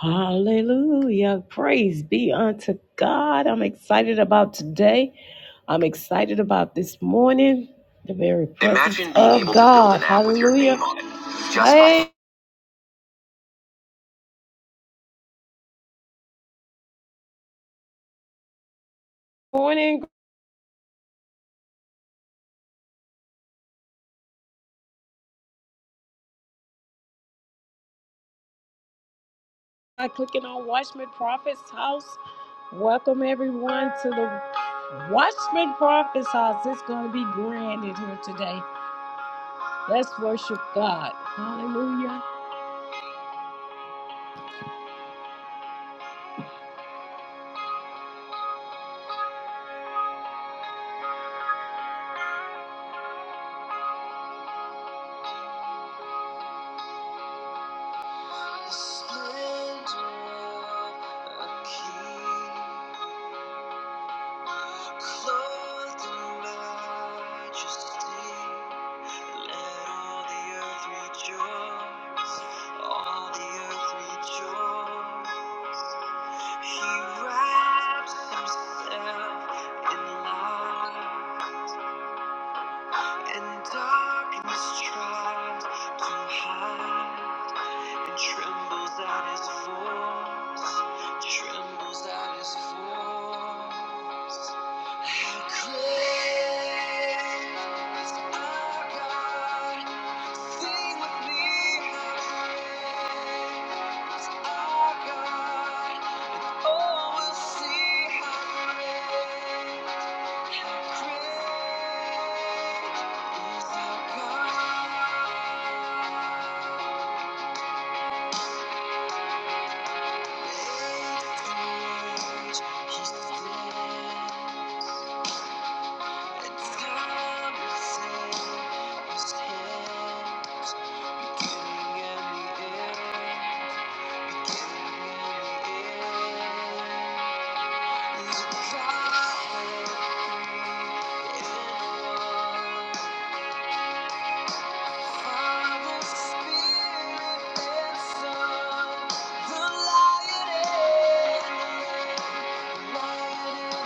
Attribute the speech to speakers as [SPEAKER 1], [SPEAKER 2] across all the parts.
[SPEAKER 1] Hallelujah. Praise be unto God. I'm excited about today. I'm excited about this morning. The very presence Imagine being of able to God. build an app with your Hallelujah. name on it. Just by- hey, by- morning. By clicking on Watchman Prophet's house. Welcome everyone to the Watchman Prophet's house. It's going to be grand in here today. Let's worship God. Hallelujah. The splendor of a king. Clothed in majesty, let all the earth rejoice. All the earth rejoice. He wraps himself in light, and darkness tries to hide. and trembles at his voice, trembles at his voice. How great is our God? Sing with me, how great is our God? Oh, we'll see how great, how great is our God. Thank you. Father, Spirit, and Son, the Lion and the Lamb, Lion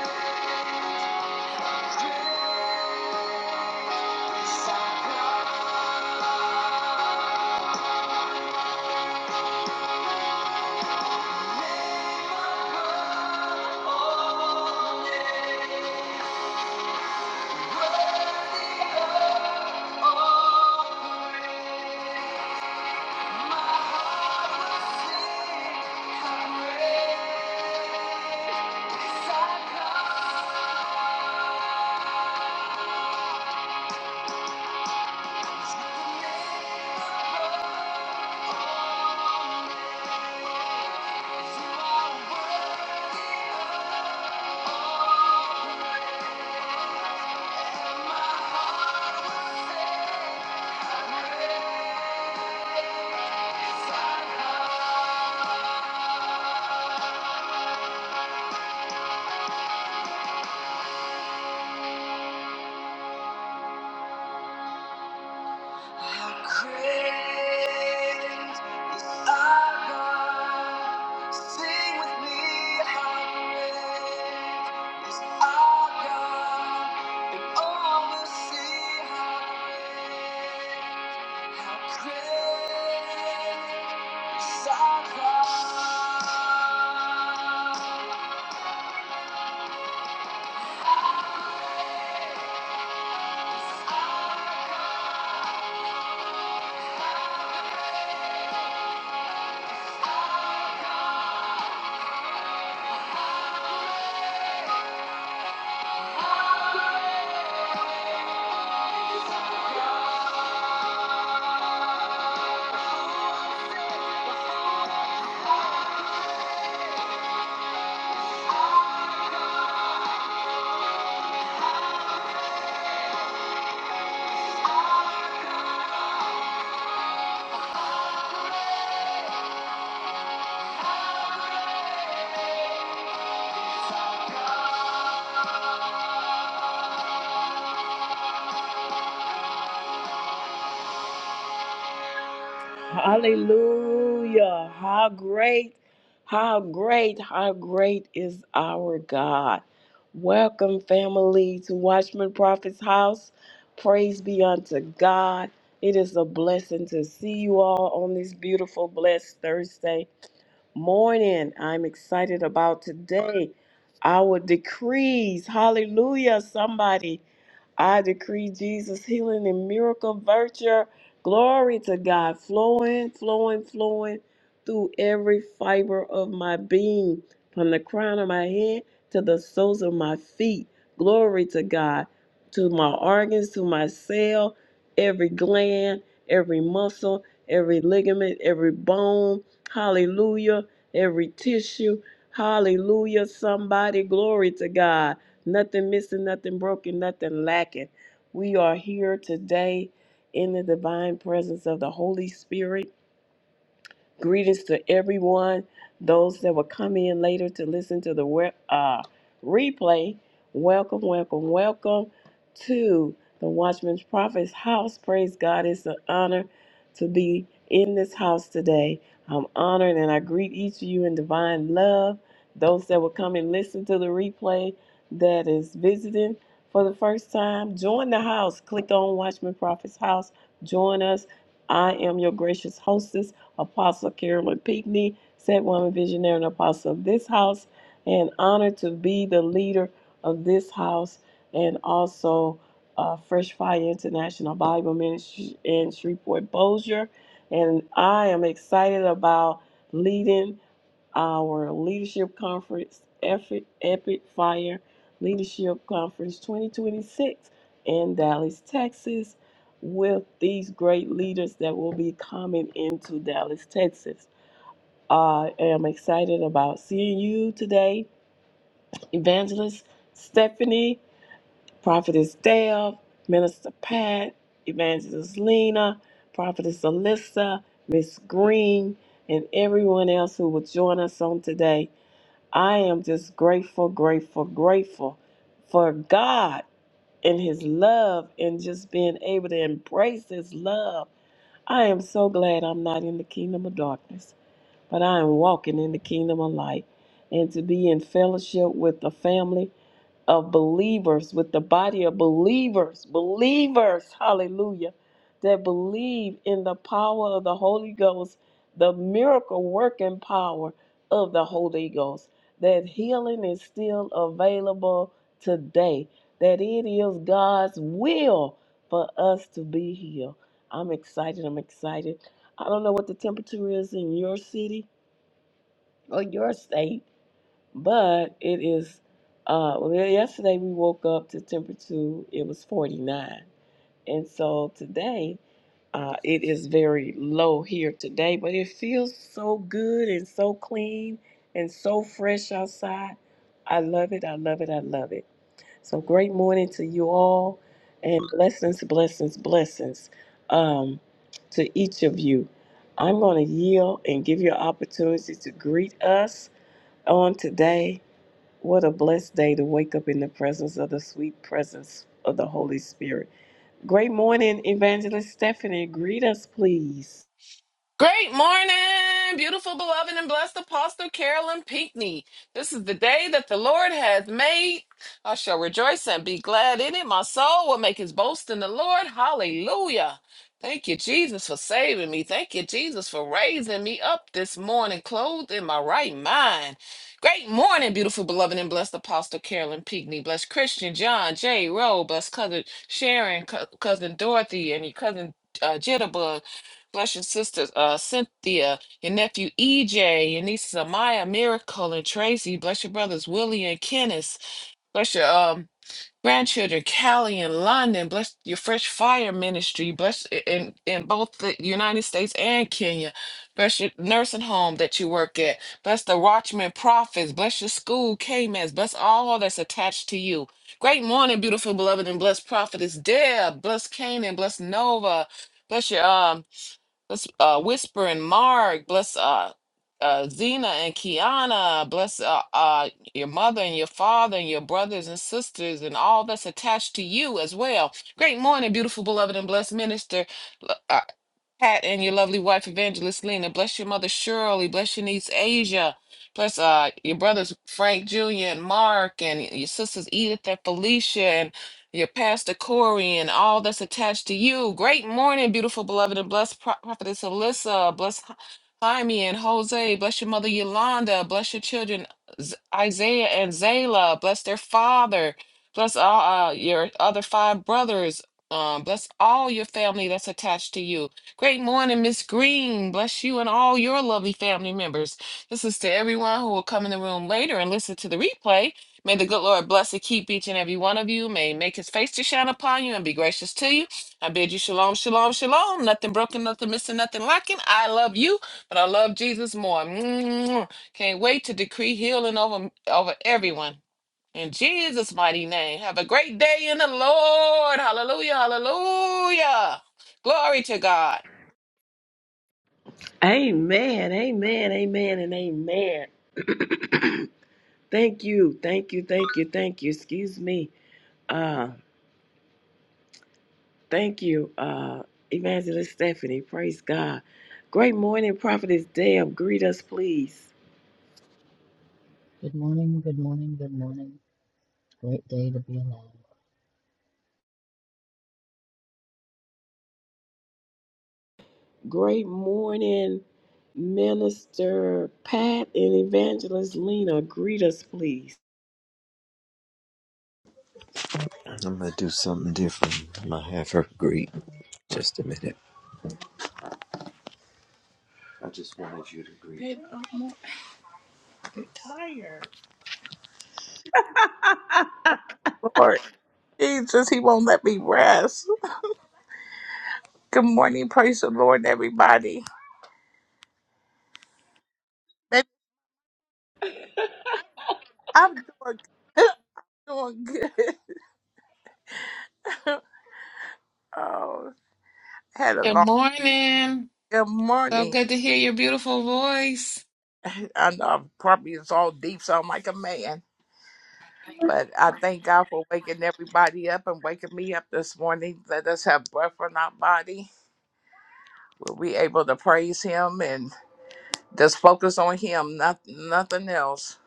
[SPEAKER 1] and the Lamb. Thank you. Yeah. How great is our God? Sing with me, how great is our God, and all will see how great, how great is our God. Thank you. Hallelujah. How great, how great, how great is our God. Welcome, family, to Watchman Prophet's house. Praise be unto God. It is a blessing to see you all on this beautiful, blessed Thursday morning. I'm excited about today. Our decrees. Hallelujah, somebody. I decree Jesus healing and miracle virtue. Glory to God, flowing, flowing, flowing through every fiber of my being, from the crown of my head to the soles of my feet. Glory to God, to my organs, to my cell, every gland, every muscle, every ligament, every bone. Hallelujah, every tissue. Hallelujah, somebody. Glory to God nothing missing, nothing broken, nothing lacking. We are here today in the divine presence of the Holy Spirit Greetings to everyone, those that will come in later to listen to the we- uh, replay. Welcome, welcome, welcome to the Watchman's Prophet's house. Praise God. It's an honor to be in this house today. I'm honored and I greet each of you in divine love. Those that will come and listen to the replay that is visiting for the first time, join the house. Click on Watchman Prophet's house. Join us. I am your gracious hostess. Apostle Carolyn Pinckney, said woman visionary and apostle of this house, and honored to be the leader of this house and also uh, Fresh Fire International Bible Ministry in Shreveport Bossier. And I am excited about leading our leadership conference, Epic, Epic Fire Leadership Conference 2026 in Dallas, Texas, with these great leaders that will be coming into Dallas, Texas. I am excited about seeing you today, Evangelist Stephanie, Prophetess Dale, Minister Pat, Evangelist Lena, Prophetess Alyssa, Miss Green, and everyone else who will join us on today. I am just grateful, grateful, grateful for God and His love and just being able to embrace His love. I am so glad I'm not in the kingdom of darkness, but I am walking in the kingdom of light. And to be in fellowship with the family of believers, with the body of believers, believers, hallelujah, that believe in the power of the Holy Ghost, the miracle working power of the Holy Ghost, that healing is still available today, that it is God's will for us to be healed. I'm excited. I'm excited. I don't know what the temperature is in your city or your state but it is uh well yeah, yesterday we woke up to temperature it was 49 and so today uh it is very low here today but it feels so good and so clean and so fresh outside i love it i love it i love it so great morning to you all and blessings blessings blessings um to each of you i'm going to yield and give you an opportunity to greet us on today what a blessed day to wake up in the presence of the sweet presence of the Holy Spirit. Great morning, Evangelist Stephanie. Greet us, please.
[SPEAKER 2] Great morning, beautiful, beloved, and blessed Apostle Carolyn Pinckney. This is the day that the Lord hath made. I shall rejoice and be glad in it. My soul will make his boast in the Lord. Hallelujah. Thank you, Jesus, for saving me. Thank you, Jesus, for raising me up this morning, clothed in my right mind. Great morning, beautiful, beloved, and blessed Apostle Carolyn Pinckney. Bless Christian John J. Rowe. Bless cousin Sharon, cou- cousin Dorothy, and your cousin uh, Jitterbug Bless your sisters, uh, Cynthia, your nephew EJ, your nieces Amaya, Miracle, and Tracy. Bless your brothers Willie and Kenneth. Bless your um grandchildren Callie and London. Bless your Fresh Fire Ministry. Bless i- in in both the United States and Kenya. Bless your nursing home that you work at. Bless the Watchman Prophets. Bless your school K-Mans. Bless all that's attached to you. Great morning, beautiful beloved and blessed prophetess Deb. Bless Canaan. Bless Nova. Bless your um. Let's uh, Whisper and Mark. Bless uh, uh, Zena and Kiana. Bless uh, uh, your mother and your father and your brothers and sisters and all that's attached to you as well. Great morning, beautiful, beloved, and blessed minister. Pat and your lovely wife, Evangelist Lena. Bless your mother, Shirley. Bless your niece, Asia. Bless uh, your brothers, Frank Jr. and Mark, and your sisters, Edith and Felicia, and your pastor, Corey, and all that's attached to you. Great morning, beautiful, beloved, and blessed Pro- prophetess Alyssa. Bless Hy- Jaime and Jose. Bless your mother, Yolanda. Bless your children, Z- Isaiah and Zayla. Bless their father. Bless all uh, your other five brothers. Um, bless all your family that's attached to you. Great morning, Miss Green. Bless you and all your lovely family members. This is to everyone who will come in the room later and listen to the replay. May the good Lord bless and keep each and every one of you. May He make his face to shine upon you and be gracious to you. I bid you shalom, shalom, shalom. Nothing broken, nothing missing, nothing lacking. I love you, but I love Jesus more. Mwah. Can't wait to decree healing over, over everyone. In Jesus' mighty name. Have a great day in the Lord. Hallelujah, hallelujah. Glory to God.
[SPEAKER 1] Amen, amen, amen, and amen. Thank you, thank you, thank you, thank you. Excuse me. Uh, thank you, uh, Evangelist Stephanie. Praise God. Great morning, Prophetess Deb. Greet us, please.
[SPEAKER 3] Good morning, good morning, good morning. Great day to be alive.
[SPEAKER 1] Great morning, Minister Pat and Evangelist Lena. Greet us, please.
[SPEAKER 4] I'm gonna do something different. I'm gonna have her greet. Just a minute. I just wanted you to greet. Man, I'm more- I'm tired. Lord Jesus, he won't let me rest. Good morning, praise the Lord, everybody. Baby, I'm doing good. doing good. Oh, had a
[SPEAKER 2] Good
[SPEAKER 4] long
[SPEAKER 2] morning.
[SPEAKER 4] good
[SPEAKER 2] So
[SPEAKER 4] morning.
[SPEAKER 2] good to hear your beautiful voice.
[SPEAKER 4] I know I'm probably it's all deep, so I'm like a man. But I thank God for waking everybody up and waking me up this morning. Let us have breath in our body. We'll be able to praise him and Just focus on him, not, nothing else.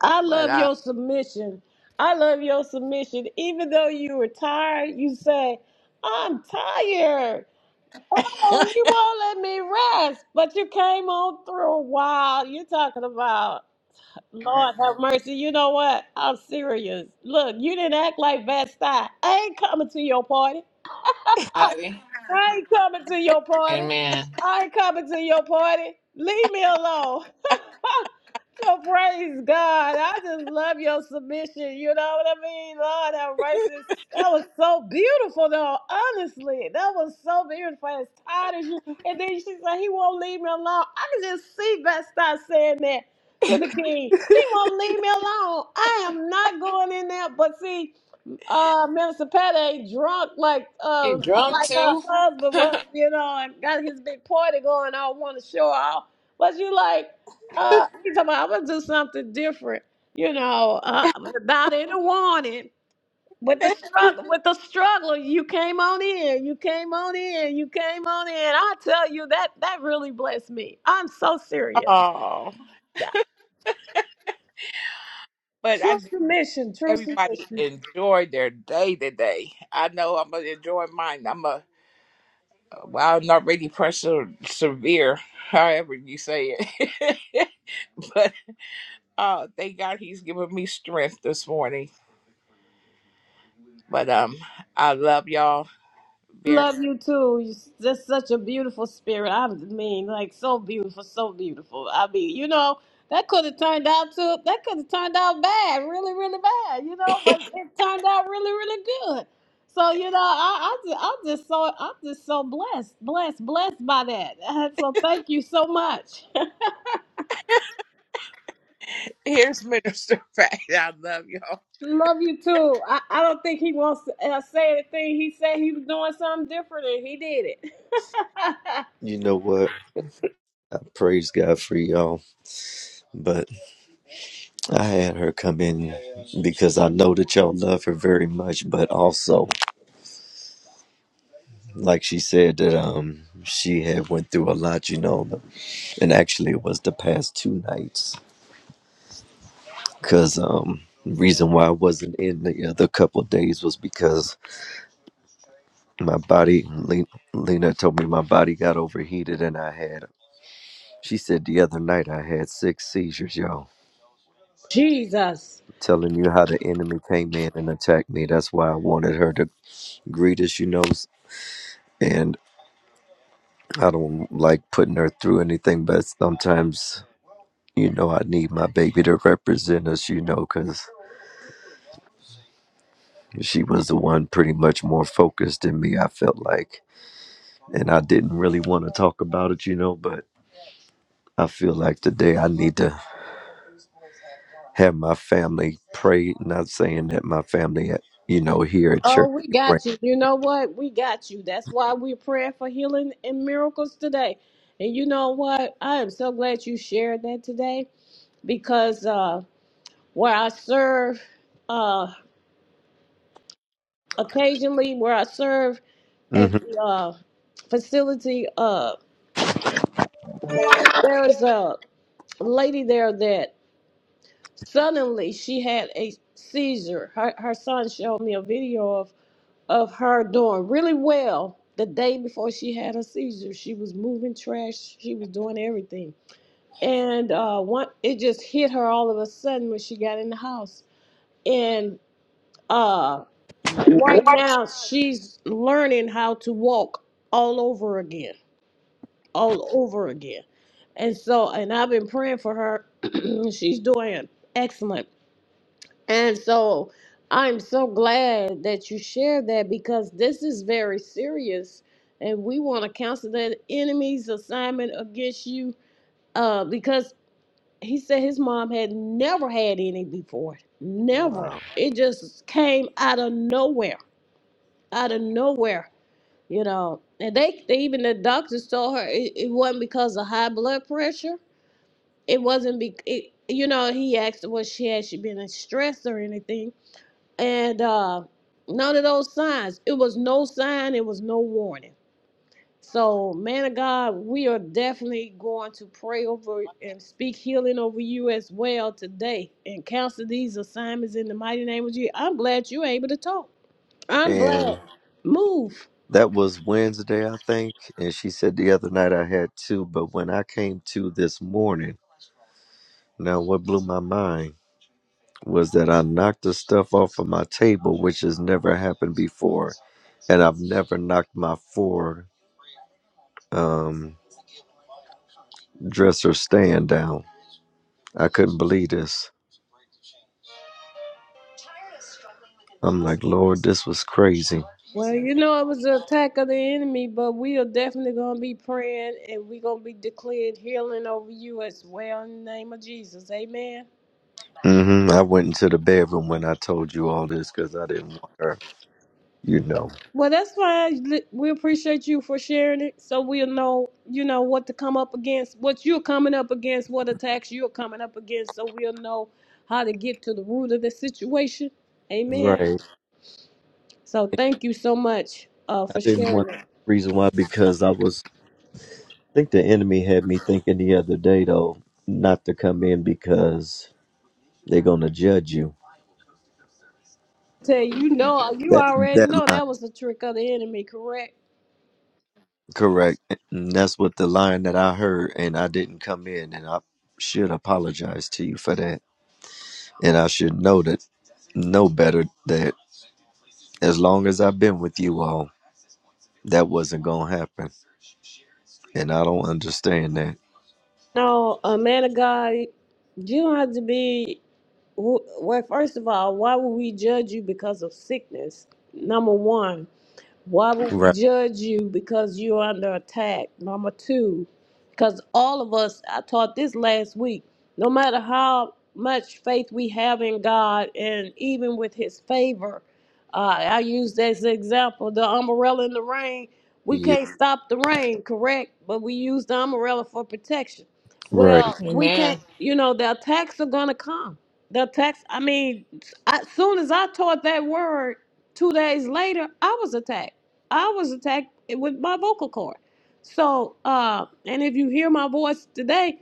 [SPEAKER 1] I
[SPEAKER 4] But
[SPEAKER 1] love
[SPEAKER 4] I,
[SPEAKER 1] your submission. I love your submission. Even though you were tired, you say, I'm tired. Oh, you won't let me rest. But you came on through a while. You're talking about, Lord have mercy. You know what? I'm serious. Look, you didn't act like Vesta. I ain't coming to your party.
[SPEAKER 2] Howdy.
[SPEAKER 1] I ain't coming to your party.
[SPEAKER 2] Amen.
[SPEAKER 1] I ain't coming to your party. Leave me alone. So praise God. I just love your submission. You know what I mean? Lord have mercy. That was so beautiful though. Honestly. That was so beautiful. As tired as you and then she said he won't leave me alone. I can just see Beth start saying that to the king. He won't leave me alone. I am not going in there. But see, uh Minister Pat ain't drunk like
[SPEAKER 2] You
[SPEAKER 1] um
[SPEAKER 2] drunk
[SPEAKER 1] like her
[SPEAKER 2] too?
[SPEAKER 1] husband was, you know, and got his big party going on, wanna show off. But you like? Uh, he told me I was do something different, you know, uh, without any warning. With the struggle, with the struggle, you came on in, you came on in, you came on in. I tell you that that really blessed me. I'm so serious.
[SPEAKER 4] oh,
[SPEAKER 1] That-
[SPEAKER 4] but I
[SPEAKER 1] True
[SPEAKER 4] just,
[SPEAKER 1] submission, true
[SPEAKER 4] everybody
[SPEAKER 1] submission.
[SPEAKER 4] enjoy their day today. I know I'm gonna enjoy mine. I'm a well, I'm not really pressure severe, however you say it. but oh, thank God he's giving me strength this morning. But um, I love y'all very.
[SPEAKER 1] Love you too. You're s- just such a beautiful spirit. I mean, like so beautiful, so beautiful. I mean, you know, that could have turned out to that could have turned out bad, really, really bad. You know, but it turned out really, really good. So you know, I, I just, I'm just so I'm just so blessed, blessed, blessed by that. So thank you so much.
[SPEAKER 4] Here's Minister Fact. I love y'all.
[SPEAKER 1] Love you too. I, I don't think he wants to uh, say anything. He said he was doing something different, and he did it.
[SPEAKER 4] You know what? I praise God for y'all. I had her come in because I know that y'all love her very much, but also, like she said, that um she had went through a lot, you know, and actually it was the past two nights, cause um reason why I wasn't in the other couple of days was because my body, Le- Lena told me my body got overheated and I had, she said the other night I had six seizures, y'all.
[SPEAKER 1] Jesus.
[SPEAKER 4] Telling you how the enemy came in and attacked me. That's why I wanted her to greet us, you know, and. I don't like putting her through anything, but sometimes, you know, I need my baby to represent us, you know, because she was the one pretty much more focused than me, I felt like. And I didn't really want to talk about it, you know, but I feel like today I need to have my family pray, not saying that my family, at, you know, here at
[SPEAKER 1] Oh,
[SPEAKER 4] church,
[SPEAKER 1] we
[SPEAKER 4] they pray.
[SPEAKER 1] got you. You know what? We got you. That's why we're praying for healing and miracles today. And you know what? I am so glad you shared that today because uh, where I serve uh, occasionally, where I serve at
[SPEAKER 4] hmm
[SPEAKER 1] the uh, facility, uh, there is a lady there that suddenly she had a seizure. Her, her son showed me a video of her doing really well the day before she had her seizure. She was moving trash, she was doing everything. And uh, one, it just hit her all of a sudden when she got in the house. And uh, right now, she's learning how to walk all over again, all over again. And so, and I've been praying for her. she's doing excellent And so I'm so glad that you shared that because this is very serious. And we want to cancel that enemy's assignment against you uh, because he said his mom had never had any before. Never.
[SPEAKER 4] Wow.
[SPEAKER 1] It just came out of nowhere. Out of nowhere, you know. And they, they even the doctors told her it, it wasn't because of high blood pressure. It wasn't be, it, you know. He asked, "Was she had she been in stress or anything?" and uh, none of those signs. It was no sign, it was no warning. So, man of God, we are definitely going to pray over and speak healing over you as well today and cancel these assignments in the mighty name of Jesus. I'm glad you're able to talk. I'm glad.
[SPEAKER 4] And
[SPEAKER 1] Move.
[SPEAKER 4] that was Wednesday, I think. And she said the other night I had two, but when I came to this morning, Now, what blew my mind was that I knocked the stuff off of my table, which has never happened before, and I've never knocked my four um, dresser stand down. I couldn't believe this. I'm like, Lord, this was crazy.
[SPEAKER 1] Well, you know, it was an attack of the enemy, but we are definitely going to be praying and we're going to be declared healing over you as well in the name of Jesus. Amen.
[SPEAKER 4] hmm I went into the bedroom when I told you all this because I didn't want her, you know.
[SPEAKER 1] Well, that's fine. Li- We appreciate you for sharing it, so we'll know, you know, what to come up against, what you're coming up against, what attacks you're coming up against, so we'll know how to get to the root of the situation. Amen.
[SPEAKER 4] Right.
[SPEAKER 1] So thank you so much uh,
[SPEAKER 4] I
[SPEAKER 1] for
[SPEAKER 4] didn't want
[SPEAKER 1] sharing it.
[SPEAKER 4] reason why because I was I think the enemy had me thinking the other day though not to come in because they're gonna judge you
[SPEAKER 1] Tell you, you know, uh, you
[SPEAKER 4] That
[SPEAKER 1] already know
[SPEAKER 4] that line,
[SPEAKER 1] that was the trick of the enemy, correct?
[SPEAKER 4] correct. And that's what the line that I heard, and I didn't come in, and I should apologize to you for that. And I should know that, know better that as long as I've been with you all, that wasn't gonna happen, and I don't understand that.
[SPEAKER 1] No, a man of God, you don't have to be. Well, first of all, why would we judge you because of sickness? Number one. Why would we
[SPEAKER 4] Right.
[SPEAKER 1] judge you because you're under attack? Number two, because all of us, I taught this last week, no matter how much faith we have in God and even with His favor, uh, I use this example the umbrella in the rain. We
[SPEAKER 4] Yeah.
[SPEAKER 1] can't stop the rain, correct? But we use the umbrella for protection.
[SPEAKER 4] Right.
[SPEAKER 1] Well, we can't,
[SPEAKER 2] Amen.
[SPEAKER 1] you know, the attacks are going to come. The attacks, I mean, as soon as I taught that word, two days later, I was attacked. I was attacked with my vocal cord. So, uh, and if you hear my voice today,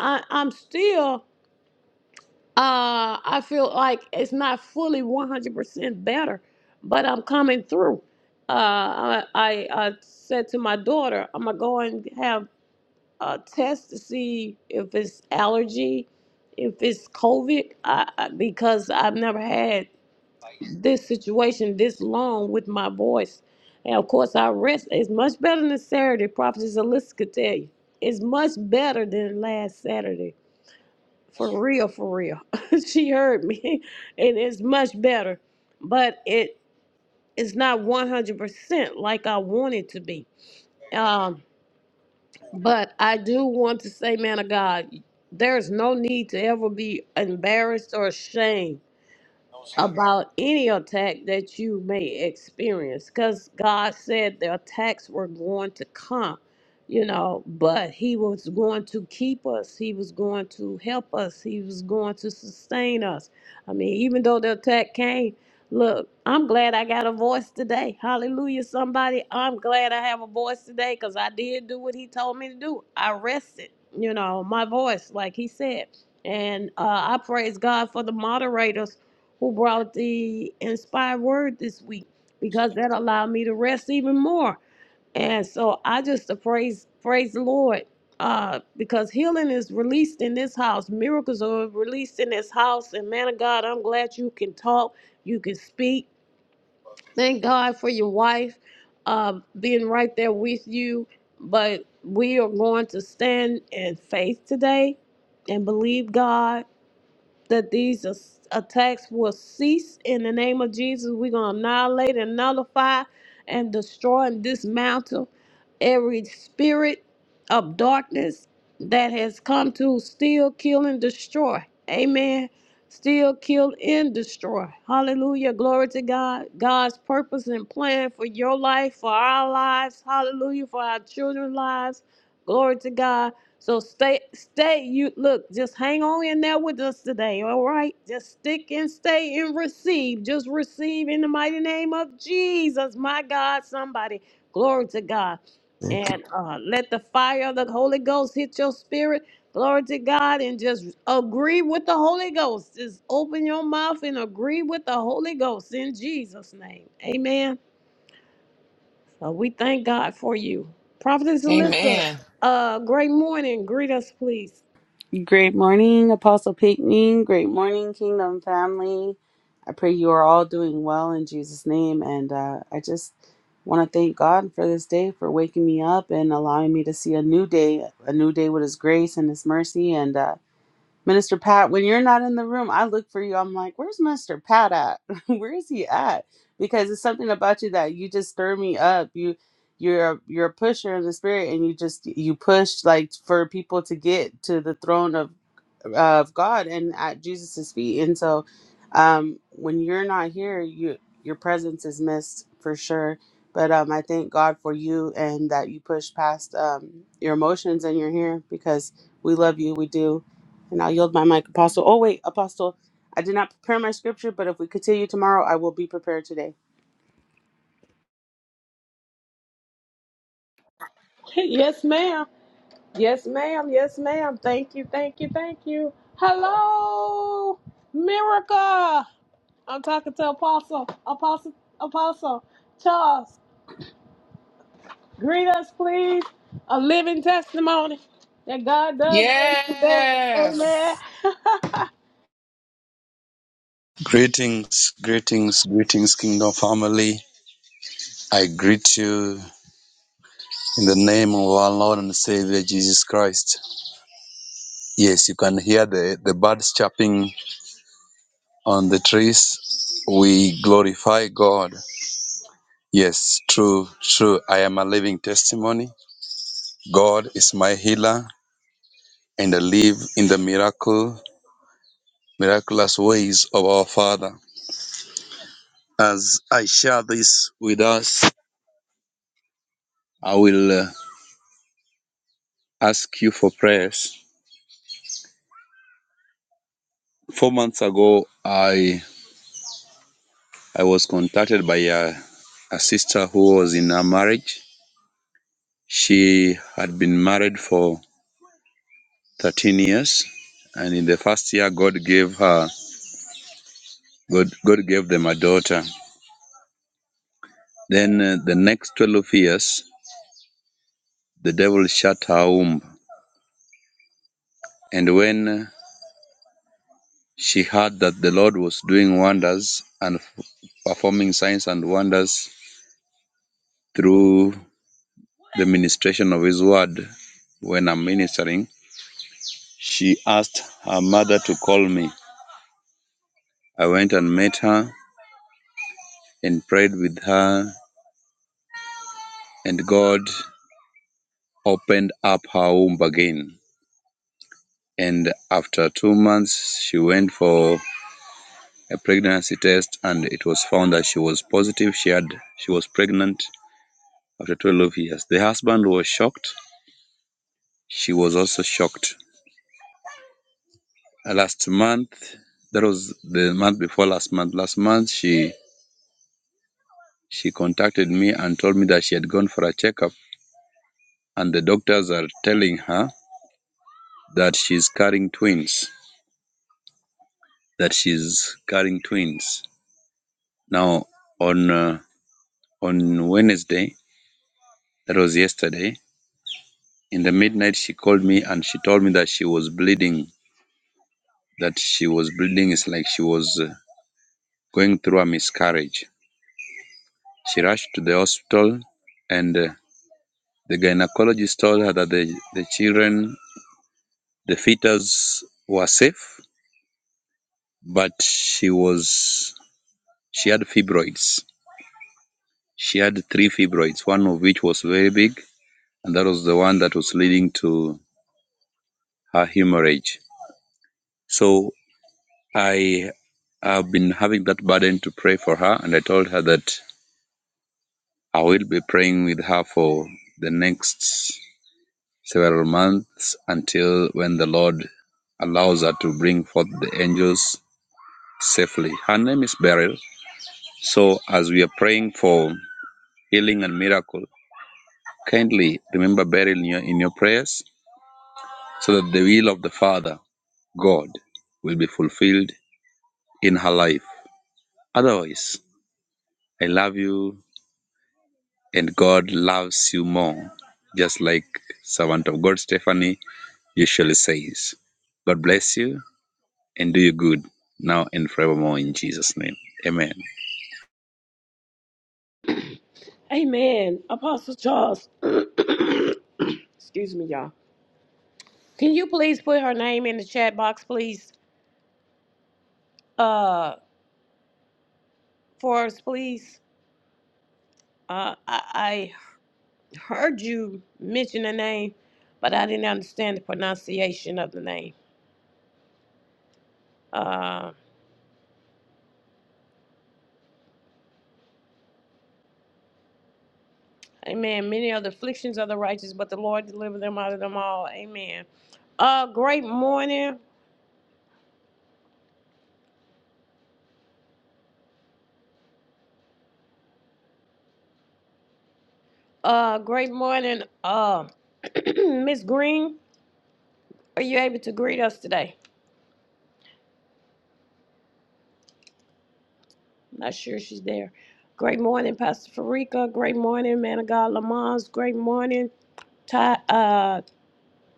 [SPEAKER 1] I, I'm still, uh, I feel like it's not fully 100% better, but I'm coming through. Uh, I, I, I said to my daughter, I'm going to go and have a test to see if it's allergy, if it's COVID, I, I, because I've never had this situation this long with my voice. And of course, I rest. It's much better than Saturday. Prophetess Alyssa could tell you. It's much better than last Saturday. For real, for real. she heard me. And it's much better. But it it's not 100% like I want it to be. Um, but I do want to say, man of God, there's no need to ever be embarrassed or ashamed about any attack that you may experience because God said the attacks were going to come, you know, but He was going to keep us, He was going to help us, He was going to sustain us. I mean, even though the attack came, look, I'm glad I got a voice today. Hallelujah, somebody. I'm glad I have a voice today because I did do what He told me to do. I rested, you know, my voice, like He said. And uh, I praise God for the moderators who brought the inspired word this week because that allowed me to rest even more. And so I just uh, praise praise the Lord uh, because healing is released in this house. Miracles are released in this house. And man of God, I'm glad you can talk, you can speak. Thank God for your wife uh, being right there with you. But we are going to stand in faith today and believe God that these as- attacks will cease in the name of Jesus. We're going to annihilate and nullify and destroy and dismantle every spirit of darkness that has come to steal, kill, and destroy. Amen. Steal, kill, and destroy. Hallelujah. Glory to God. God's purpose and plan for your life, for our lives. Hallelujah. For our children's lives. Glory to God so stay, stay. You look, just hang on in there with us today. All right, just stick and stay and receive. Just receive in the mighty name of Jesus, my God. Somebody, glory to God,
[SPEAKER 4] Thank
[SPEAKER 1] and uh, let the fire of the Holy Ghost hit your spirit. Glory to God, and just agree with the Holy Ghost. Just open your mouth and agree with the Holy Ghost in Jesus' name. Amen. Uh, we thank God for you, Prophetess Alyssa.
[SPEAKER 2] Amen.
[SPEAKER 1] Uh, great morning. Greet us, please.
[SPEAKER 5] Great morning, Apostle Pinckney. Great morning, Kingdom family. I pray you are all doing well in Jesus' name. And uh, I just want to thank God for this day, for waking me up and allowing me to see a new day, a new day with His grace and His mercy. And uh, Minister Pat, when you're not in the room, I look for you. I'm like, where's Minister Pat at? Where is he at? Because it's something about you that you just stir me up. You you're a, you're a pusher in the spirit and you just you push like for people to get to the throne of of God and at Jesus's feet. And so um when you're not here, you your presence is missed for sure. But um I thank God for you and that you push past um your emotions and you're here because we love you, we do. And I'll yield my mic, Apostle. Oh wait, Apostle, I did not prepare my scripture, but if we continue tomorrow, I will be prepared today.
[SPEAKER 1] Yes, ma'am. Yes, ma'am. Yes, ma'am. Thank you. Thank you. Thank you. Hello, Miracle. I'm talking to Apostle, Apostle, Apostle Charles. Greet us, please. A living testimony that God does raise the dead. Amen.
[SPEAKER 2] Yes.
[SPEAKER 6] Greetings, greetings, greetings, Kingdom family. I greet you in the name of our Lord and Savior Jesus Christ. Yes, you can hear the, the birds chirping on the trees. We glorify God. Yes, true, true. I am a living testimony. God is my healer, and I live in the miracle, miraculous ways of our Father. As I share this with us, I will uh, ask you for prayers. Four months ago, I I was contacted by a, a sister who was in a marriage. She had been married for 13 years, and in the first year, God gave her God God gave them a daughter. Then uh, the next 12 years, the devil shut her womb, and when she heard that the Lord was doing wonders and f- performing signs and wonders through the ministration of His word, when I'm ministering. She asked her mother to call me. I went and met her and prayed with her, and God opened up her womb again. And after two months, she went for a pregnancy test, and it was found that she was positive. She had she was pregnant after 12 years. The husband was shocked. She was also shocked. Uh, Last month, that was the month before last month. Last month, she she contacted me and told me that she had gone for a checkup and the doctors are telling her that she's carrying twins. That she's carrying twins. Now, on uh, on Wednesday, that was yesterday, in the midnight, she called me and she told me that she was bleeding. That she was bleeding. It's like she was uh, going through a miscarriage. She rushed to the hospital, and uh, the gynecologist told her that the, the children, the fetus, were safe, but she was she had fibroids She had three fibroids, one of which was very big, and that was the one that was leading to her hemorrhage. So I have been having that burden to pray for her, and I told her that I will be praying with her for the next several months until when the Lord allows her to bring forth the angels safely. Her name is Beryl. So as we are praying for healing and miracle, kindly remember Beryl in your, in your prayers so that the will of the Father, God, will be fulfilled in her life. Otherwise, I love you and God loves you more, just like servant of God Stephanie usually says. God bless you and do you good now and forevermore in Jesus' name. Amen.
[SPEAKER 1] Amen. Apostle Charles. Excuse me, y'all. Can you please put her name in the chat box, please? Uh, for us, please. Uh, I, heard you mention the name, but I didn't understand the pronunciation of the name. Uh, amen. Many are the afflictions of the righteous, but the Lord delivered them out of them all. Amen. Uh, great morning. Uh, great morning. Uh, Miss Green, are you able to greet us today? I'm not sure she's there. Great morning, Pastor Farika. Great morning, man of God Lamons. Great morning, Ty. uh,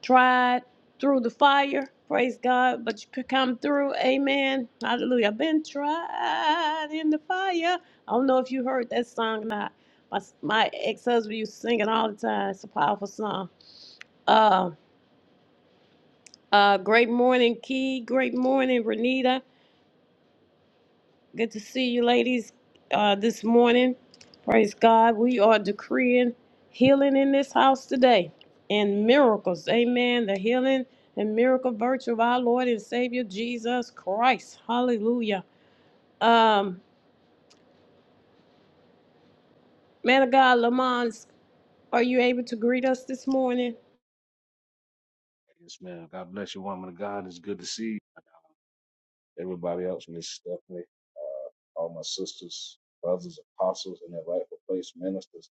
[SPEAKER 1] tried through the fire. Praise God. But you could come through. Amen. Hallelujah. I've been tried in the fire. I don't know if you heard that song or not. My, my ex husband used to sing it all the time. It's a powerful song. Uh, uh, great morning, Key. Great morning, Renita. Good to see you, ladies, uh, this morning. Praise God. We are decreeing healing in this house today and miracles. Amen. The healing and miracle virtue of our Lord and Savior Jesus Christ. Hallelujah. Um, man of God, Lamont, are you able to greet us this morning?
[SPEAKER 7] Yes, ma'am. God bless you, woman of God. It's good to see you. everybody else, Miss Stephanie, uh, all my sisters, brothers, apostles, and their rightful place ministers.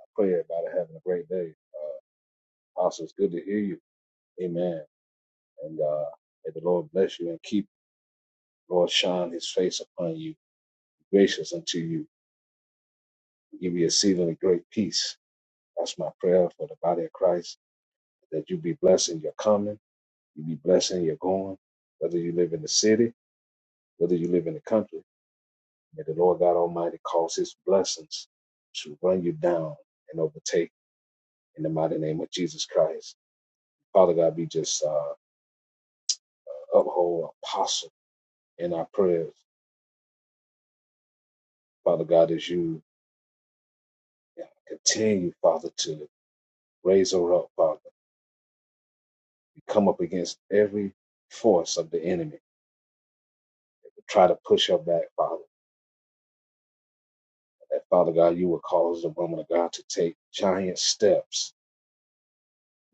[SPEAKER 7] I pray everybody having a great day. Uh, apostle, it's good to hear you. Amen. And uh, may the Lord bless you and keep the Lord shine His face upon you, be gracious unto you, and give you exceedingly great peace. That's my prayer for the body of Christ. That you be blessed in your coming, you be blessed in your going, whether you live in the city, whether you live in the country. May the Lord God Almighty cause his blessings to run you down and overtake in the mighty name of Jesus Christ. Father God, be just uh, uphold apostle in our prayers. Father God, as you uh, continue, Father, to raise her up, Father. We come up against every force of the enemy that will try to push her back, Father. That, Father God, you will cause the woman of God to take giant steps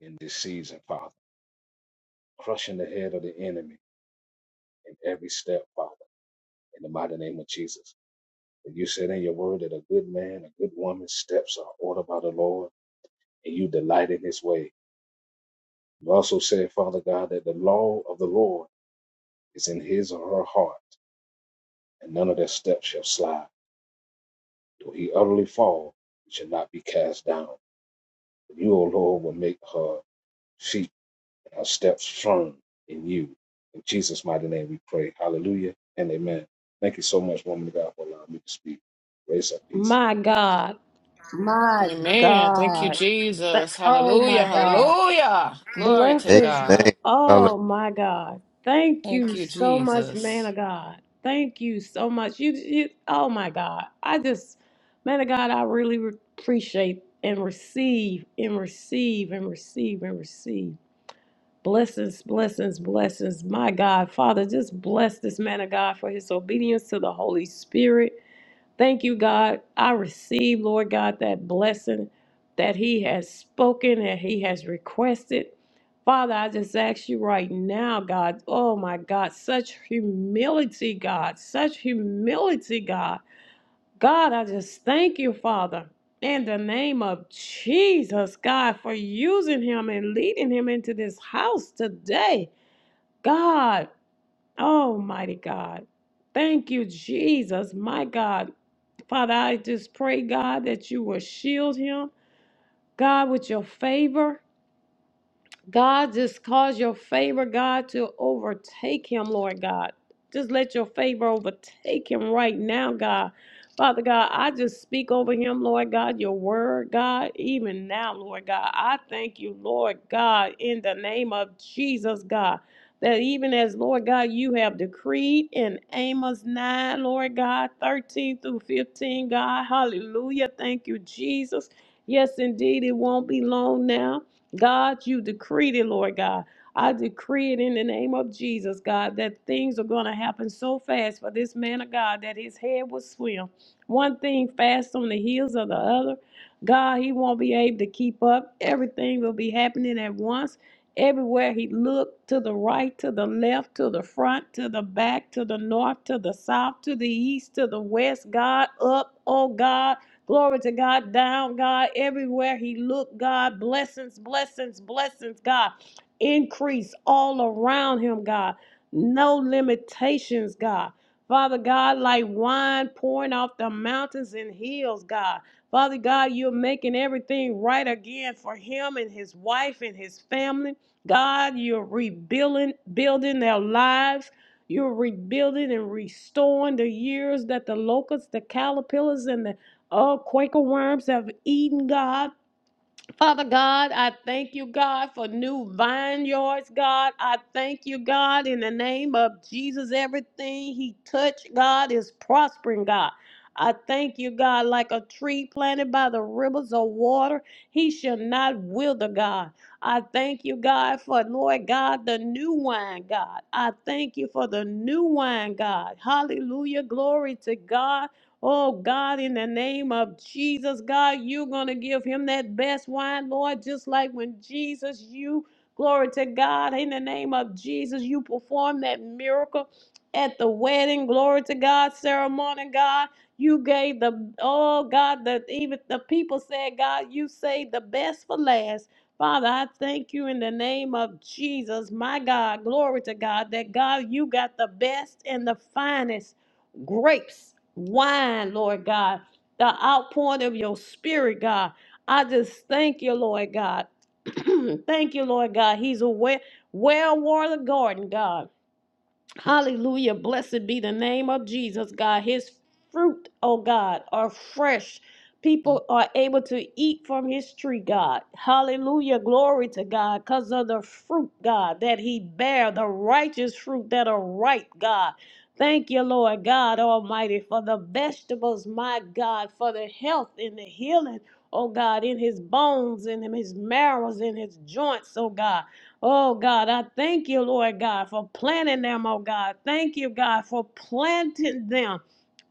[SPEAKER 7] in this season, Father, crushing the head of the enemy in every step, Father. in the mighty name of Jesus. And you said in your word that a good man, a good woman's steps are ordered by the Lord, and you delight in his way. You also said, Father God, that the law of the Lord is in his or her heart, and none of their steps shall slide. Though he utterly fall, he shall not be cast down. But you, O Lord, will make her feet and her steps firm in you. In Jesus' mighty name we pray. Hallelujah and amen. Thank you so much, woman of God, for allowing me to speak. Grace and peace.
[SPEAKER 1] My God. My
[SPEAKER 2] Amen. Thank you,
[SPEAKER 1] God. But-
[SPEAKER 2] Jesus.
[SPEAKER 1] Oh, my
[SPEAKER 2] Hallelujah.
[SPEAKER 1] God.
[SPEAKER 2] Hallelujah. Glory
[SPEAKER 1] Bless
[SPEAKER 2] to
[SPEAKER 4] you. Amen.
[SPEAKER 2] God.
[SPEAKER 4] Hallelujah.
[SPEAKER 1] Oh my God. Thank
[SPEAKER 2] Thank
[SPEAKER 1] you
[SPEAKER 2] you,
[SPEAKER 1] so much, man
[SPEAKER 2] Jesus.
[SPEAKER 1] of God. Thank you so much. You, you oh my God. I just man of God, I really re- appreciate and receive and receive and receive and receive. Blessings, blessings, blessings. My God, Father, just bless this man of God for his obedience to the Holy Spirit. Thank you, God. I receive, Lord God, that blessing that He has spoken and He has requested. Father, I just ask you right now, God, oh my God, such humility, God, such humility, God. God, I just thank you, Father, in the name of Jesus, God, for using him and leading him into this house today. God, almighty God, thank you, Jesus, my God. Father, I just pray, God, that you will shield him, God, with your favor. God, just cause your favor, God, to overtake him, Lord God. Just let your favor overtake him right now, God. Father God, I just speak over him, Lord God, your word, God, even now, Lord God. I thank you, Lord God, in the name of Jesus, God, that even as, Lord God, you have decreed in Amos 9, Lord God, 13 through 15, God, hallelujah. Thank you, Jesus. Yes, indeed, it won't be long now. God, you decreed it, Lord God. I decree it in the name of Jesus, God, that things are going to happen so fast for this man of God that his head will swim. One thing fast on the heels of the other. God, he won't be able to keep up. Everything will be happening at once. Everywhere he looked, to the right, to the left, to the front, to the back, to the north, to the south, to the east, to the west, God, up, oh God Glory to God, down, God, everywhere He looked, God. Blessings, blessings, blessings, God. Increase all around Him, God. No limitations, God. Father God, like wine pouring off the mountains and hills, God. Father God, you're making everything right again for him and his wife and his family. God, you're rebuilding building their lives. You're rebuilding and restoring the years that the locusts, the caterpillars, and the Oh, Quaker worms have eaten, God. Father God, I thank you, God, for new vineyards, God. I thank you, God, in the name of Jesus. Everything he touched, God, is prospering, God. I thank you, God, like a tree planted by the rivers of water, he shall not wither, God. I thank you, God, for Lord God, the new wine, God. I thank you for the new wine, God. Hallelujah. Glory to God. Oh God, in the name of Jesus, God, you're going to give him that best wine, Lord, just like when Jesus, you, glory to God, in the name of Jesus, you performed that miracle at the wedding, glory to God, ceremony, God. You gave the, oh God, that even the people said, God, you saved the best for last. Father, I thank you in the name of Jesus, my God, glory to God, that God, you got the best and the finest grapes, wine, Lord God, the outpouring of your spirit, God. I just thank you, Lord God. thank you, Lord God. He's a well, well watered garden, God. Hallelujah. Blessed be the name of Jesus, God. His fruit, oh God, are fresh. People are able to eat from his tree, God. Hallelujah. Glory to God. Because of the fruit, God, that he bear, the righteous fruit that are ripe, God. Thank you, Lord God Almighty, for the vegetables, my God, for the health and the healing, oh God, in his bones, in his marrows, in his joints, oh God. Oh God, I thank you, Lord God, for planting them, oh God. Thank you, God, for planting them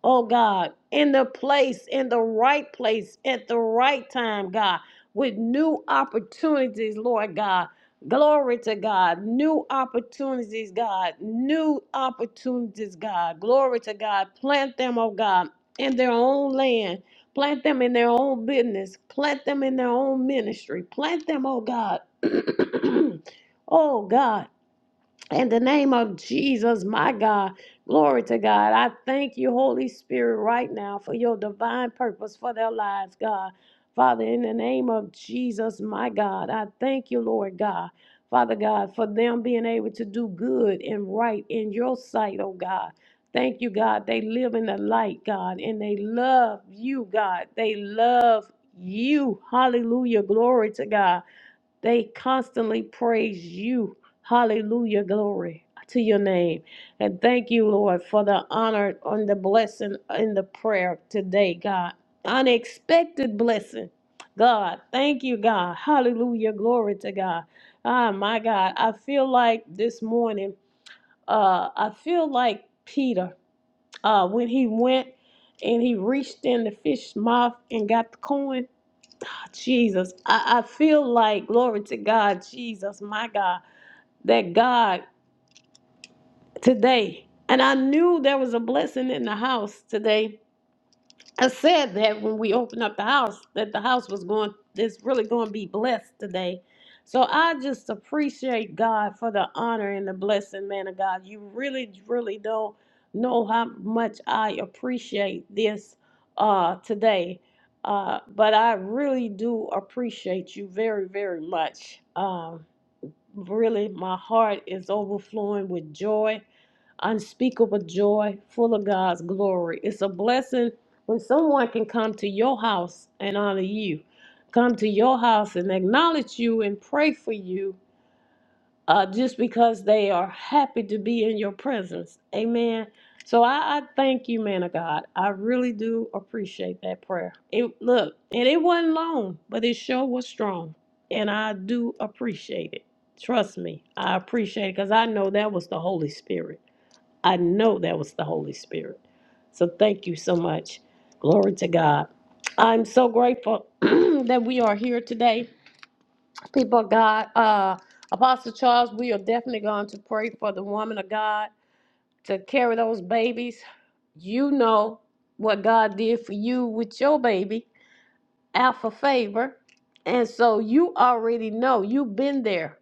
[SPEAKER 1] oh God, in the place, in the right place, at the right time, God, with new opportunities, Lord God. Glory to God. New opportunities, God. New opportunities, God. Glory to God. Plant them, oh God, in their own land. Plant them in their own business. Plant them in their own ministry. Plant them, oh God. oh God. In the name of Jesus, my God, glory to God. I thank you, Holy Spirit, right now for your divine purpose for their lives, God. Father, in the name of Jesus, my God, I thank you, Lord God. Father God, for them being able to do good and right in your sight, oh God. Thank you, God. They live in the light, God, and they love you, God. They love you. Hallelujah. Glory to God. They constantly praise you. Hallelujah. Glory to your name. And thank you, Lord, for the honor and the blessing in the prayer today, God. Unexpected blessing. God, thank you, God. Hallelujah. Glory to God. Ah, my God. I feel like this morning, uh, I feel like Peter, uh, when he went and he reached in the fish's mouth and got the coin. Jesus. I, I feel like, glory to God, Jesus, my God, that God today, and I knew there was a blessing in the house today I said that when we opened up the house, that the house was going, it's really going to be blessed today. So I just appreciate God for the honor and the blessing, man of God. You really, really don't know how much I appreciate this uh, today. Uh, but I really do appreciate you very, very much. Um, really, my heart is overflowing with joy unspeakable joy, full of God's glory. It's a blessing when someone can come to your house and honor you, come to your house and acknowledge you and pray for you uh, just because they are happy to be in your presence. Amen. So I, I thank you, man of God. I really do appreciate that prayer. It look, and it wasn't long, but it sure was strong. And I do appreciate it. Trust me, I appreciate it because I know that was the Holy Spirit. I know that was the Holy Spirit. So thank you so much. Glory to God. I'm so grateful that we are here today. People of God, uh, Apostle Charles, we are definitely going to pray for the woman of God to carry those babies. You know what God did for you with your baby, Alpha Favor. And so you already know, you've been there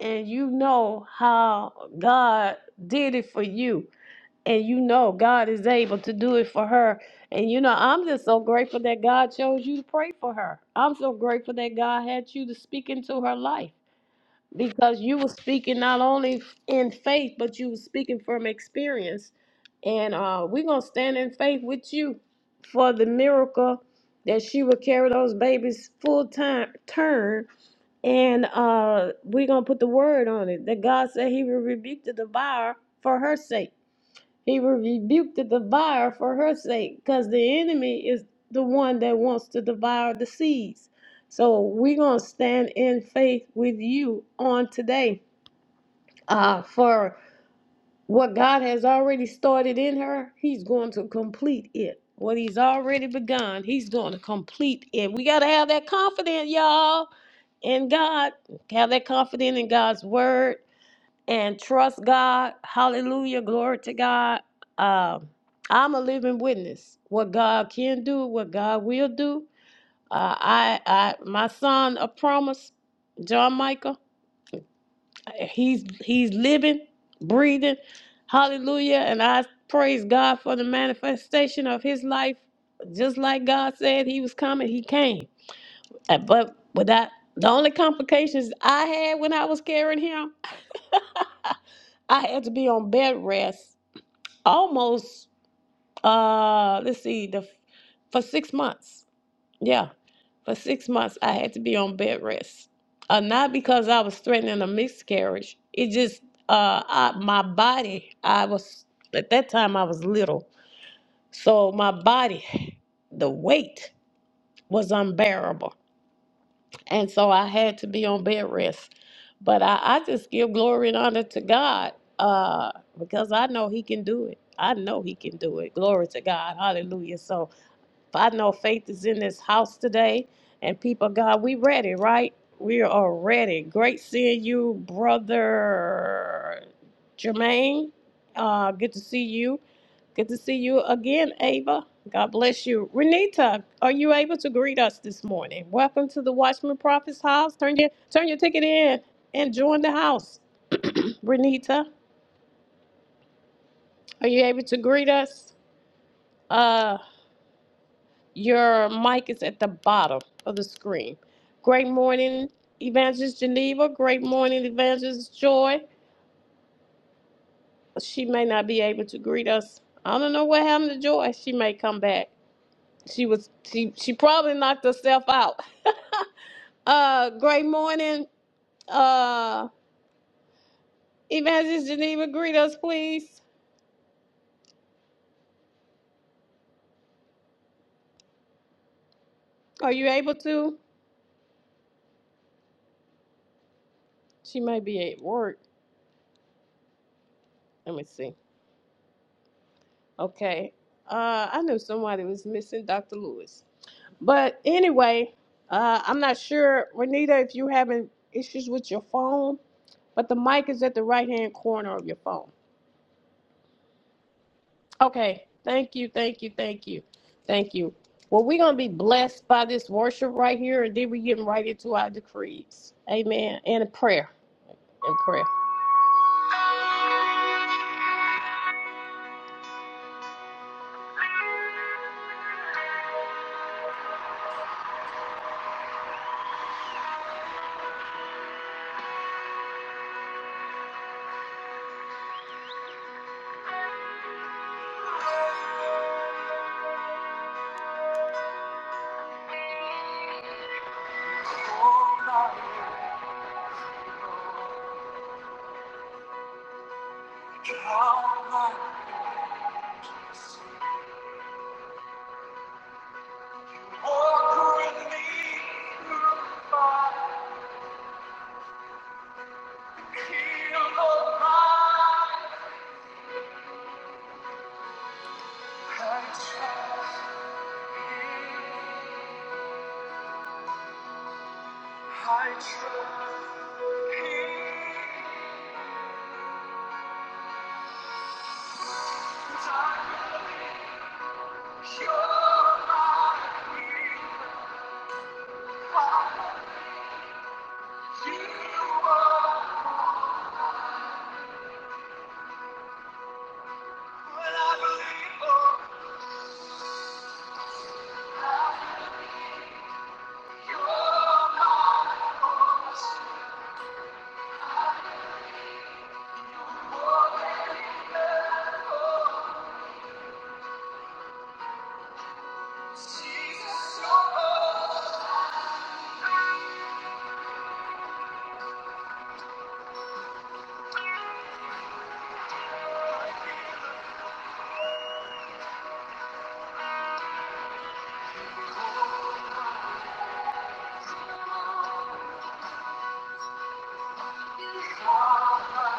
[SPEAKER 1] and you know how God did it for you and you know God is able to do it for her. And you know, I'm just so grateful that God chose you to pray for her. I'm so grateful that God had you to speak into her life because you were speaking not only in faith, but you were speaking from experience. And uh, we're going to stand in faith with you for the miracle that she will carry those babies full time turn. And uh, we're going to put the word on it that God said he will rebuke the devourer for her sake. He rebuked the devourer for her sake because the enemy is the one that wants to devour the seeds. So we're going to stand in faith with you on today uh, for what God has already started in her. He's going to complete it. What he's already begun, he's going to complete it. We got to have that confidence, y'all, in God. Have that confidence in God's word and trust God. Hallelujah. Glory to God. Um, I'm a living witness. What God can do, what God will do. Uh, I, I, my son, a promise, John Michael. He's he's living, breathing. Hallelujah. And I praise God for the manifestation of his life. Just like God said he was coming, he came. Uh, But without the only complications I had when I was carrying him, I had to be on bed rest almost uh let's see the for six months yeah for six months i had to be on bed rest uh, not because i was threatening a miscarriage it just uh I, my body i was at that time i was little so my body the weight was unbearable And so I had to be on bed rest. But I, I just give glory and honor to God uh, because I know He can do it. I know He can do it. Glory to God. Hallelujah. So I know faith is in this house today. And people, of God, we ready, right? We are ready. Great seeing you, brother Jermaine. Uh, good to see you. Good to see you again, Ava. God bless you. Renita, are you able to greet us this morning? Welcome to the Watchman Prophet's house. Turn your turn your ticket in and join the house. Renita, are you able to greet us? Uh Your mic is at the bottom of the screen. Great morning, Evangelist Geneva. Great morning, Evangelist Joy. She may not be able to greet us. I don't know what happened to Joy. She may come back. She was she she probably knocked herself out. uh great morning. Uh Evangelist Geneva, greet us please. Are you able to? She may be at work. Let me see. Okay. Uh I knew somebody was missing Dr. Lewis. But anyway, uh, I'm not sure, Renita, if you're having issues with your phone, but the mic is at the right hand corner of your phone. Okay. Thank you. Thank you. Thank you. Thank you. Well, we're going to be blessed by this worship right here, and then we're getting right into our decrees. Amen. And a prayer. And prayer. Jesus, you're all. Oh, I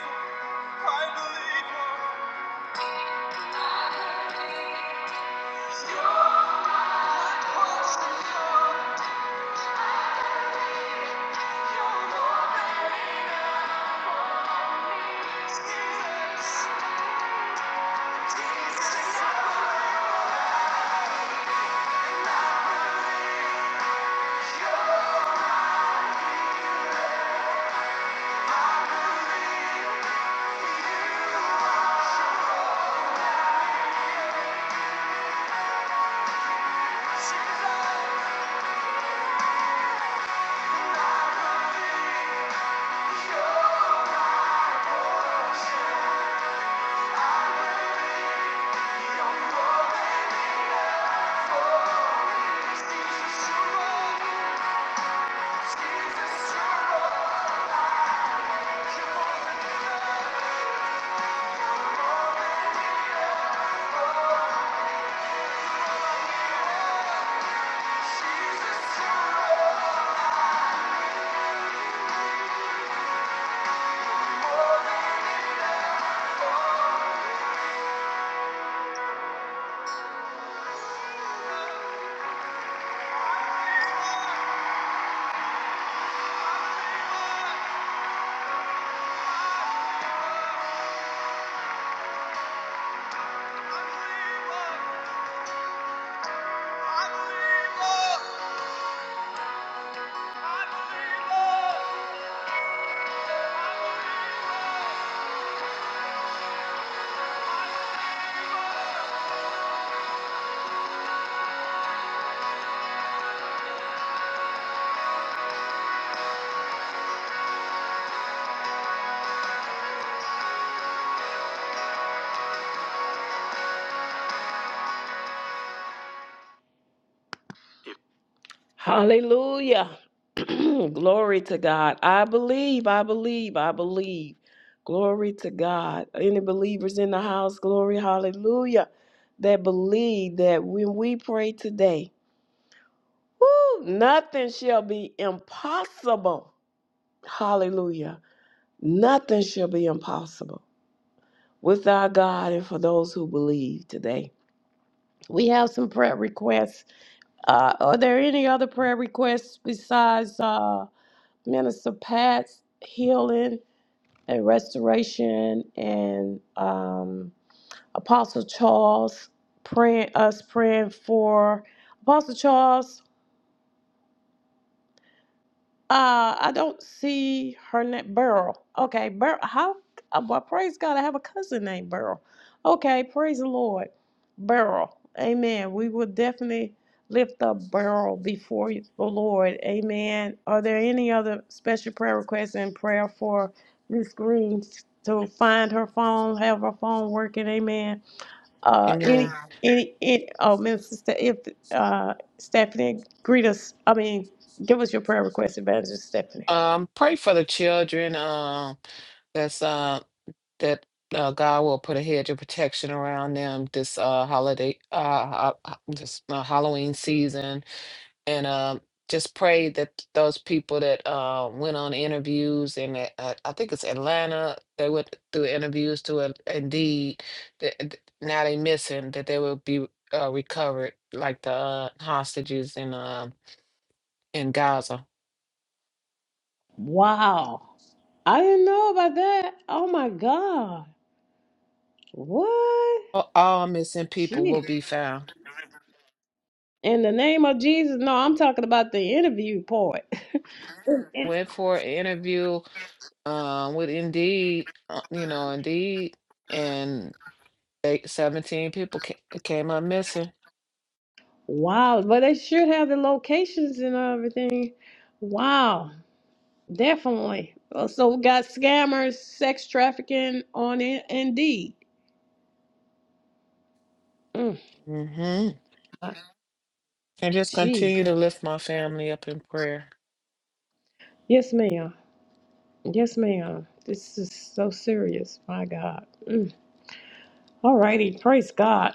[SPEAKER 1] believe. I believe you. Jesus, I believe you. Hallelujah. Glory to God. I believe, I believe, I believe. Glory to God. Any believers in the house, glory, hallelujah, that believe that when we pray today, woo, nothing shall be impossible. Hallelujah. Nothing shall be impossible with our God and for those who believe today. We have some prayer requests. Uh, are there any other prayer requests besides? uh, Minister Pat's healing and restoration, and um, Apostle Charles praying us praying for Apostle Charles. Uh, I don't see her name. Burl. Okay, Burl. How? uh, Well, praise God. I have a cousin named Burl. Okay, praise the Lord. Burl. Amen. We will definitely lift up Burl before you- the Lord. Amen. Are there any other special prayer requests and prayer for Miss Green to find her phone, have her phone working? Amen. Uh, any,
[SPEAKER 2] Amen.
[SPEAKER 1] any, any, oh, Minister, Ste- if, uh, Stephanie, greet us. I mean, give us your prayer request, Evangelist Stephanie.
[SPEAKER 2] Um, pray for the children. Um, that's um that uh, God will put a hedge of protection around them this uh, holiday, uh, ho- ho- this uh, Halloween season, and uh, just pray that those people that uh, went on interviews in uh, uh, I think it's Atlanta, they went through interviews to it, Indeed, that that now they missing that they will be uh, recovered, like the uh, hostages in uh, in Gaza.
[SPEAKER 1] Wow. I didn't know about that. Oh my God. What?
[SPEAKER 2] All all missing people
[SPEAKER 1] Jeez.
[SPEAKER 2] will be found.
[SPEAKER 1] In the name of Jesus. No, I'm talking about the interview part.
[SPEAKER 2] Went for an interview um with Indeed, uh, you know, Indeed, and they, 17 people ca- came up missing.
[SPEAKER 1] Wow. But they should have the locations and everything. Wow. Definitely. Uh, So we got scammers, sex trafficking on In- Indeed. Mm,
[SPEAKER 2] Mm-hmm.
[SPEAKER 1] I-
[SPEAKER 2] And just continue
[SPEAKER 1] Jesus.
[SPEAKER 2] to lift my family up in prayer.
[SPEAKER 1] Yes, ma'am. Yes, ma'am. This is so serious. My God. Mm. All righty. Praise God.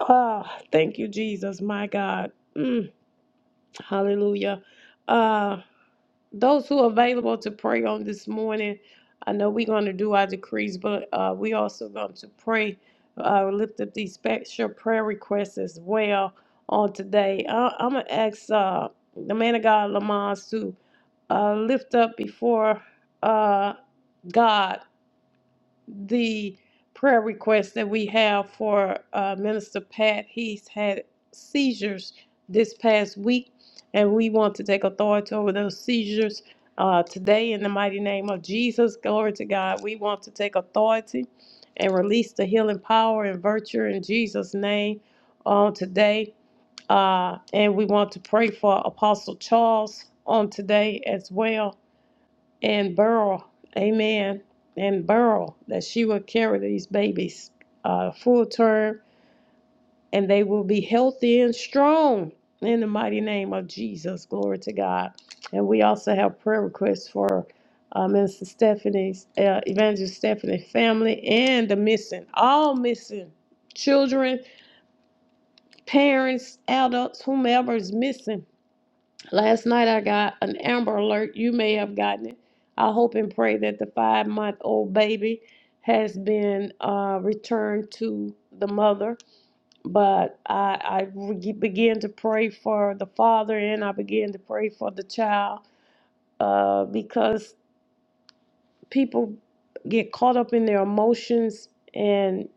[SPEAKER 1] Ah, thank you, Jesus. My God. Mm, hallelujah. Uh, those who are available to pray on this morning, I know we're going to do our decrees, but uh, we also going to pray, uh, lift up these special prayer requests as well on today. I, I'm going to ask uh, the man of God, Lamont, to uh, lift up before uh, God the prayer request that we have for uh, Minister Pat. He's had seizures this past week, and we want to take authority over those seizures uh, today in the mighty name of Jesus. Glory to God. We want to take authority and release the healing power and virtue in Jesus' name on today. Uh, and we want to pray for Apostle Charles on today as well and Burl, amen, and Burl, that she will carry these babies uh, full term and they will be healthy and strong in the mighty name of Jesus. Glory to God. And we also have prayer requests for uh, Minister Stephanie's, uh, Evangelist Stephanie's family and the missing, all missing children, parents, adults, whomever is missing. Last night I got an Amber Alert. You may have gotten it. I hope and pray that the five month old baby has been uh, returned to the mother. But I, I began to pray for the father and I began to pray for the child uh, because people get caught up in their emotions and.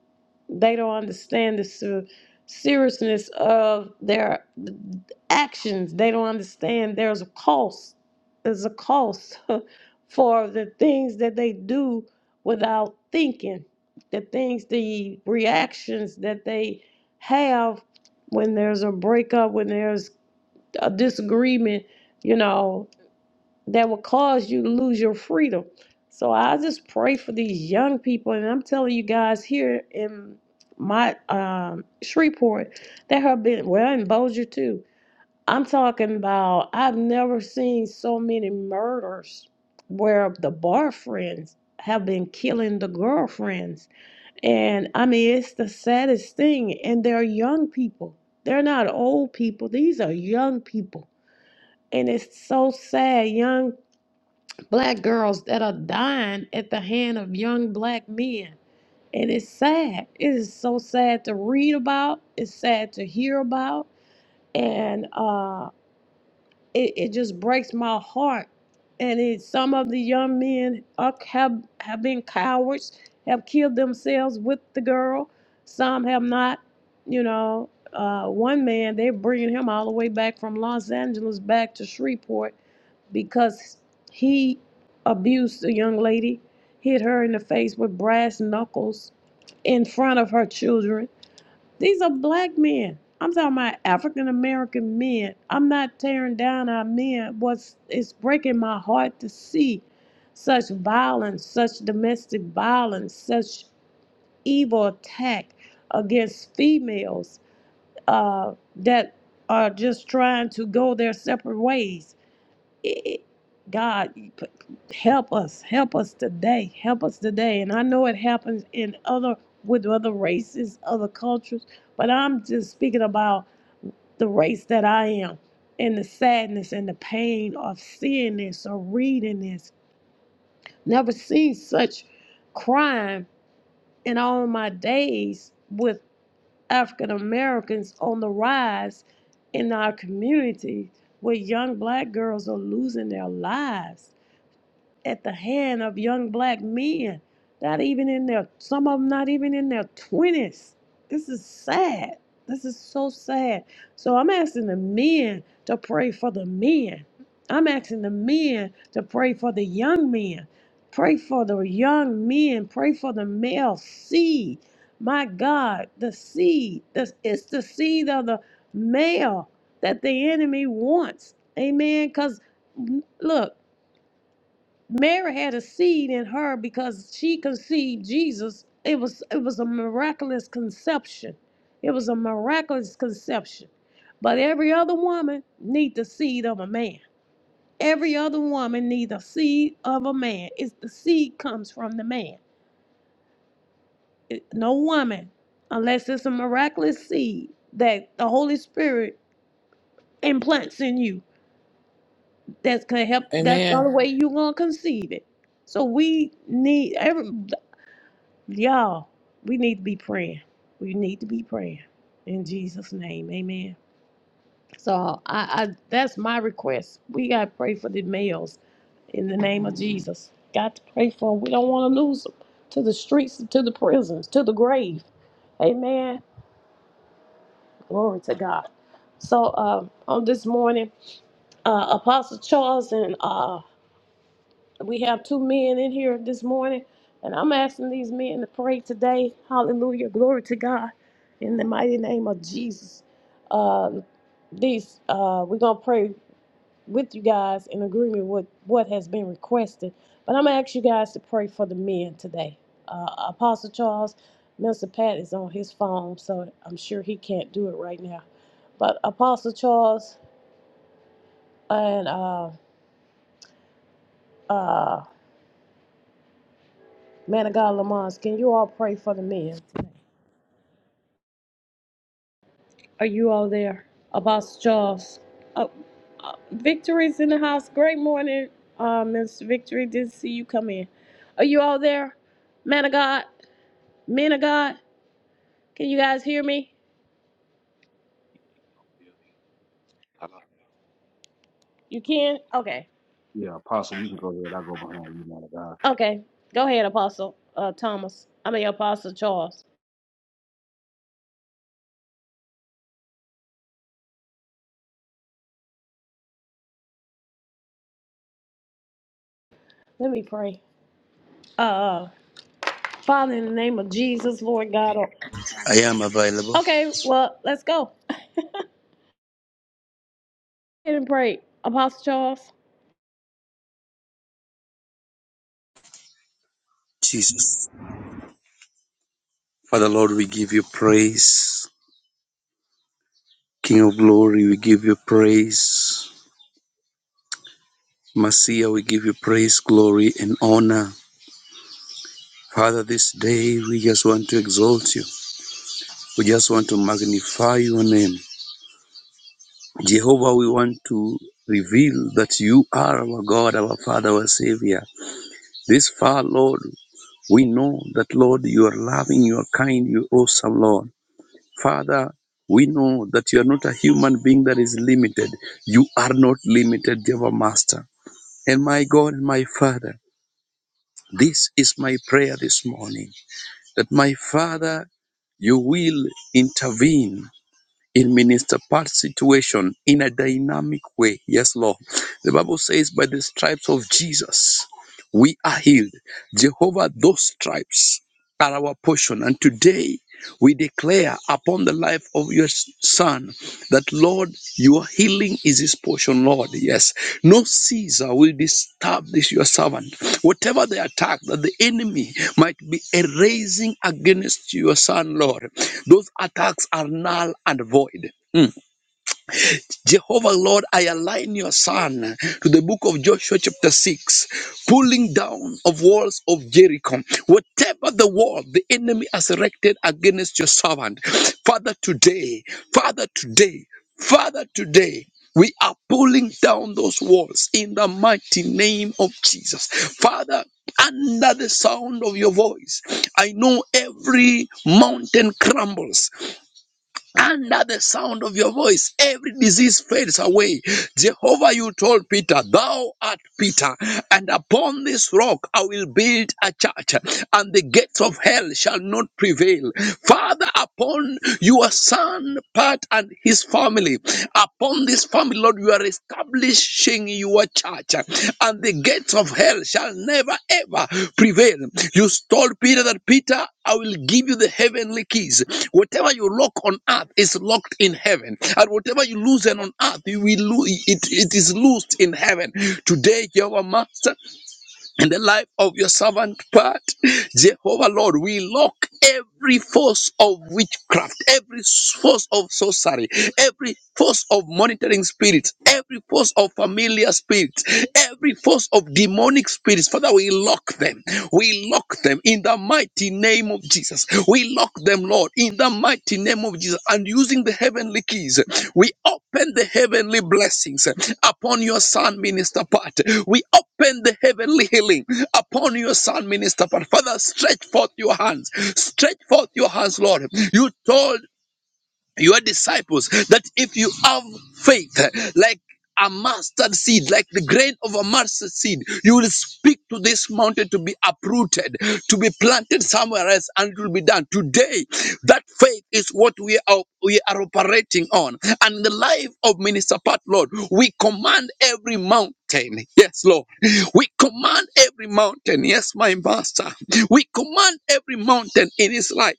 [SPEAKER 1] They don't understand the ser- seriousness of their actions. They don't understand there's a cost. There's a cost for the things that they do without thinking, the things, the reactions that they have when there's a breakup, when there's a disagreement. You know, that will cause you to lose your freedom. So I just pray for these young people, and I'm telling you guys here in my um, Shreveport, there have been well in Bossier too. I'm talking about I've never seen so many murders where the bar friends have been killing the girlfriends, and I mean it's the saddest thing. And they're young people; they're not old people. These are young people, and it's so sad. Young black girls that are dying at the hand of young black men. And it's sad. It is so sad to read about. It's sad to hear about. And uh, it, it just breaks my heart. And it, some of the young men are, have have been cowards, have killed themselves with the girl. Some have not. You know, uh, one man they're bringing him all the way back from Los Angeles back to Shreveport because he abused a young lady, hit her in the face with brass knuckles in front of her children these are black men. I'm talking about African American men. I'm not tearing down our men. What's it's breaking my heart to see such violence, such domestic violence, such evil attack against females uh, that are just trying to go their separate ways it- God, help us, help us today, help us today. And I know it happens in other with other races, other cultures, but I'm just speaking about the race that I am and the sadness and the pain of seeing this or reading this. Never seen such crime in all my days with African Americans on the rise in our community where young black girls are losing their lives at the hand of young black men, not even in their, some of them not even in their 20s. This is sad. This is so sad. So I'm asking the men to pray for the men. I'm asking the men to pray for the young men. Pray for the young men. Pray for the male seed. My God, the seed. This it's the seed of the male that the enemy wants. Amen. Because look, Mary had a seed in her because she conceived Jesus. It was it was a miraculous conception. It was a miraculous conception. But every other woman need the seed of a man. Every other woman need the seed of a man. It's the seed comes from the man. It- no woman, unless it's a miraculous seed that the Holy Spirit implants in you. That's gonna help. That's the
[SPEAKER 2] Amen.
[SPEAKER 1] only way you gonna conceive it. So we need every. Y'all, we need to be praying. We need to be praying. In Jesus' name, amen. So I, I that's my request. We gotta pray for the males in the name of Jesus. Got to pray for them. We don't want to lose them to the streets, to the prisons, to the grave. Amen. Glory to God. So uh, on this morning, uh, Apostle Charles and uh, we have two men in here this morning, and I'm asking these men to pray today. Hallelujah. Glory to God. In the mighty name of Jesus. Um, these uh, we're gonna pray with you guys in agreement with what has been requested. But I'm gonna ask you guys to pray for the men today. Uh, Apostle Charles, Minister Pat is on his phone, so I'm sure he can't do it right now. But Apostle Charles and uh, uh, Man of God, Lamont, can you all pray for the men? Are you all there? Apostle Charles. Uh, uh, Victory's in the house. Great morning, uh, Miss Victory. Didn't see you come in. Are you all there? Man of God, men of God, can you guys hear me? You can? Okay.
[SPEAKER 7] Yeah, Apostle, you can go ahead. i go behind you, man of God.
[SPEAKER 1] Okay. Go ahead, Apostle uh, Thomas. I mean, Apostle Charles. Let me pray. Uh, uh, Father, in the name of Jesus, Lord God. oh-
[SPEAKER 6] I am available.
[SPEAKER 1] Okay, well, let's go. and pray. Apostle Charles.
[SPEAKER 6] Jesus. Father Lord, we give you praise. King of glory, we give you praise. Messiah, we give you praise, glory, and honor. Father, this day we just want to exalt you. We just want to magnify your name. Jehovah, we want to reveal that you are our God, our Father, our Savior. This far, Lord, we know that, Lord, you are loving, you are kind, you are awesome, Lord. Father, we know that you are not a human being that is limited. You are not limited, Jehovah Master. And my God and my Father, this is my prayer this morning that my Father, you will intervene It means to part situation in a dynamic way. Yes, Lord. The Bible says, by the stripes of Jesus, we are healed. Jehovah, those stripes are our portion. And today, we declare upon the life of your son that, Lord, your healing is his portion, Lord. Yes. No Caesar will disturb this, your servant. Whatever the attack that the enemy might be erasing against your son, Lord, those attacks are null and void. Mm. Jehovah, Lord, I align your son to the book of Joshua, chapter 6, pulling down of walls of Jericho. Whatever the wall the enemy has erected against your servant, Father, today, Father, today, Father, today, we are pulling down those walls in the mighty name of Jesus. Father, under the sound of your voice, I know every mountain crumbles under the sound of your voice, every disease fades away. Jehovah, you told Peter, Thou art Peter, and upon this rock I will build a church, and the gates of hell shall not prevail. Father, upon your son, Pat, and his family, upon this family, Lord, you are establishing your church, and the gates of hell shall never ever prevail. You told Peter that Peter. I will give you the heavenly keys. Whatever you lock on earth is locked in heaven, and whatever you loosen on earth, you will loo- it, it is loosed in heaven. Today, Jehovah Master, in the life of your servant, part Jehovah Lord, we lock every force of witchcraft, every force of sorcery, every force of monitoring spirits, every force of familiar spirits, every force of demonic spirits. Father, we lock them. We lock them in the mighty mighty name of Jesus. We lock them, Lord, in the mighty name of Jesus. And using the heavenly keys, we open the heavenly blessings upon your son, Minister Pat. We open the heavenly healing upon your son, Minister Pat. Father, stretch forth your hands. Stretch forth your hands, Lord. You told your disciples that if you have faith like a mustard seed, like the grain of a mustard seed, you will speak to this mountain to be uprooted, to be planted somewhere else, and it will be done. Today, that faith is what we are we are operating on. And in the life of Minister Pat Lord, we command every mountain mountain. Yes, Lord. We command every mountain. Yes, my master. We command every mountain in his life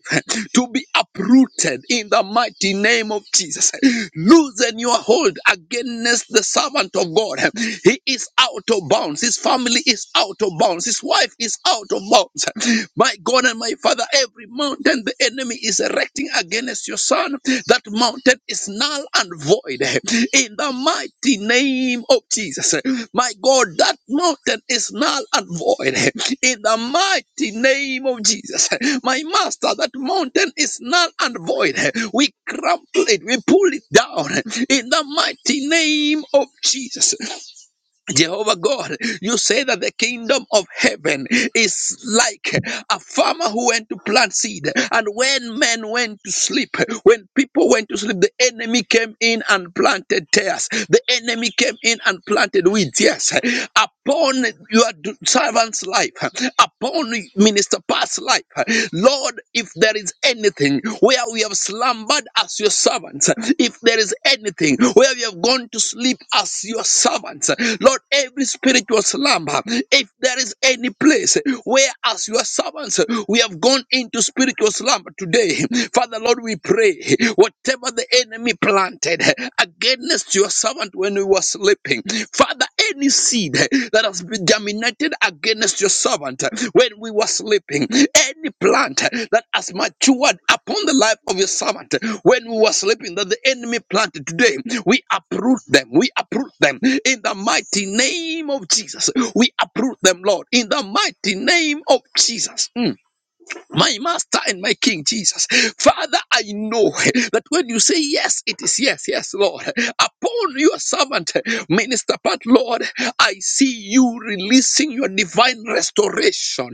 [SPEAKER 6] to be uprooted in the mighty name of Jesus. Loosen your hold against the servant of God. He is out of bounds. His family is out of bounds. His wife is out of bounds. My God and my Father, every mountain and the enemy is erecting against your son, that mountain is null and void. In the mighty name of Jesus, my God, that mountain is null and void. In the mighty name of Jesus, my master, that mountain is null and void. We crumple it, we pull it down. In the mighty name of Jesus, Jehovah God, you say that the kingdom of heaven is like a farmer who went to plant seed. And when men went to sleep, when people went to sleep, the enemy came in and planted tares. The enemy came in and planted weeds. Yes. Upon your d- servant's life, upon Minister Pat's life, Lord, if if there is anything where we have slumbered as your servants, if there is anything where we have gone to sleep as your servants, Lord, every spiritual slumber, if there is any place where as your servants we have gone into spiritual slumber today, Father, Lord, we pray whatever the enemy planted against your servant when we were sleeping, Father any seed that has been germinated against your servant when we were sleeping, any plant that has matured upon the life of your servant when we were sleeping, that the enemy planted today, we uproot them. We uproot them in the mighty name of Jesus. We uproot them, Lord, in the mighty name of Jesus. Mm my master and my king jesus father i know that when you say yes it is yes yes lord upon your servant minister but lord i see you releasing your divine restoration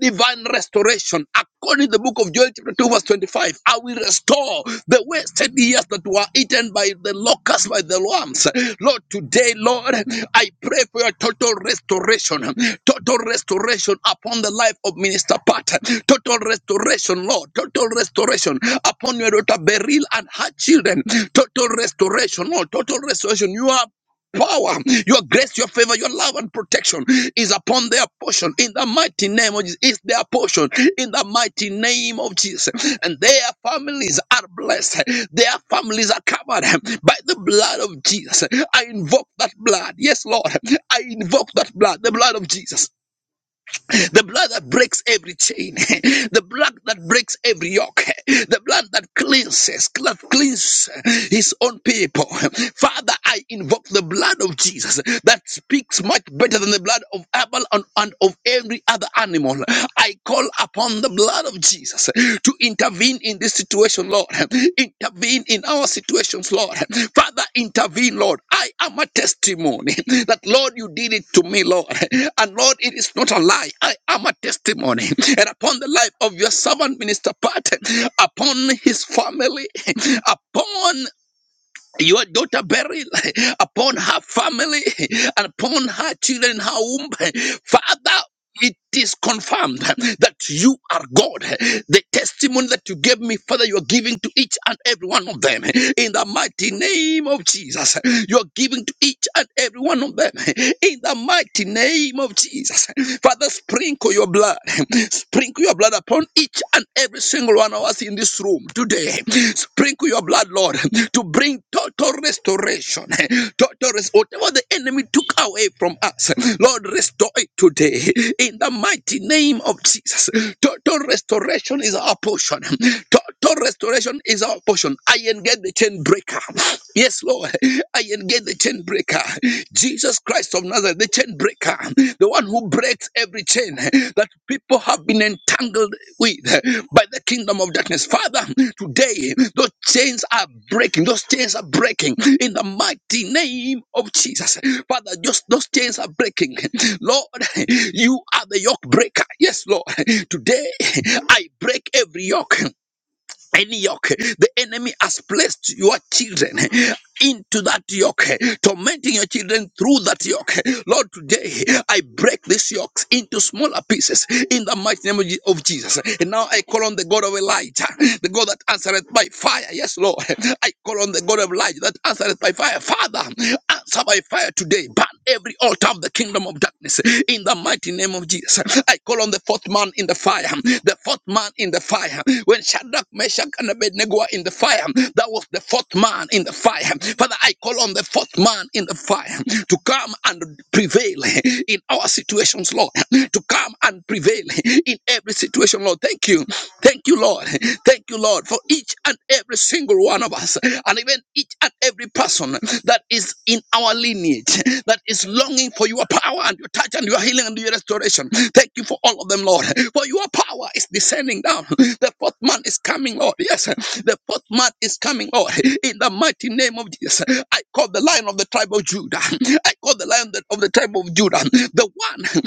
[SPEAKER 6] divine restoration According to the book of Joel, chapter 2, verse 25, I will restore the wasted years that were eaten by the locusts, by the worms. Lord, today, Lord, I pray for your total restoration, total restoration upon the life of Minister Pat, total restoration, Lord, total restoration upon your daughter Beryl and her children, total restoration, Lord, total restoration. You are power, your grace, your favor, your love and protection is upon their portion in the mighty name of Jesus. Is their portion in the mighty name of Jesus. And their families are blessed. Their families are covered by the blood of Jesus. I invoke that blood. Yes, Lord. I invoke that blood, the blood of Jesus the blood that breaks every chain. The blood that breaks every yoke. The blood that cleanses, that cleanses his own people. Father, I invoke the blood of Jesus that speaks much better than the blood of Abel and, and of every other animal. I call upon the blood of Jesus to intervene in this situation, Lord. Intervene in our situations, Lord. Father, intervene, Lord. I am a testimony that Lord, you did it to me, Lord. And Lord, it is not a lie. I am a testimony. And upon the life of your servant, Minister Pat, upon his family, upon your daughter burial upon her family and upon her children, her womb. Father, it is confirmed that you are God. The testimony that you gave me, Father, you are giving to each and every one of them. In the mighty name of Jesus, you are giving to each and every one of them. In the mighty name of Jesus, Father, sprinkle your blood, Sprinkle your blood upon each and every single one of us in this room today. Sprinkle your blood, Lord, to bring total restoration. Total rest- whatever the enemy took away from us, Lord, restore it today in the mighty name of Jesus. Total restoration is our portion. Total restoration is our portion. I engage the chain breaker. Yes, Lord. I engage the chain breaker breaker, Jesus Christ of Nazareth, the chain breaker, the one who breaks every chain that people have been entangled with by the kingdom of darkness. Father, today those chains are breaking, those chains are breaking in the mighty name of Jesus. Father, just those chains are breaking. Lord, you are the yoke breaker. Yes, Lord. Today I break every yoke any yoke the enemy has placed your children into that yoke, tormenting your children through that yoke. Lord, today I break these yokes into smaller pieces in the mighty name of Je- of Jesus. And now I call on the God of Elijah, the God that answereth by fire. Yes, Lord. I call on the God of Elijah that answereth by fire. Father, answer by fire today every altar of the kingdom of darkness in the mighty name of Jesus. I call on the fourth man in the fire, the fourth man in the fire. When Shadrach, Meshach, and Abednego were in the fire, that was the fourth man in the fire. Father, I call on the fourth man in the fire to come and prevail in our situations, Lord, to come and prevail in every situation, Lord. Thank you. Thank you, Lord. Thank you, Lord, for each and every single one of us, and even each and every person that is in our lineage, that is longing for your power and your touch and your healing and your restoration. Thank you for all of them, Lord. For your power is descending down. The fourth man is coming, Lord. Yes, the fourth man is coming, Lord. In the mighty name of Jesus, I call the lion of the tribe of Judah. I call the lion of the tribe of Judah, the one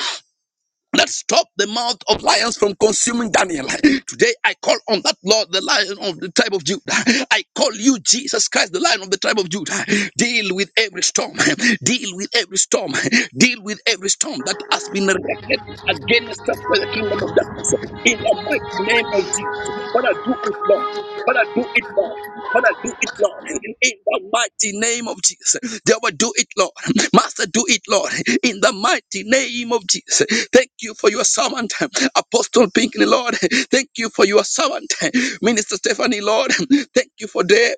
[SPEAKER 6] Let's stop the mouth of lions from consuming Daniel. Today I call on that Lord, the lion of the tribe of Judah. I call you Jesus Christ, the lion of the tribe of Judah. Deal with every storm. Deal with every storm. Deal with every storm that has been erected against us by the kingdom of darkness. In the mighty name of Jesus. What I do is Lord. Father, do it, Lord. Father, do it, Lord. In the mighty name of Jesus. Jehovah, do it, Lord. Master, do it, Lord. In the mighty name of Jesus. Thank you for your servant, Apostle Pinkley, Lord. Thank you for your servant, Minister Stephanie, Lord. Thank you for Dave.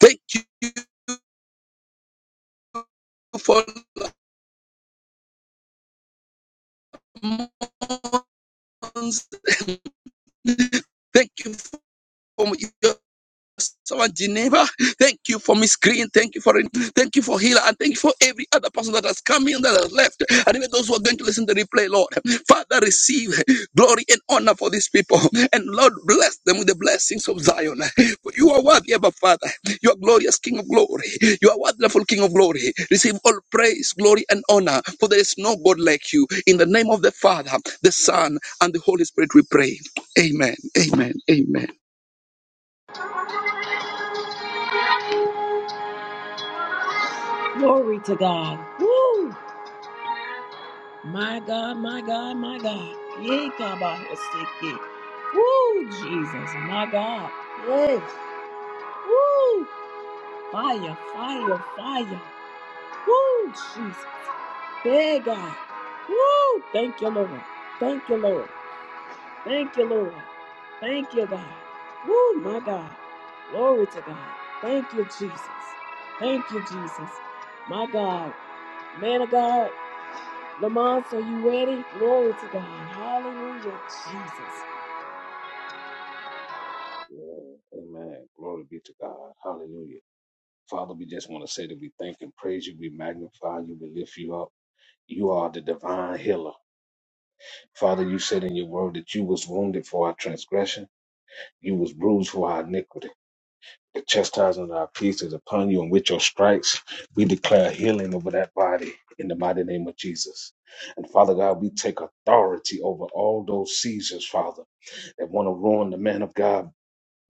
[SPEAKER 6] Thank you for Mons. Thank you for your Our Geneva, thank you for Miss Green, thank you for it, thank you for Hila, and thank you for every other person that has come in that has left, and even those who are going to listen to the replay, Lord. Father, receive glory and honor for these people, and Lord, bless them with the blessings of Zion. For you are worthy, Abba Father. You are glorious King of glory. You are wonderful King of glory. Receive all praise, glory, and honor, for there is no God like you. In the name of the Father, the Son, and the Holy Spirit, we pray. Amen. Amen. Amen.
[SPEAKER 1] Glory to God. My God, my God, my God. Yay, Kabahosiki. Woo, Jesus, my God. Yes. Woo. Fire, fire, fire. Woo, Jesus. Hey, God. Woo. Thank you, Lord. Thank you, Lord. Thank you, Lord. Thank you, God. Woo, my God. Glory to God. Thank you, Jesus. Thank you, Jesus. My God. Man of God. Lamont, are you ready? Glory to God. Hallelujah, Jesus.
[SPEAKER 7] Yeah, amen. Glory be to God. Hallelujah. Father, we just want to say that we thank and praise you. We magnify you. We lift you up. You are the divine healer. Father, you said in your word that you was wounded for our transgression. You was bruised for our iniquity. The chastisement of our peace is upon you, and with your stripes, we declare healing over that body in the mighty name of Jesus. And Father God, we take authority over all those Caesars, Father, that want to ruin the man of God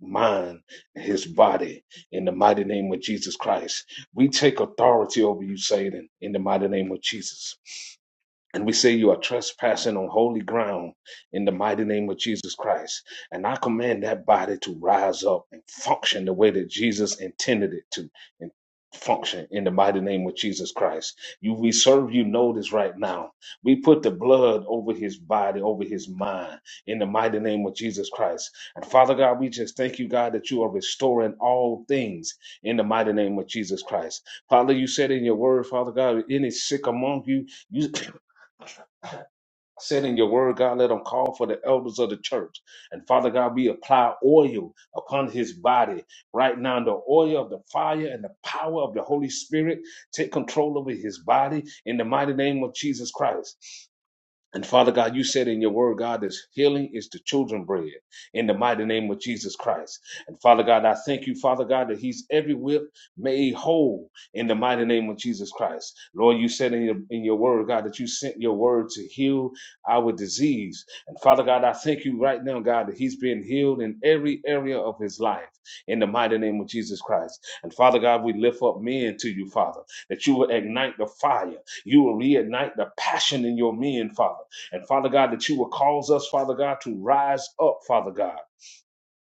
[SPEAKER 7] mind, and his body in the mighty name of Jesus Christ. We take authority over you, Satan, in the mighty name of Jesus. And we say you are trespassing on holy ground in the mighty name of Jesus Christ. And I command that body to rise up and function the way that Jesus intended it to and function in the mighty name of Jesus Christ. You we serve you notice right now. We put the blood over his body, over his mind in the mighty name of Jesus Christ. And Father God, we just thank you, God, that you are restoring all things in the mighty name of Jesus Christ. Father, you said in your word, Father God, any sick among you, you said in your word, God, let him call for the elders of the church. And Father God, we apply oil upon his body right now. The oil of the fire and the power of the Holy Spirit take control over his body in the mighty name of Jesus Christ. And Father God, you said in your word, God, this healing is the children bread in the mighty name of Jesus Christ. And Father God, I thank you, Father God, that he's every whip made whole in the mighty name of Jesus Christ. Lord, you said in your, in your word, God, that you sent your word to heal our disease. And Father God, I thank you right now, God, that he's being healed in every area of his life in the mighty name of Jesus Christ. And Father God, we lift up men to you, Father, that you will ignite the fire. You will reignite the passion in your men, Father. And Father God, that you will cause us, Father God, to rise up, Father God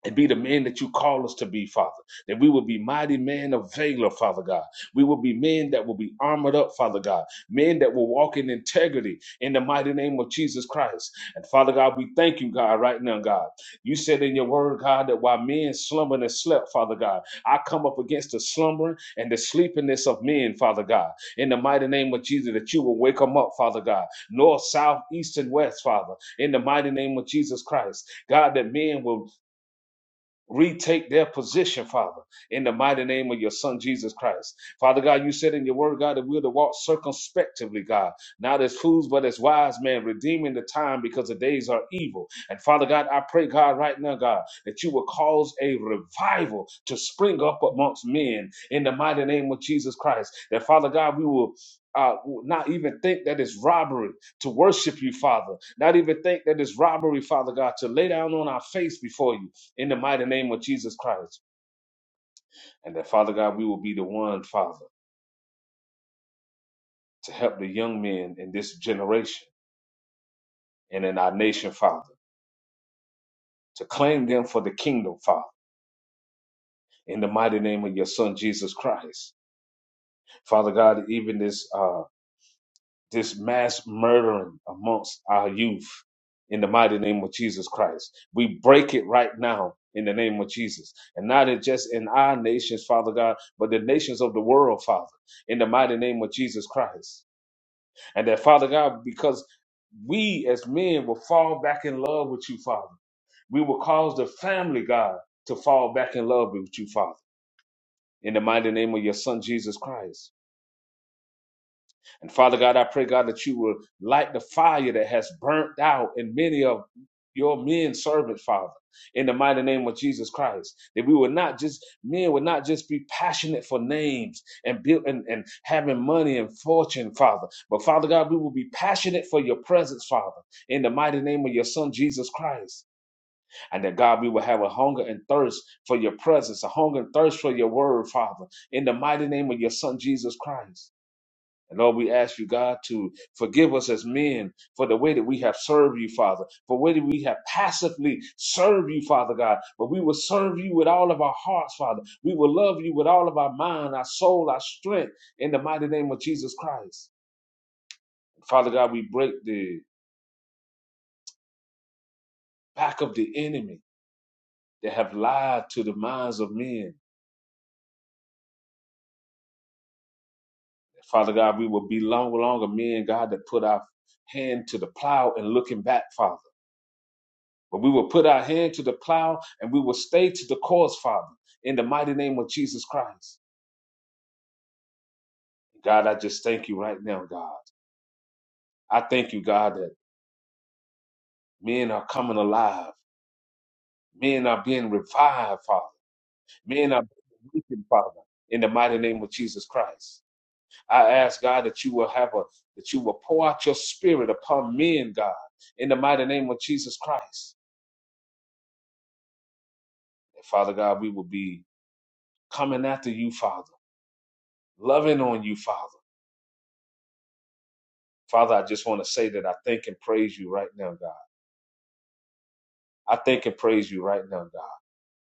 [SPEAKER 7] and be the men that you call us to be, Father. That we will be mighty men of valor, Father God. We will be men that will be armored up, Father God. Men that will walk in integrity in the mighty name of Jesus Christ. And Father God, we thank you, God, right now, God. You said in your word, God, that while men slumbered and slept, Father God, I come up against the slumbering and the sleepiness of men, Father God. In the mighty name of Jesus, that you will wake them up, Father God. North, south, east, and west, Father. In the mighty name of Jesus Christ. God, that men will retake their position, Father, in the mighty name of your Son Jesus Christ. Father God, you said in your word, God, that we're to walk circumspectively, God, not as fools, but as wise men, redeeming the time because the days are evil. And Father God, I pray, God, right now, God, that you will cause a revival to spring up amongst men in the mighty name of Jesus Christ. That Father God, we will. Uh, not even think that it's robbery to worship you, Father. Not even think that it's robbery, Father God, to lay down on our face before you in the mighty name of Jesus Christ. And that, Father God, we will be the one, Father, to help the young men in this generation and in our nation, Father, to claim them for the kingdom, Father, in the mighty name of your Son, Jesus Christ. Father God, even this, uh, this mass murdering amongst our youth, in the mighty name of Jesus Christ. We break it right now in the name of Jesus. And not in- just in our nations, Father God, but the nations of the world, Father, in the mighty name of Jesus Christ. And that, Father God, because we as men will fall back in love with you, Father. We will cause the family, God, to fall back in love with you, Father. In the mighty name of your Son, Jesus Christ. And Father God, I pray, God, that you will light the fire that has burnt out in many of your men servants, Father, in the mighty name of Jesus Christ. That we would not just, men would not just be passionate for names and build and, and having money and fortune, Father. But Father God, we will be passionate for your presence, Father, in the mighty name of your Son Jesus Christ. And that God, we will have a hunger and thirst for your presence, a hunger and thirst for your word, Father, in the mighty name of your Son Jesus Christ. And Lord, we ask you, God, to forgive us as men for the way that we have served you, Father, for the way that we have passively served you, Father God. But we will serve you with all of our hearts, Father. We will love you with all of our mind, our soul, our strength, in the mighty name of Jesus Christ. Father God, we break the back of the enemy that have lied to the minds of men. Father God, we will be no longer men, God, that put our hand to the plow and looking back, Father. But we will put our hand to the plow and we will stay to the course, Father, in the mighty name of Jesus Christ. God, I just thank you right now, God. I thank you, God, that men are coming alive. Men are being revived, Father. Men are being awakened, Father, in the mighty name of Jesus Christ. I ask, God, that you will have a, that you will pour out your spirit upon men, God, in the mighty name of Jesus Christ. And Father God, we will be coming after you, Father, loving on you, Father Father, I just want to say that I thank and praise you right now, God. I thank and praise you right now, God,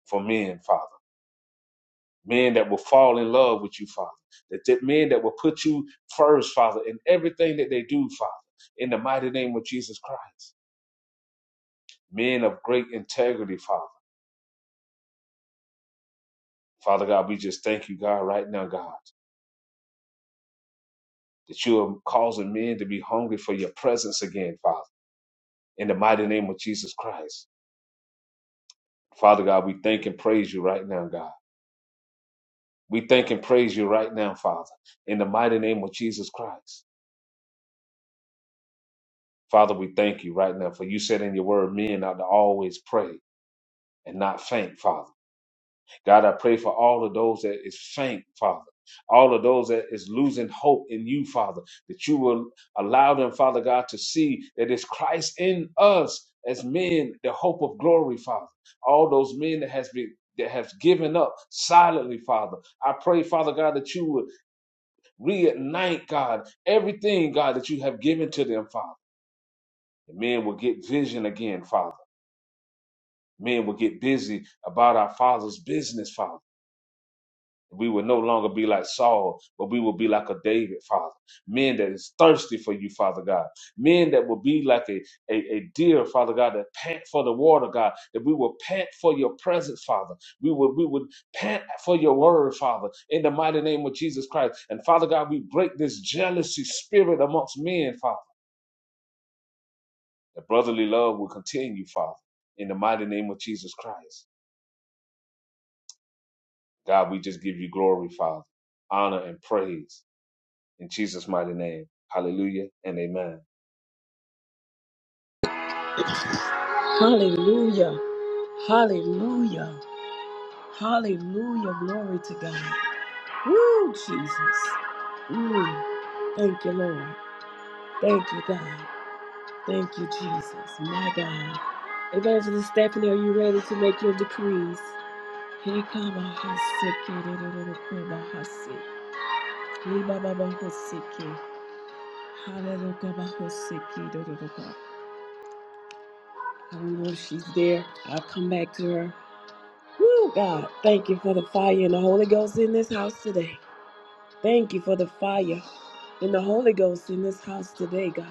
[SPEAKER 7] for men, Father. Men that will fall in love with you, Father. That, that men that will put you first, Father, in everything that they do, Father, in the mighty name of Jesus Christ. Men of great integrity, Father. Father God, we just thank you, God, right now, God, that you are causing men to be hungry for your presence again, Father, in the mighty name of Jesus Christ. Father God, we thank and praise you right now, God. We thank and praise you right now, Father, in the mighty name of Jesus Christ. Father, we thank you right now, for you said in your word, men ought to always pray and not faint, Father. God, I pray for all of those that is faint, Father. All of those that is losing hope in you, Father, that you will allow them, Father God, to see that it's Christ in us as men, the hope of glory, Father. All those men that has been that has given up silently, Father. I pray, Father God, that you would Reignite, God, everything, God, that you have given to them, Father. And men will get vision again, Father. Men will get busy about our Father's business, Father. We will no longer be like Saul, but we will be like a David, Father. Men that is thirsty for you, Father God. Men that will be like a, a, a deer, Father God, that pant for the water, God. That we will pant for your presence, Father. We will we would pant for your word, Father, in the mighty name of Jesus Christ. And Father God, we break this jealousy spirit amongst men, Father. That brotherly love will continue, Father, in the mighty name of Jesus Christ. God, we just give you glory, Father, honor, and praise in Jesus' mighty name. Hallelujah and amen.
[SPEAKER 1] Hallelujah. Hallelujah. Hallelujah. Glory to God. Woo, Jesus. Mm, thank you, Lord. Thank you, God. Thank you, Jesus. My God. Evangelist Stephanie, are you ready to make your decrees? Here come our hosiki. Hallelujah. I don't know if she's there. I'll come back to her. Woo, God, thank you for the fire and the Holy Ghost in this house today. Thank you for the fire and the Holy Ghost in this house today, God.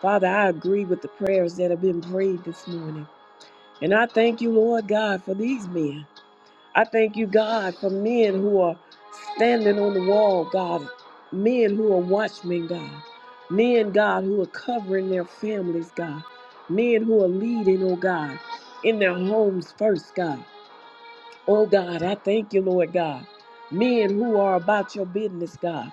[SPEAKER 1] Father, I agree with the prayers that have been prayed this morning. And I thank you, Lord God, for these men. I thank you, God, for men who are standing on the wall, God, men who are watchmen, God, men, God, who are covering their families, God, men who are leading, oh God, in their homes first, God. Oh God, I thank you, Lord God. Men who are about your business, God.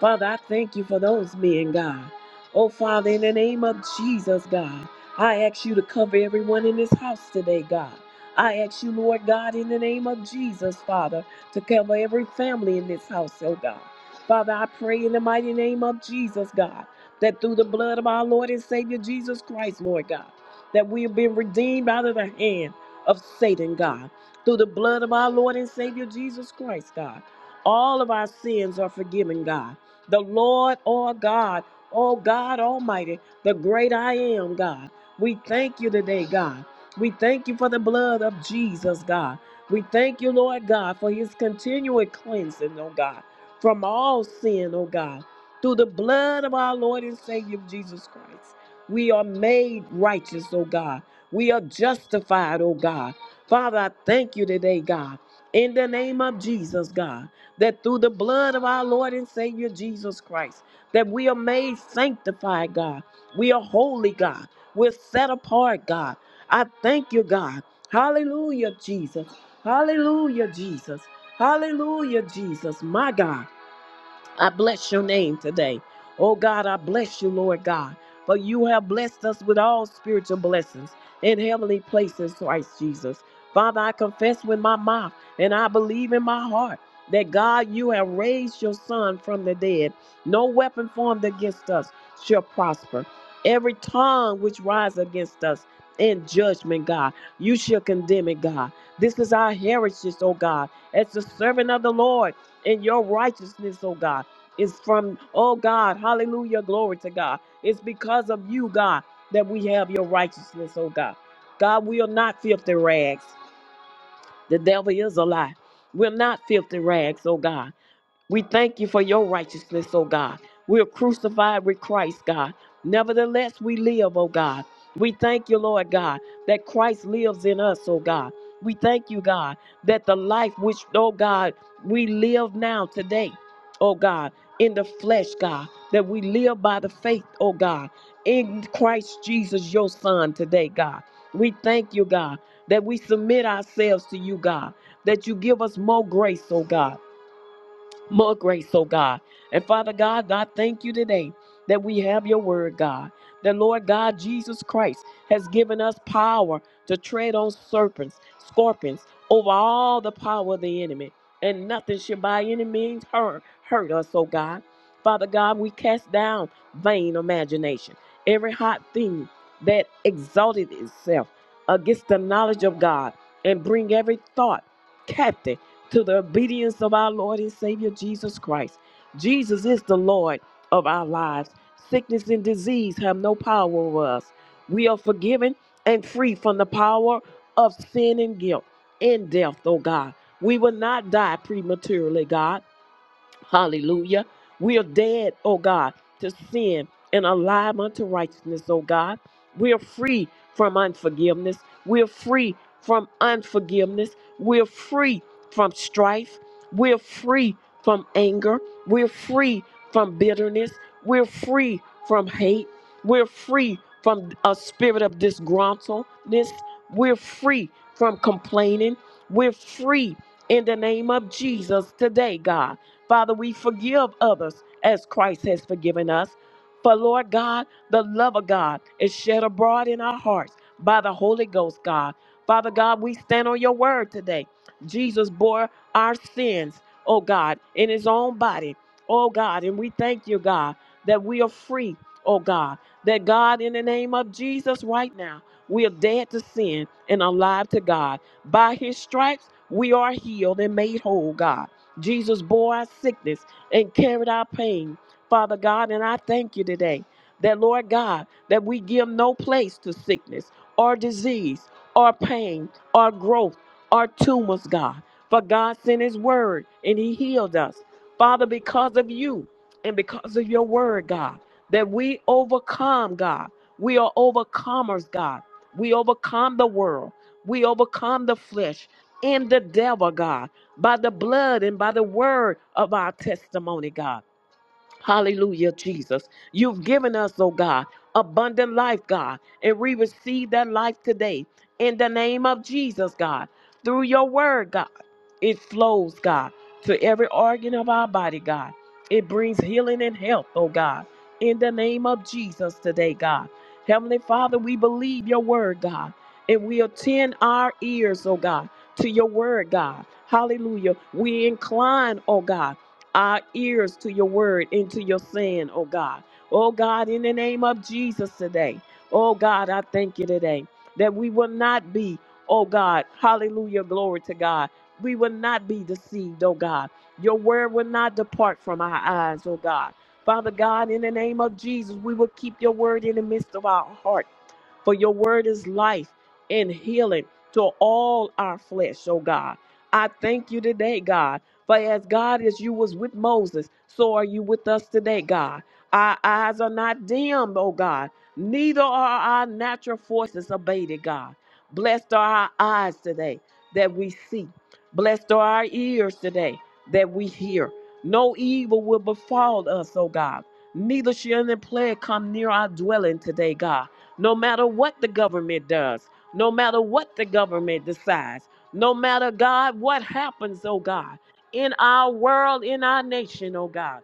[SPEAKER 1] Father, I thank you for those men, God. Oh Father, in the name of Jesus, God, I ask you to cover everyone in this house today, God. I ask you, Lord God, in the name of Jesus, Father, to cover every family in this house, oh God. Father, I pray in the mighty name of Jesus, God, that through the blood of our Lord and Savior Jesus Christ, Lord God, that we have been redeemed out of the hand of Satan, God through the blood of our Lord and Savior Jesus Christ, God. All of our sins are forgiven, God. The Lord our God, oh God Almighty, the great I am, God. We thank you today, God. We thank you for the blood of Jesus, God. We thank you, Lord God, for his continual cleansing, oh God, from all sin, oh God. Through the blood of our Lord and Savior Jesus Christ, we are made righteous, oh God. We are justified, oh God. Father, I thank you today, God, in the name of Jesus, God, that through the blood of our Lord and Savior Jesus Christ, that we are made sanctified, God. We are holy, God. We're set apart, God. I thank you, God. Hallelujah, Jesus. Hallelujah, Jesus. Hallelujah, Jesus. My God. I bless your name today. Oh God, I bless you, Lord God, for you have blessed us with all spiritual blessings in heavenly places, Christ Jesus. Father, I confess with my mouth and I believe in my heart that God, you have raised your son from the dead. No weapon formed against us shall prosper. Every tongue which rises against us in judgment, God, you shall condemn it, God. This is our heritage, oh God, as the servant of the Lord in your righteousness, oh God. It's from, oh God, hallelujah, glory to God. It's because of you, God, that we have your righteousness, oh God. God, we are not filthy rags. The devil is a lie. We're not filthy rags, oh God. We thank you for your righteousness, O God. We're crucified with Christ, God. Nevertheless, we live, O God. We thank you, Lord God, that Christ lives in us, O God. We thank you, God, that the life which, O God, we live now today, O God, in the flesh, God, that we live by the faith, O God, in Christ Jesus, your Son, today, God. We thank you, God, that we submit ourselves to you, God, that you give us more grace, O God more grace, oh God. And Father God, I thank you today that we have your word, God. The Lord God Jesus Christ has given us power to tread on serpents, scorpions, over all the power of the enemy, and nothing should by any means hurt, hurt us, oh God. Father God, we cast down vain imagination, every hot thing that exalted itself against the knowledge of God, and bring every thought captive to the obedience of our Lord and Savior Jesus Christ. Jesus is the Lord of our lives. Sickness and disease have no power over us. We are forgiven and free from the power of sin and guilt and death, oh God. We will not die prematurely, God. Hallelujah. We are dead, oh God, to sin and alive unto righteousness, oh God. We are free from unforgiveness. We are free from unforgiveness. We are free from strife. We are free from anger. We are free from bitterness. We're free from hate. We're free from a spirit of disgruntledness. We're free from complaining. We're free in the name of Jesus today, God. Father, we forgive others as Christ has forgiven us. For Lord God, the love of God is shed abroad in our hearts by the Holy Ghost, God. Father God, we stand on your word today. Jesus bore our sins, oh God, in his own body, oh God. And we thank you, God, that we are free, oh God. That God, in the name of Jesus, right now, we are dead to sin and alive to God. By his stripes, we are healed and made whole, God. Jesus bore our sickness and carried our pain, Father God. And I thank you today that, Lord God, that we give no place to sickness or disease or pain or growth or tumors, God. For God sent his word and he healed us. Father, because of you and because of your word, God, that we overcome, God. We are overcomers, God. We overcome the world. We overcome the flesh and the devil, God by the blood and by the word of our testimony, God. Hallelujah, Jesus. You've given us, oh God, abundant life, God, and we receive that life today in the name of Jesus, God. Through your word, God, it flows, God, to every organ of our body, God. It brings healing and health, oh God, in the name of Jesus today, God. Heavenly Father, we believe your word, God, and we attend our ears, oh God, to your word, God. Hallelujah. We incline, oh God our ears to your word and to your saying, oh God. Oh God, in the name of Jesus today. Oh God, I thank you today that we will not be, oh God, hallelujah, glory to God. We will not be deceived, oh God. Your word will not depart from our eyes, oh God. Father God, in the name of Jesus, we will keep your word in the midst of our heart for your word is life and healing to all our flesh, oh God. I thank you today, God. For as God as you was with Moses, so are you with us today, God. Our eyes are not dimmed, oh God. Neither are our natural forces abated, God. Blessed are our eyes today that we see. Blessed are our ears today that we hear. No evil will befall us, oh God. Neither shall any plague come near our dwelling today, God. No matter what the government does, no matter what the government decides, no matter, God, what happens, oh God in our world, in our nation, oh God.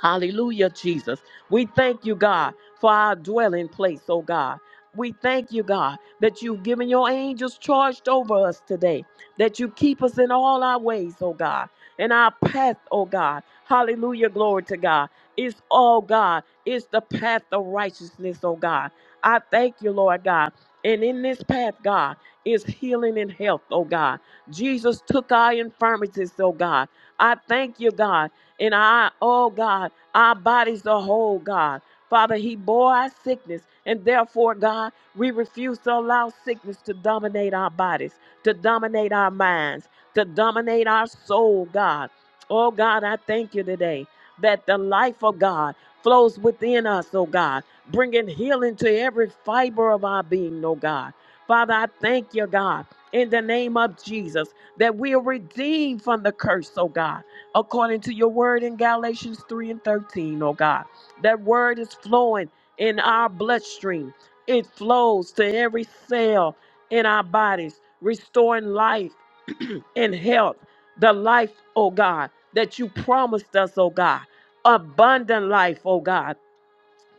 [SPEAKER 1] Hallelujah, Jesus. We thank you, God, for our dwelling place, oh God. We thank you, God, that you've given your angels charged over us today, that you keep us in all our ways, oh God, and our path, oh God. Hallelujah, glory to God. It's all God, it's the path of righteousness, oh God. I thank you, Lord God. And in this path, God, is healing and health, oh God. Jesus took our infirmities, oh God. I thank you, God in our, oh God, our bodies the whole, God. Father, He bore our sickness, and therefore, God, we refuse to allow sickness to dominate our bodies, to dominate our minds, to dominate our soul, God. Oh God, I thank you today that the life of God flows within us, oh God, bringing healing to every fiber of our being, oh God. Father, I thank you, God, in the name of Jesus, that we are redeemed from the curse, oh God according to your word in Galatians 3 and 13, O God. That word is flowing in our bloodstream, it flows to every cell in our bodies, restoring life and health. The life, oh God, that you promised us, oh God. Abundant life, oh God.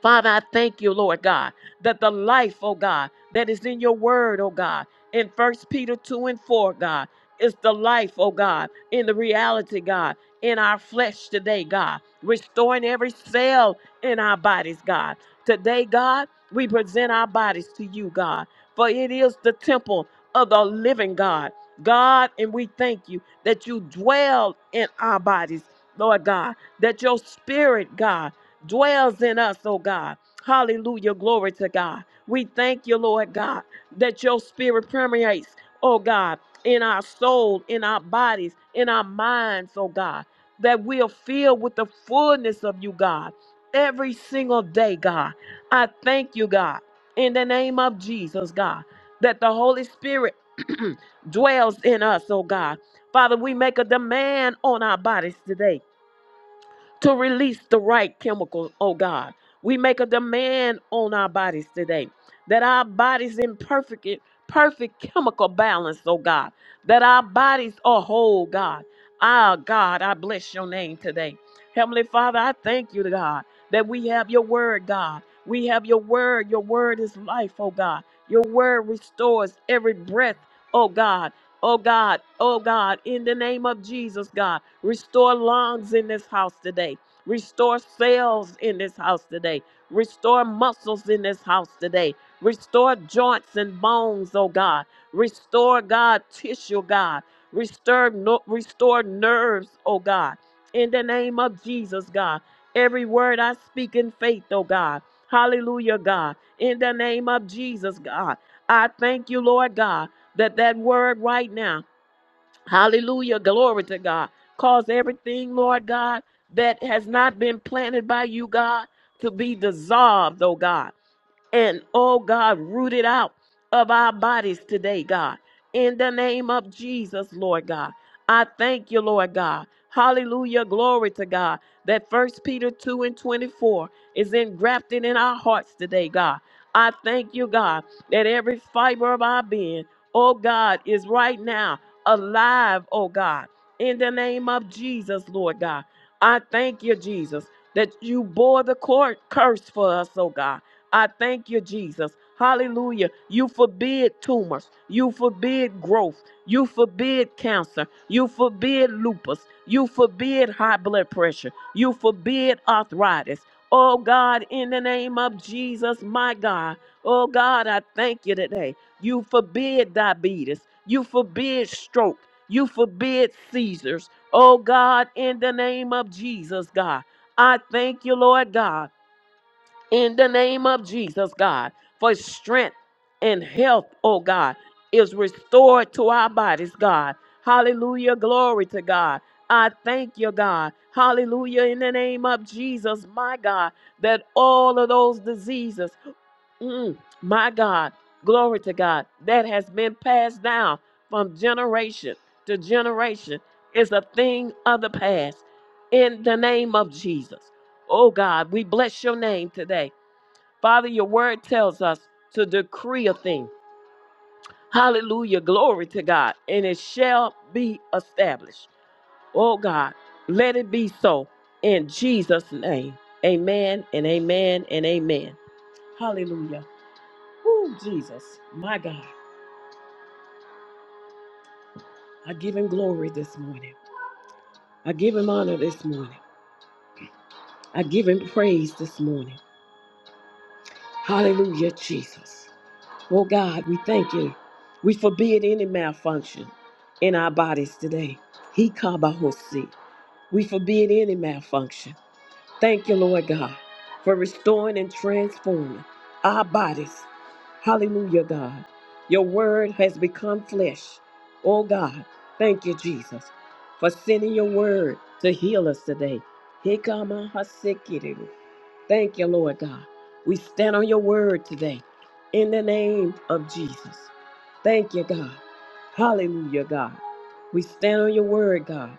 [SPEAKER 1] Father, I thank you, Lord God, that the life, oh God, that is in your word, oh God, in First Peter 2 and 4, God, is the life, oh God, in the reality, God, in our flesh today, God, restoring every cell in our bodies, God. Today, God, we present our bodies to you, God, for it is the temple of the living God. God, and we thank you that you dwell in our bodies, Lord God, that your spirit, God, dwells in us, oh God. Hallelujah. Glory to God. We thank you, Lord God, that your spirit permeates, oh God, in our soul, in our bodies, in our minds, oh God, that we are filled with the fullness of you, God, every single day, God. I thank you, God, in the name of Jesus, God, that the Holy Spirit dwells in us, oh God. Father, we make a demand on our bodies today to release the right chemicals, oh God. We make a demand on our bodies today that our bodies in perfect perfect chemical balance, oh God. That our bodies are whole, God. Ah, God, I bless your name today. Heavenly Father, I thank you, God, that we have your word, God. We have your word. Your word is life, oh God. Your word restores every breath, oh God. Oh God, oh God, in the name of Jesus, God, restore lungs in this house today. Restore cells in this house today. Restore muscles in this house today. Restore joints and bones, oh God. Restore, God, tissue, God. Restore, no, restore nerves, oh God. In the name of Jesus, God. Every word I speak in faith, oh God. Hallelujah, God. In the name of Jesus, God. I thank you, Lord God that that word right now, hallelujah, glory to God, cause everything, Lord God, that has not been planted by you, God, to be dissolved, oh God and oh God, root it out of our bodies today, God. In the name of Jesus, Lord God. I thank you, Lord God. Hallelujah. Glory to God. That first Peter 2 and 24 is engrafted in our hearts today, God. I thank you, God, that every fiber of our being, oh God, is right now alive, oh God. In the name of Jesus, Lord God. I thank you, Jesus, that you bore the cor- curse for us, oh God. I thank you, Jesus. Hallelujah. You forbid tumors. You forbid growth. You forbid cancer. You forbid lupus. You forbid high blood pressure. You forbid arthritis. Oh God, in the name of Jesus, my God. Oh God, I thank you today. You forbid diabetes. You forbid stroke. You forbid seizures. Oh God, in the name of Jesus, God. I thank you, Lord God in the name of Jesus, God, for strength and health, oh God, is restored to our bodies, God. Hallelujah. Glory to God. I thank you, God. Hallelujah. In the name of Jesus, my God, that all of those diseases, mm, my God, glory to God, that has been passed down from generation to generation is a thing of the past. In the name of Jesus. Oh God, we bless your name today. Father, your word tells us to decree a thing. Hallelujah. Glory to God. And it shall be established. Oh God, let it be so in Jesus' name. Amen and amen and amen. Hallelujah. Oh, Jesus, my God. I give him glory this morning. I give him honor this morning. I give him praise this morning. Hallelujah, Jesus. Oh God, we thank you. We forbid any malfunction in our bodies today. He kabahosi. We forbid any malfunction. Thank you, Lord God, for restoring and transforming our bodies. Hallelujah, God. Your word has become flesh. Oh God, thank you, Jesus, for sending your word to heal us today. He Thank you, Lord God. We stand on your word today in the name of Jesus. Thank you, God. Hallelujah, God. We stand on your word, God.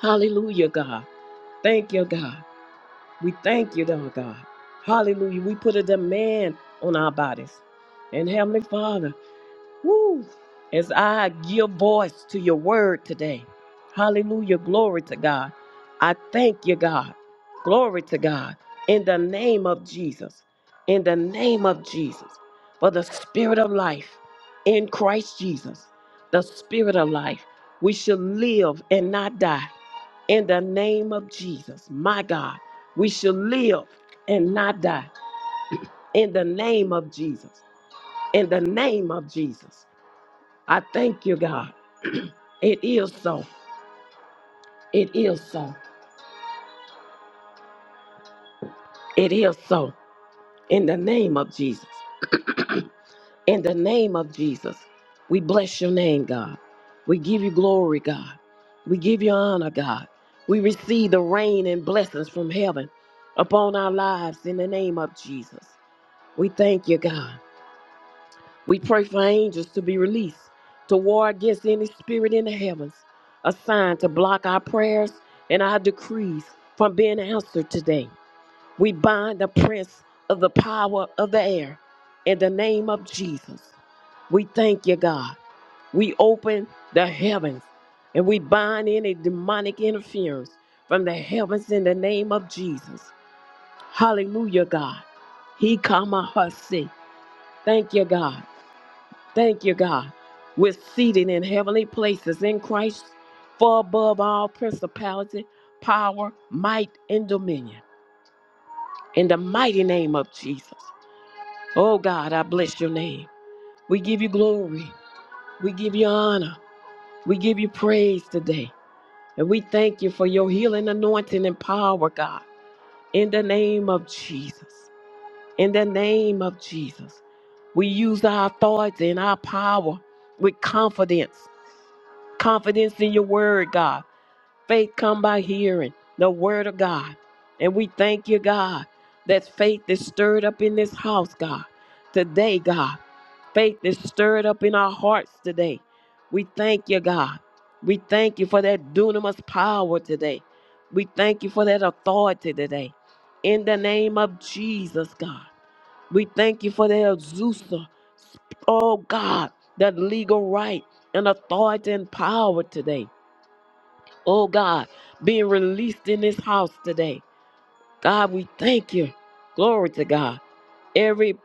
[SPEAKER 1] Hallelujah, God. Thank you, God. We thank you, Lord God. Hallelujah. We put a demand on our bodies. And Heavenly Father, Woo. As I give voice to your word today. Hallelujah. Glory to God. I thank you, God. Glory to God. In the name of Jesus. In the name of Jesus. For the spirit of life in Christ Jesus. The spirit of life. We shall live and not die. In the name of Jesus. My God. We shall live and not die. In the name of Jesus. In the name of Jesus. I thank you, God. It is so. It is so. It is so. In the name of Jesus. In the name of Jesus. We bless your name, God. We give you glory, God. We give you honor, God. We receive the rain and blessings from heaven upon our lives in the name of Jesus. We thank you, God. We pray for angels to be released to war against any spirit in the heavens assigned to block our prayers and our decrees from being answered today. We bind the prince of the power of the air in the name of Jesus. We thank you, God. We open the heavens and we bind any demonic interference from the heavens in the name of Jesus. Hallelujah, God. He come a hussy. Thank you, God. Thank you, God. We're seated in heavenly places in Christ, far above all principality, power, might, and dominion. In the mighty name of Jesus. Oh, God, I bless your name. We give you glory. We give you honor. We give you praise today. And we thank you for your healing, anointing, and power, God. In the name of Jesus. In the name of Jesus. We use our authority and our power with confidence confidence in your word, God. Faith come by hearing the word of God. And we thank you, God, that faith is stirred up in this house, God. Today, God, faith is stirred up in our hearts today. We thank you, God. We thank you for that dunamis power today. We thank you for that authority today. In the name of Jesus, God. We thank you for the Azusa. Oh, God, that legal right and authority and power today oh God, being released in this house today. God, we thank you. Glory to God. Every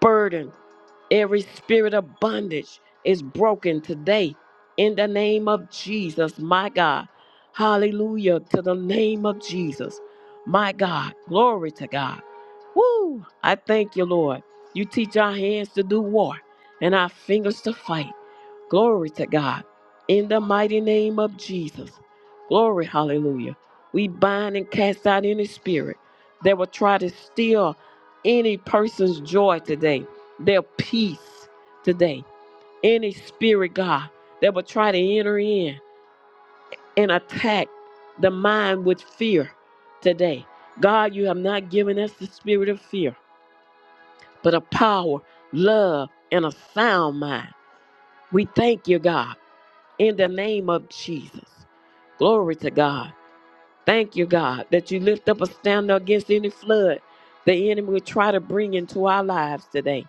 [SPEAKER 1] burden, every spirit of bondage is broken today in the name of Jesus, my God. Hallelujah to the name of Jesus, my God. Glory to God. Woo! I thank you, Lord. You teach our hands to do war and our fingers to fight. Glory to God. In the mighty name of Jesus. Glory, hallelujah. We bind and cast out any spirit that will try to steal any person's joy today, their peace today, any spirit, God, that will try to enter in and attack the mind with fear today. God, you have not given us the spirit of fear, but a power, love, and a sound mind. We thank you, God, in the name of Jesus. Glory to God. Thank you, God, that you lift up a standard against any flood the enemy will try to bring into our lives today.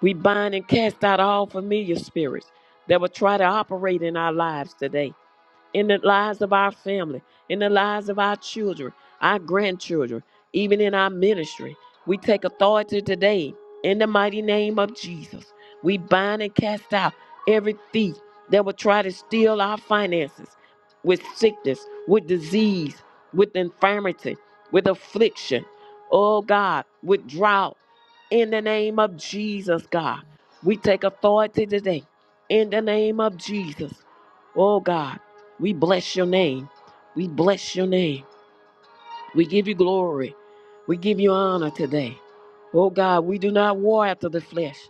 [SPEAKER 1] We bind and cast out all familiar spirits that will try to operate in our lives today in the lives of our family, in the lives of our children, our grandchildren, even in our ministry. We take authority today in the mighty name of Jesus. We bind and cast out every thief that would try to steal our finances with sickness, with disease, with infirmity, with affliction. Oh God, with drought. In the name of Jesus, God, we take authority today. In the name of Jesus. Oh God. We bless your name. We bless your name. We give you glory. We give you honor today. Oh God, we do not war after the flesh,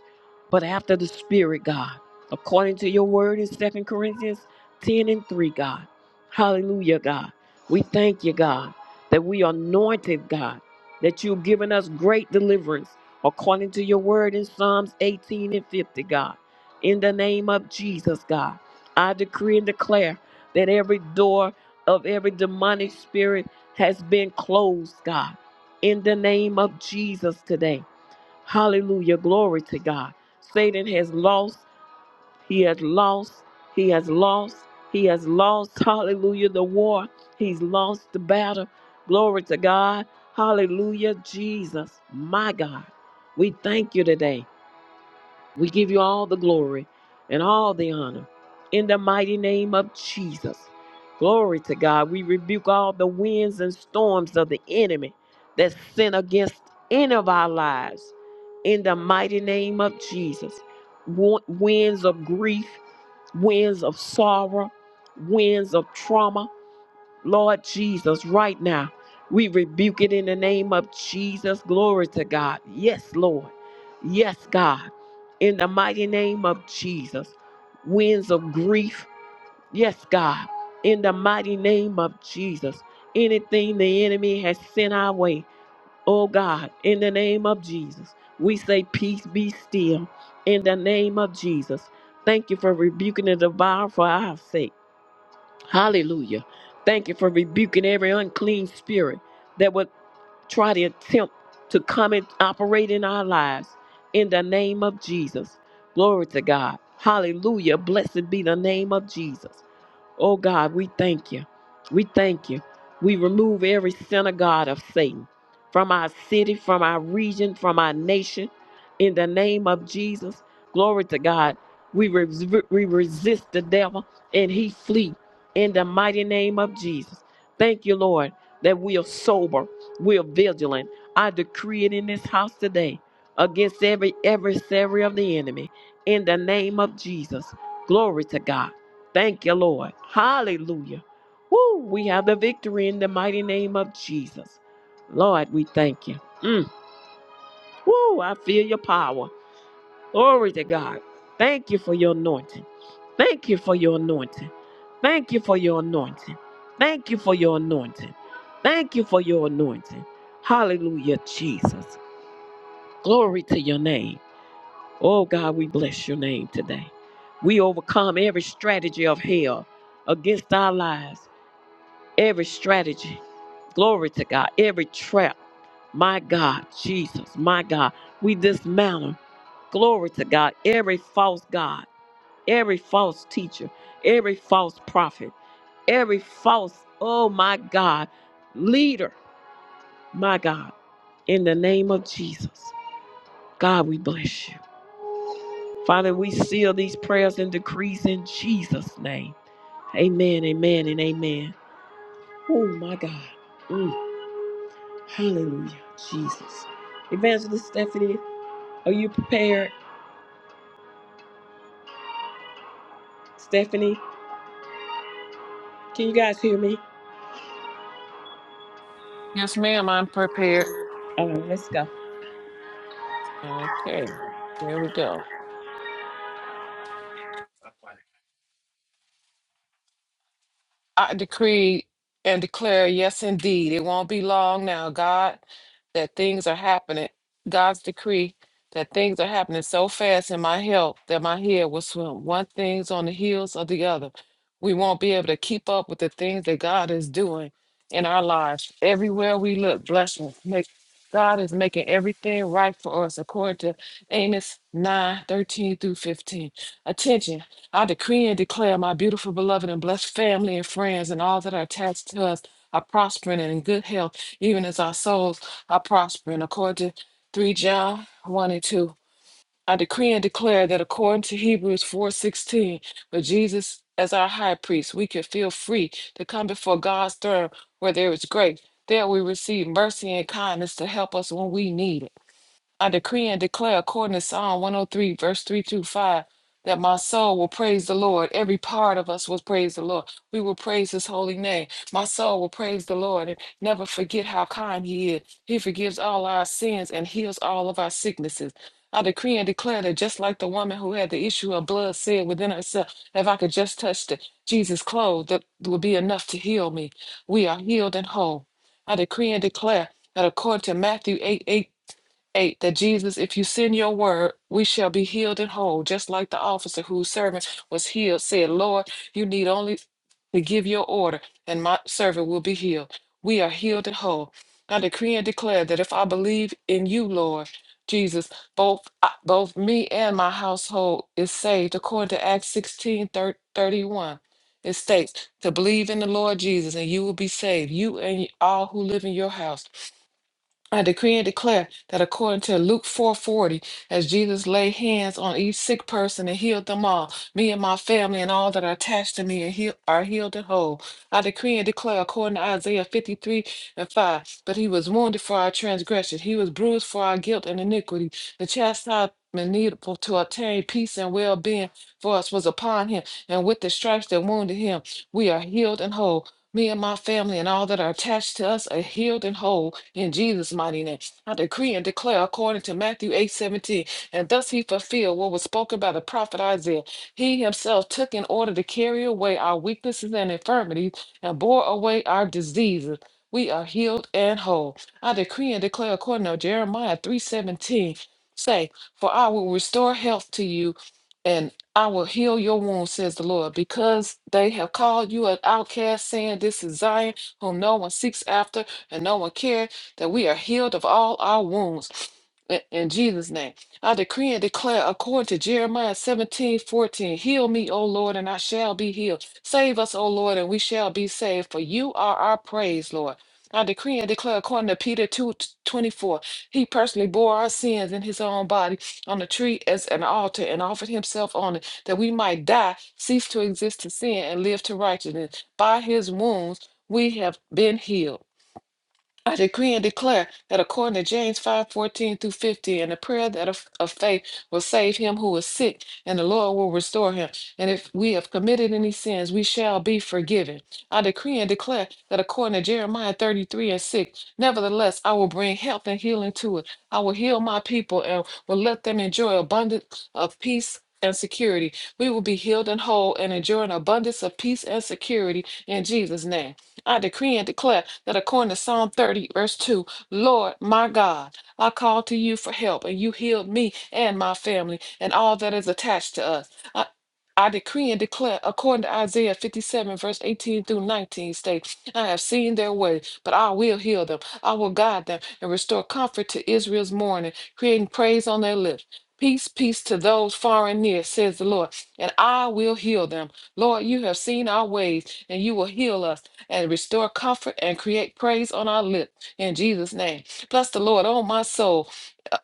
[SPEAKER 1] but after the spirit, God. According to your word in Second Corinthians 10 and 3, God. Hallelujah, God. We thank you, God, that we are anointed, God, that you've given us great deliverance, according to your word in Psalms 18 and 50, God. In the name of Jesus, God, I decree and declare that every door of every demonic spirit has been closed, God, in the name of Jesus today. Hallelujah. Glory to God. Satan has lost. He has lost. He has lost. He has lost. Hallelujah. The war. He's lost the battle. Glory to God. Hallelujah. Jesus, my God. We thank you today. We give you all the glory and all the honor in the mighty name of Jesus. Glory to God. We rebuke all the winds and storms of the enemy that sin against any of our lives in the mighty name of Jesus. Wa- Winds of grief, winds of sorrow, winds of trauma, Lord Jesus, right now, we rebuke it in the name of Jesus. Glory to God. Yes, Lord. Yes, God. In the mighty name of Jesus. Winds of grief. Yes, God. In the mighty name of Jesus. Anything the enemy has sent our way. Oh, God. In the name of Jesus. We say, Peace be still. In the name of Jesus. Thank you for rebuking the devourer for our sake. Hallelujah. Thank you for rebuking every unclean spirit that would try to attempt to come and operate in our lives in the name of Jesus. Glory to God. Hallelujah. Blessed be the name of Jesus. Oh God, we thank you. We thank you. We remove every synagogue of Satan from our city, from our region, from our nation. In the name of Jesus, glory to God. We, res- we resist the devil and he flee in the mighty name of Jesus. Thank you, Lord, that we are sober, we are vigilant. I decree it in this house today against every adversary of the enemy in the name of Jesus. Glory to God. Thank you, Lord. Hallelujah. Woo, we have the victory in the mighty name of Jesus. Lord, we thank you. Mm. Woo, I feel your power. Glory to God. Thank you for your anointing. Thank you for your anointing. Thank you for your anointing. Thank you for your anointing. Thank you for your anointing. Hallelujah, Jesus. Glory to your name. Oh God, we bless your name today. We overcome every strategy of hell against our lives every strategy. Glory to God. Every trap. My God, Jesus, my God. We dismantle. Glory to God. Every false God, every false teacher, every false prophet, every false, oh my God, leader, my God. In the name of Jesus, God, we bless you. Father, we seal these prayers and decrees in Jesus' name. Amen, amen, and amen. Oh my God. Mm. Hallelujah, Jesus. Evangelist Stephanie, are you prepared? Stephanie, can you guys hear me?
[SPEAKER 2] Yes, ma'am, I'm prepared.
[SPEAKER 1] All right, let's go.
[SPEAKER 2] Okay, here we go. I decree and declare, yes, indeed, it won't be long now, God, that things are happening. God's decree that things are happening so fast in my health that my head will swim. One thing's on the heels of the other. We won't be able to keep up with the things that God is doing in our lives. Everywhere we look, blessings. Make God is making everything right for us according to Amos 9 13 through 15. Attention. I decree and declare my beautiful, beloved, and blessed family and friends and all that are attached to us are prospering and in good health, even as our souls are prospering. According to 3 John 1 and 2, I decree and declare that according to Hebrews 4:16, with Jesus as our high priest, we can feel free to come before God's throne where there is grace. There we receive mercy and kindness to help us when we need it. I decree and declare according to Psalm 103, verse 3 through 5, that my soul will praise the Lord. Every part of us will praise the Lord. We will praise his holy name. My soul will praise the Lord and never forget how kind he is. He forgives all our sins and heals all of our sicknesses. I decree and declare that just like the woman who had the issue of blood said within herself, if I could just touch the Jesus' clothes, that would be enough to heal me. We are healed and whole. I decree and declare that according to Matthew 8:18. 8 that Jesus, if you send your word, we shall be healed and whole, just like the officer whose servant was healed said, Lord, you need only to give your order, and my servant will be healed. We are healed and whole. I decree and declare that if I believe in you, Lord Jesus, both I- both me and my household is saved, according to Acts 16 31. It states to believe in the Lord Jesus and you will be saved, you and all who live in your house. I decree and declare that according to Luke 4:40, as Jesus laid hands on each sick person and healed them all, me and my family and all that are attached to me are, heal- are healed and whole. I decree and declare according to Isaiah 53 and 5, but he was wounded for our transgression, he was bruised for our guilt and iniquity. The chastisement needful to obtain peace and well-being for us was upon him, and with the stripes that wounded him, we are healed and whole. Me and my family and all that are attached to us are healed and whole in Jesus' mighty name. I decree and declare according to Matthew eight seventeen, And thus he fulfilled what was spoken by the prophet Isaiah. He himself took in order to carry away our weaknesses and infirmities and bore away our diseases. We are healed and whole. I decree and declare according to Jeremiah three seventeen, Say, for I will restore health to you. and. I will heal your wounds, says the Lord, because they have called you an outcast, saying, This is Zion, whom no one seeks after and no one cares, that we are healed of all our wounds. In in Jesus' name, I decree and declare according to Jeremiah 17:14, Heal me, O Lord, and I shall be healed. Save us, O Lord, and we shall be saved, for you are our praise, Lord. I decree and declare according to Peter 2:24, He personally bore our sins in His own body on the tree as an altar and offered himself on it that we might die, cease to exist to sin, and live to righteousness. By his wounds we have been healed. I decree and declare that according to James 5 14 through 15, and the prayer that of, of faith will save him who is sick, and the Lord will restore him. And if we have committed any sins, we shall be forgiven. I decree and declare that according to Jeremiah 33 and 6, nevertheless, I will bring health and healing to it. I will heal my people and will let them enjoy abundance of peace. And security. We will be healed and whole and enjoy an abundance of peace and security in Jesus' name. I decree and declare that according to Psalm 30, verse 2, Lord my God, I called to you for help, and you healed me and my family and all that is attached to us. I, I decree and declare, according to Isaiah 57, verse 18 through 19, states, I have seen their way, but I will heal them. I will guide them and restore comfort to Israel's mourning, creating praise on their lips. Peace, peace to those far and near, says the Lord, and I will heal them. Lord, you have seen our ways, and you will heal us and restore comfort and create praise on our lips in Jesus' name. Bless the Lord, oh my soul, uh,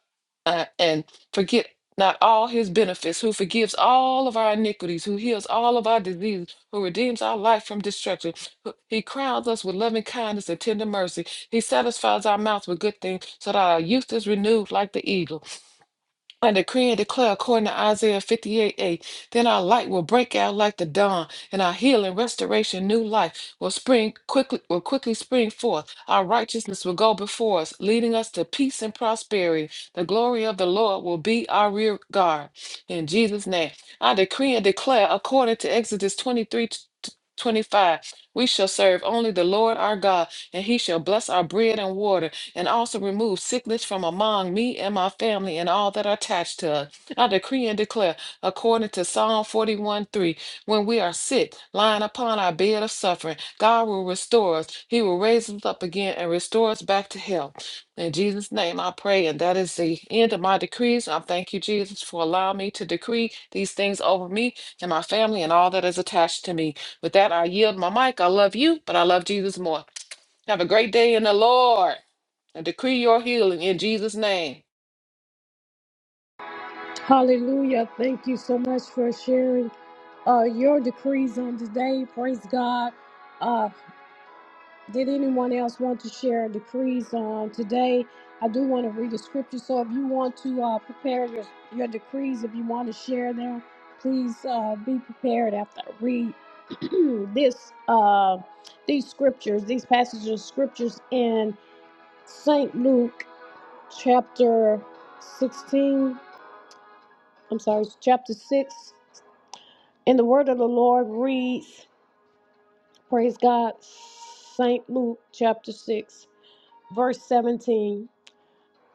[SPEAKER 2] uh, and forget not all his benefits, who forgives all of our iniquities, who heals all of our diseases, who redeems our life from destruction. who- He crowns us with loving kindness and tender mercy. He satisfies our mouths with good things so that our youth is renewed like the eagle. I decree and declare according to Isaiah 58 8, then our light will break out like the dawn, and our healing, restoration, new life will spring quickly will quickly spring forth. Our righteousness will go before us, leading us to peace and prosperity. The glory of the Lord will be our rear guard. In Jesus' name. I decree and declare according to Exodus 23 25. we shall serve only the Lord our God, and he shall bless our bread and water and also remove sickness from among me and my family and all that are attached to us. I decree and declare, according to Psalm 41 3, when we are sick, lying upon our bed of suffering, God will restore us. He will raise us up again and restore us back to health. In Jesus' name I pray, and that is the end of my decrees. I thank you, Jesus, for allowing me to decree these things over me and my family and all that is attached to me. With that, I yield my mic. I love you, but I love Jesus more. Have a great day in the Lord. I decree your healing in Jesus' name.
[SPEAKER 1] Uh, uh, did anyone else want to share decrees on today? I do want to read the scripture, so if you want to uh, prepare your, your decrees, if you want to share them, please uh, be prepared after I read this uh, these scriptures, these passages of scriptures in Saint Luke chapter 16. I'm sorry, chapter 6. And the word of the Lord reads, Praise God, St. Luke chapter 6, verse 17.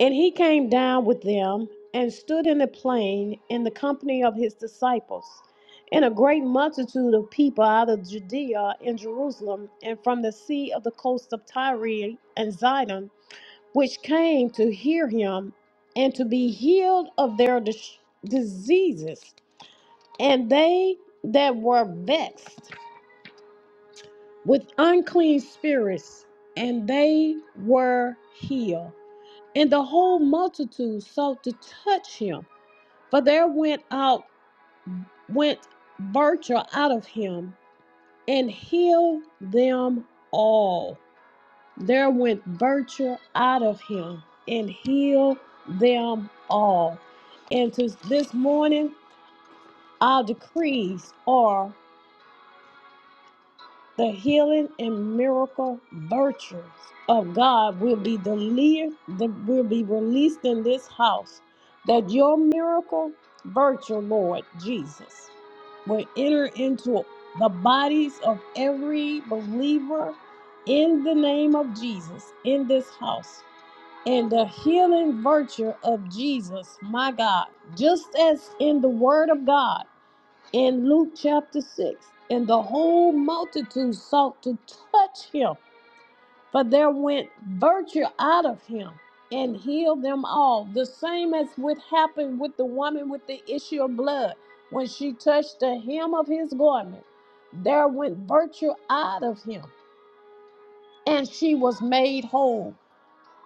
[SPEAKER 1] And he came down with them and stood in the plain in the company of his disciples, and a great multitude of people out of Judea and Jerusalem, and from the sea of the coast of Tyre and Zidon, which came to hear him and to be healed of their dis- diseases. And they that were vexed with unclean spirits, and they were healed. And the whole multitude sought to touch him, for there went out went virtue out of him and healed them all. There went virtue out of him and healed them all. And to this morning, our decrees are. The healing and miracle virtues of God will be delivered, will be released in this house. That your miracle virtue, Lord Jesus, will enter into the bodies of every believer in the name of Jesus in this house. And the healing virtue of Jesus, my God, just as in the Word of God in Luke chapter 6, and the whole multitude sought to touch him, for there went virtue out of him and healed them all. The same as what happened with the woman with the issue of blood. When she touched the hem of his garment, there went virtue out of him, and she was made whole.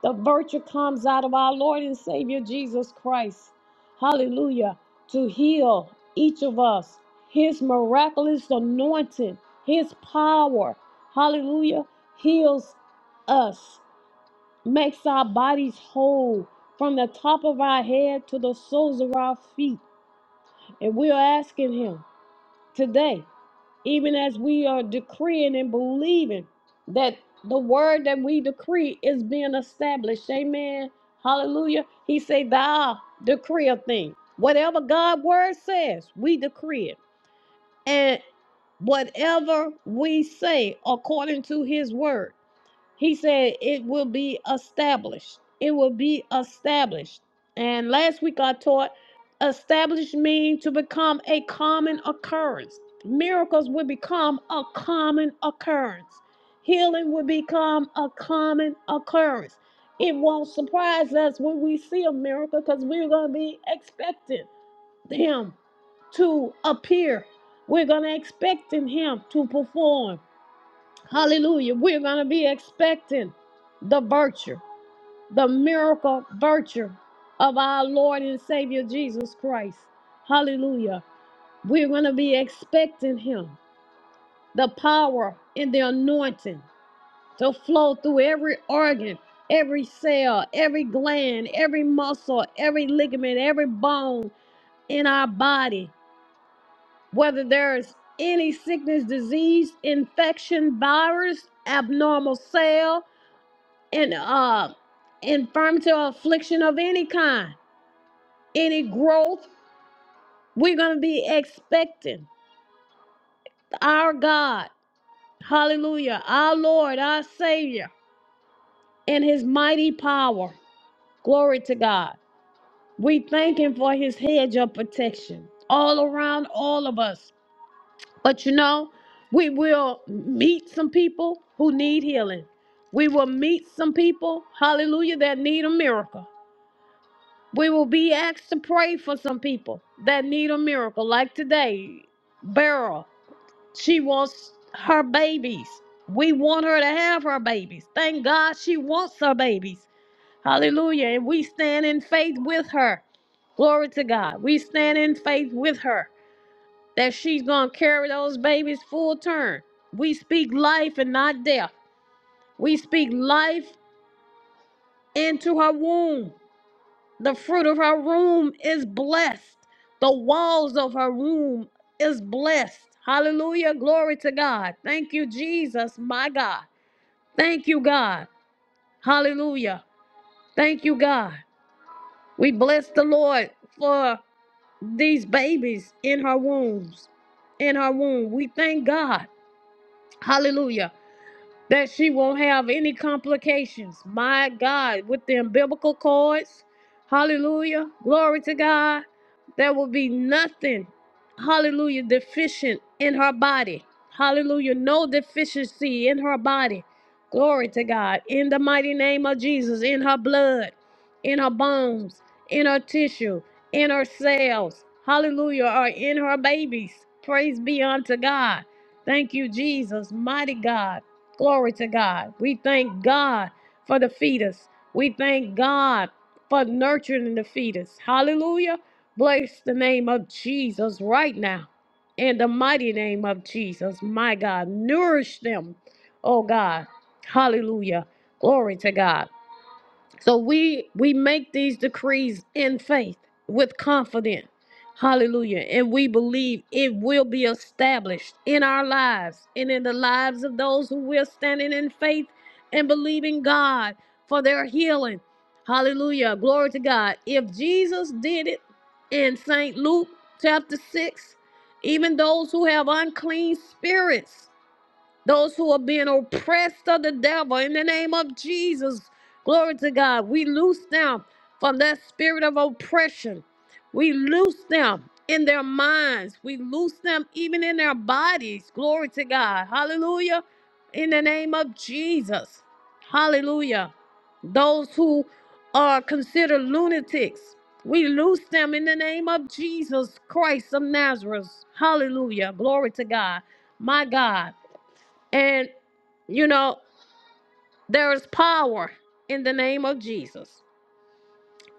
[SPEAKER 1] The virtue comes out of our Lord and Savior Jesus Christ. Hallelujah. To heal each of us, His miraculous anointing, His power, hallelujah, heals us, makes our bodies whole from the top of our head to the soles of our feet. And we are asking Him today even as we are decreeing and believing that the word that we decree is being established. Amen. Hallelujah. He said, Thou decree a thing. Whatever God's word says, we decree it. And whatever we say according to his word. He said it will be established. It will be established. And last week I taught established means to become a common occurrence. Miracles will become a common occurrence. Healing will become a common occurrence. It won't surprise us when we see a miracle because we're going to be expecting Him to appear. We're going to expect Him to perform. Hallelujah. We're going to be expecting the virtue, the miracle virtue of our Lord and Savior Jesus Christ. Hallelujah. We're going to be expecting Him, the power and the anointing to flow through every organ, every cell, every gland, every muscle, every ligament, every bone in our body. Whether there's any sickness, disease, infection, virus, abnormal cell, and uh infirmity or affliction of any kind, any growth, we're gonna be expecting our God, hallelujah, our Lord, our Savior, and his mighty power. Glory to God. We thank him for his hedge of protection all around all of us. But you know, we will meet some people who need healing. We will meet some people, hallelujah, that need a miracle. We will be asked to pray for some people that need a miracle, like today. Beryl, she wants her babies. We want her to have her babies. Thank God she wants her babies. Hallelujah. And we stand in faith with her. Glory to God. We stand in faith with her that she's going to carry those babies full term. We speak life and not death. We speak life into her womb. The fruit of her womb is blessed. The walls of her womb is blessed. Hallelujah. Glory to God. Thank you, Jesus, my God. Thank you, God. Hallelujah. Thank you, God. We bless the Lord for these babies in her wombs. In her womb. We thank God. Hallelujah. that she won't have any complications. My God, with the umbilical cords, hallelujah, glory to God, there will be nothing, hallelujah, deficient in her body. Hallelujah, no deficiency in her body. Glory to God, in the mighty name of Jesus, in her blood, in her bones, in her tissue, in her cells, hallelujah, or in her babies. Praise be unto God. Thank you, Jesus, mighty God. Glory to God. We thank God for the fetus. We thank God for nurturing the fetus. Hallelujah. Bless the name of Jesus right now. In the mighty name of Jesus, my God, nourish them, oh God. Hallelujah. Glory to God. So we we make these decrees in faith with confidence. Hallelujah. And we believe it will be established in our lives and in the lives of those who we're standing in faith and believing God for their healing. Hallelujah. Glory to God. If Jesus did it in St. Luke chapter 6, even those who have unclean spirits those who are being oppressed of the devil in the name of Jesus. Glory to God. We loose them from that spirit of oppression. We loose them in their minds. We loose them even in their bodies. Glory to God. Hallelujah. In the name of Jesus. Hallelujah. Those who are considered lunatics. We loose them in the name of Jesus Christ of Nazareth. Hallelujah. Glory to God. My God. And, you know, there is power in the name of Jesus.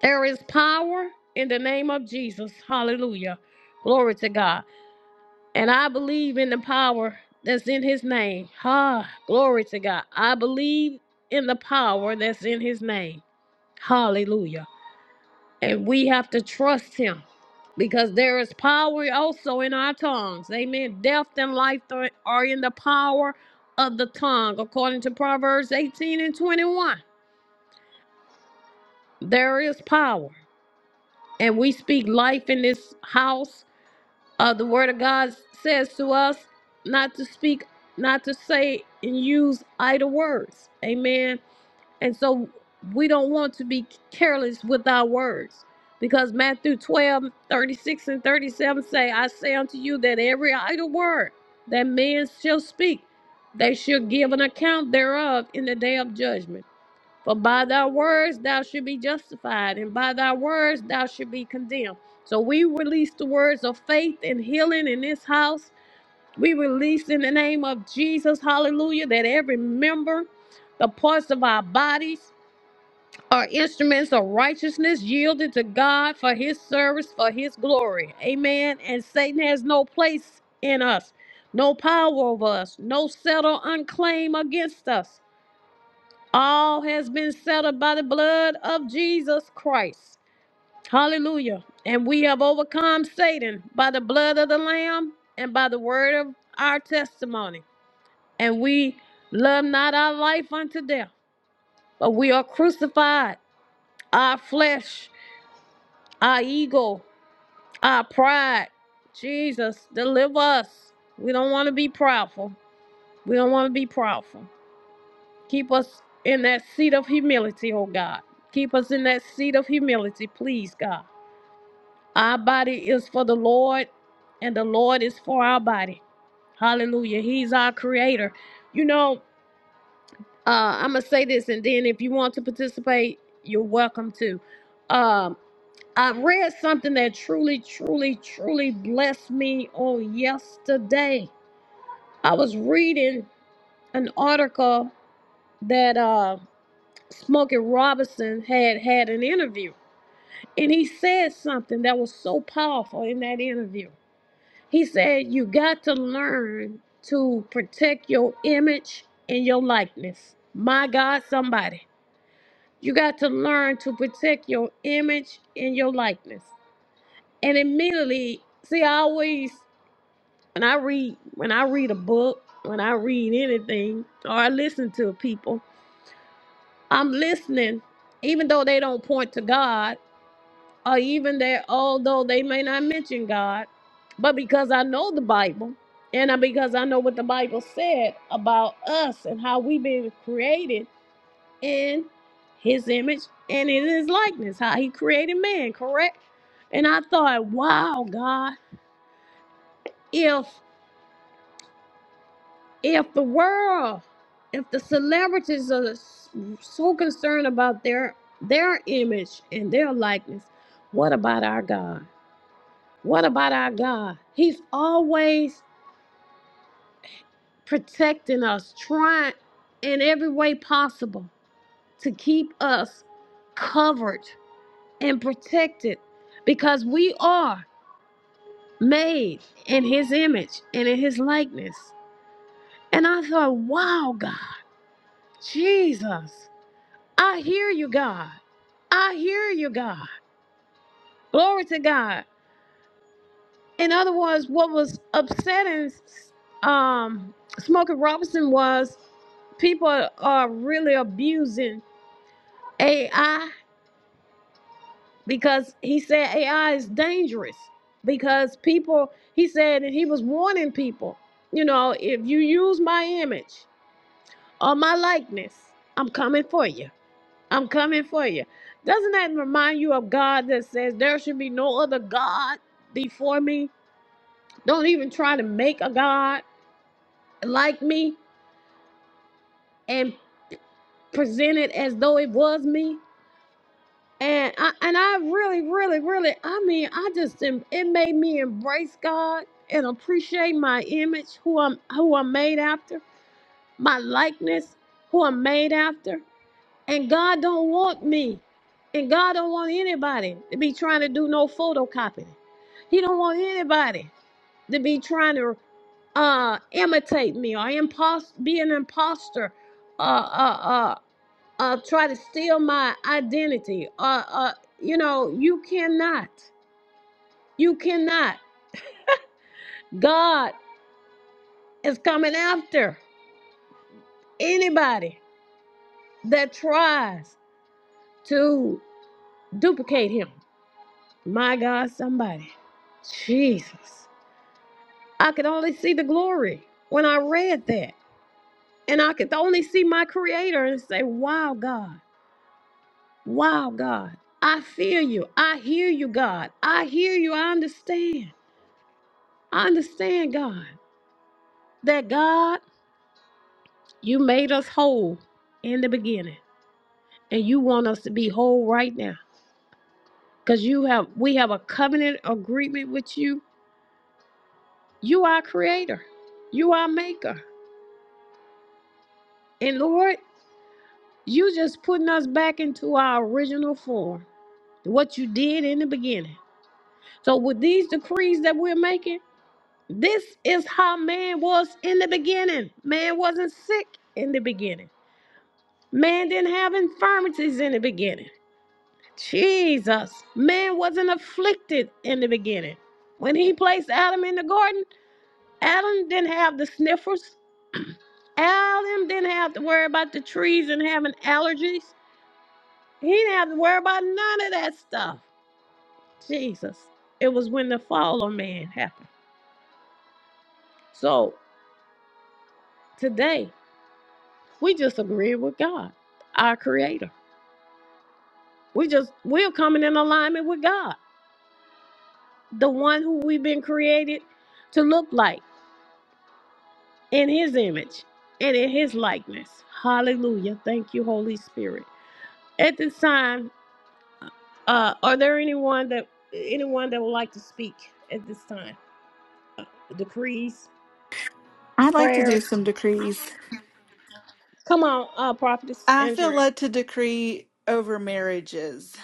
[SPEAKER 1] There is power in the name of Jesus. Hallelujah. Glory to God. And I believe in the power that's in his name. Ah, Glory to God. I believe in the power that's in his name. Hallelujah. And we have to trust him because there is power also in our tongues. Amen. Death and life th- are in the power of the tongue, according to Proverbs 18 and 21. There is power. And we speak life in this house. Uh, the word of God says to us not to speak, not to say and use idle words. Amen. And so we don't want to be careless with our words. Because Matthew 12:36 and 37 say, I say unto you that every idle word that men shall speak, they shall give an account thereof in the day of judgment. For by thy words thou shalt be justified, and by thy words thou shalt be condemned. So we release the words of faith and healing in this house. We release in the name of Jesus, hallelujah, that every member, the parts of our bodies, are instruments of righteousness yielded to God for his service, for his glory. Amen. And Satan has no place in us, no power over us, no settle unclaim against us. All has been settled by the blood of Jesus Christ. Hallelujah. And we have overcome Satan by the blood of the Lamb and by the word of our testimony. And we love not our life unto death, but we are crucified, our flesh our ego, our pride. Jesus, deliver us. We don't want to be proudful. We don't want to be proudful. Keep us in that seat of humility, oh God. Keep us in that seat of humility, please, God. Our body is for the Lord, and the Lord is for our body. Hallelujah. He's our creator. You know, uh, I'm going to say this, and then if you want to participate, you're welcome to. Um, I read something that truly, truly, truly blessed me on yesterday. I was reading an article that uh, Smokey Robinson had had an interview, and he said something that was so powerful in that interview. He said, You got to learn to protect your image and your likeness. My God, somebody. You got to learn to protect your image and your likeness and immediately see I always when I read when I read a book, when I read anything, or I listen to people, I'm listening, even though they don't point to God, or even that although they may not mention God, but because I know the Bible, and I- because I know what the Bible said about us and how we've been created in His image and in His likeness, how He created man, correct? And I thought, wow, God, if if the world, if the celebrities are so concerned about their their image and their likeness, what about our God? What about our God? He's always protecting us, trying in every way possible to keep us covered and protected because we are made in his image and in his likeness. And I thought, wow, God, Jesus. I hear you, God. I hear you, God. Glory to God. In other words, what was upsetting um, Smokey Robinson was people are really abusing AI because he said AI is dangerous because people, he said, and he was warning people, you know, if you use my image or my likeness, I'm coming for you. I'm coming for you. Doesn't that remind you of God that says there should be no other God before me? Don't even try to make a God like me and present it as though it was me. And I and I really, really, really, I mean, I just em- it made me embrace God and appreciate my image, who I'm who I'm made after, my likeness, who I'm made after. And God don't want me. And God don't want anybody to be trying to do no photocopying. He don't want anybody to be trying to uh imitate me or impos- be an imposter uh uh uh uh try to steal my identity uh uh you know you cannot you cannot god is coming after anybody that tries to duplicate him My God, somebody. Jesus. I could only see the glory when I read that. And I could only see my creator and say, Wow, God. Wow, God. I feel you. I hear you, God. I hear you. I understand. I understand, God, that God, you made us whole in the beginning. And you want us to be whole right now. Because you have we have a covenant agreement with you. You are creator. You are maker. And Lord, You just putting us back into our original form, what you did in the beginning. So with these decrees that we're making, this is how man was in the beginning. Man wasn't sick in the beginning. Man didn't have infirmities in the beginning. Jesus, man wasn't afflicted in the beginning. When he placed Adam in the garden, Adam didn't have the sniffers. Adam didn't have to worry about the trees and having allergies. He didn't have to worry about none of that stuff. Jesus. It was when the fall of man happened. So today, we just agree with God, our creator. We just, we're coming in alignment with God, the one who we've been created to look like in his image and in his likeness. Hallelujah. Thank you, Holy Spirit. At this time, uh, are there anyone that anyone that would like to speak at this time? Uh, Decrees,
[SPEAKER 8] I'd like to do
[SPEAKER 1] prayers.
[SPEAKER 8] some decrees.
[SPEAKER 1] Come on, uh, Prophetess
[SPEAKER 8] I feel
[SPEAKER 1] Andrea.
[SPEAKER 8] led to decree over marriages.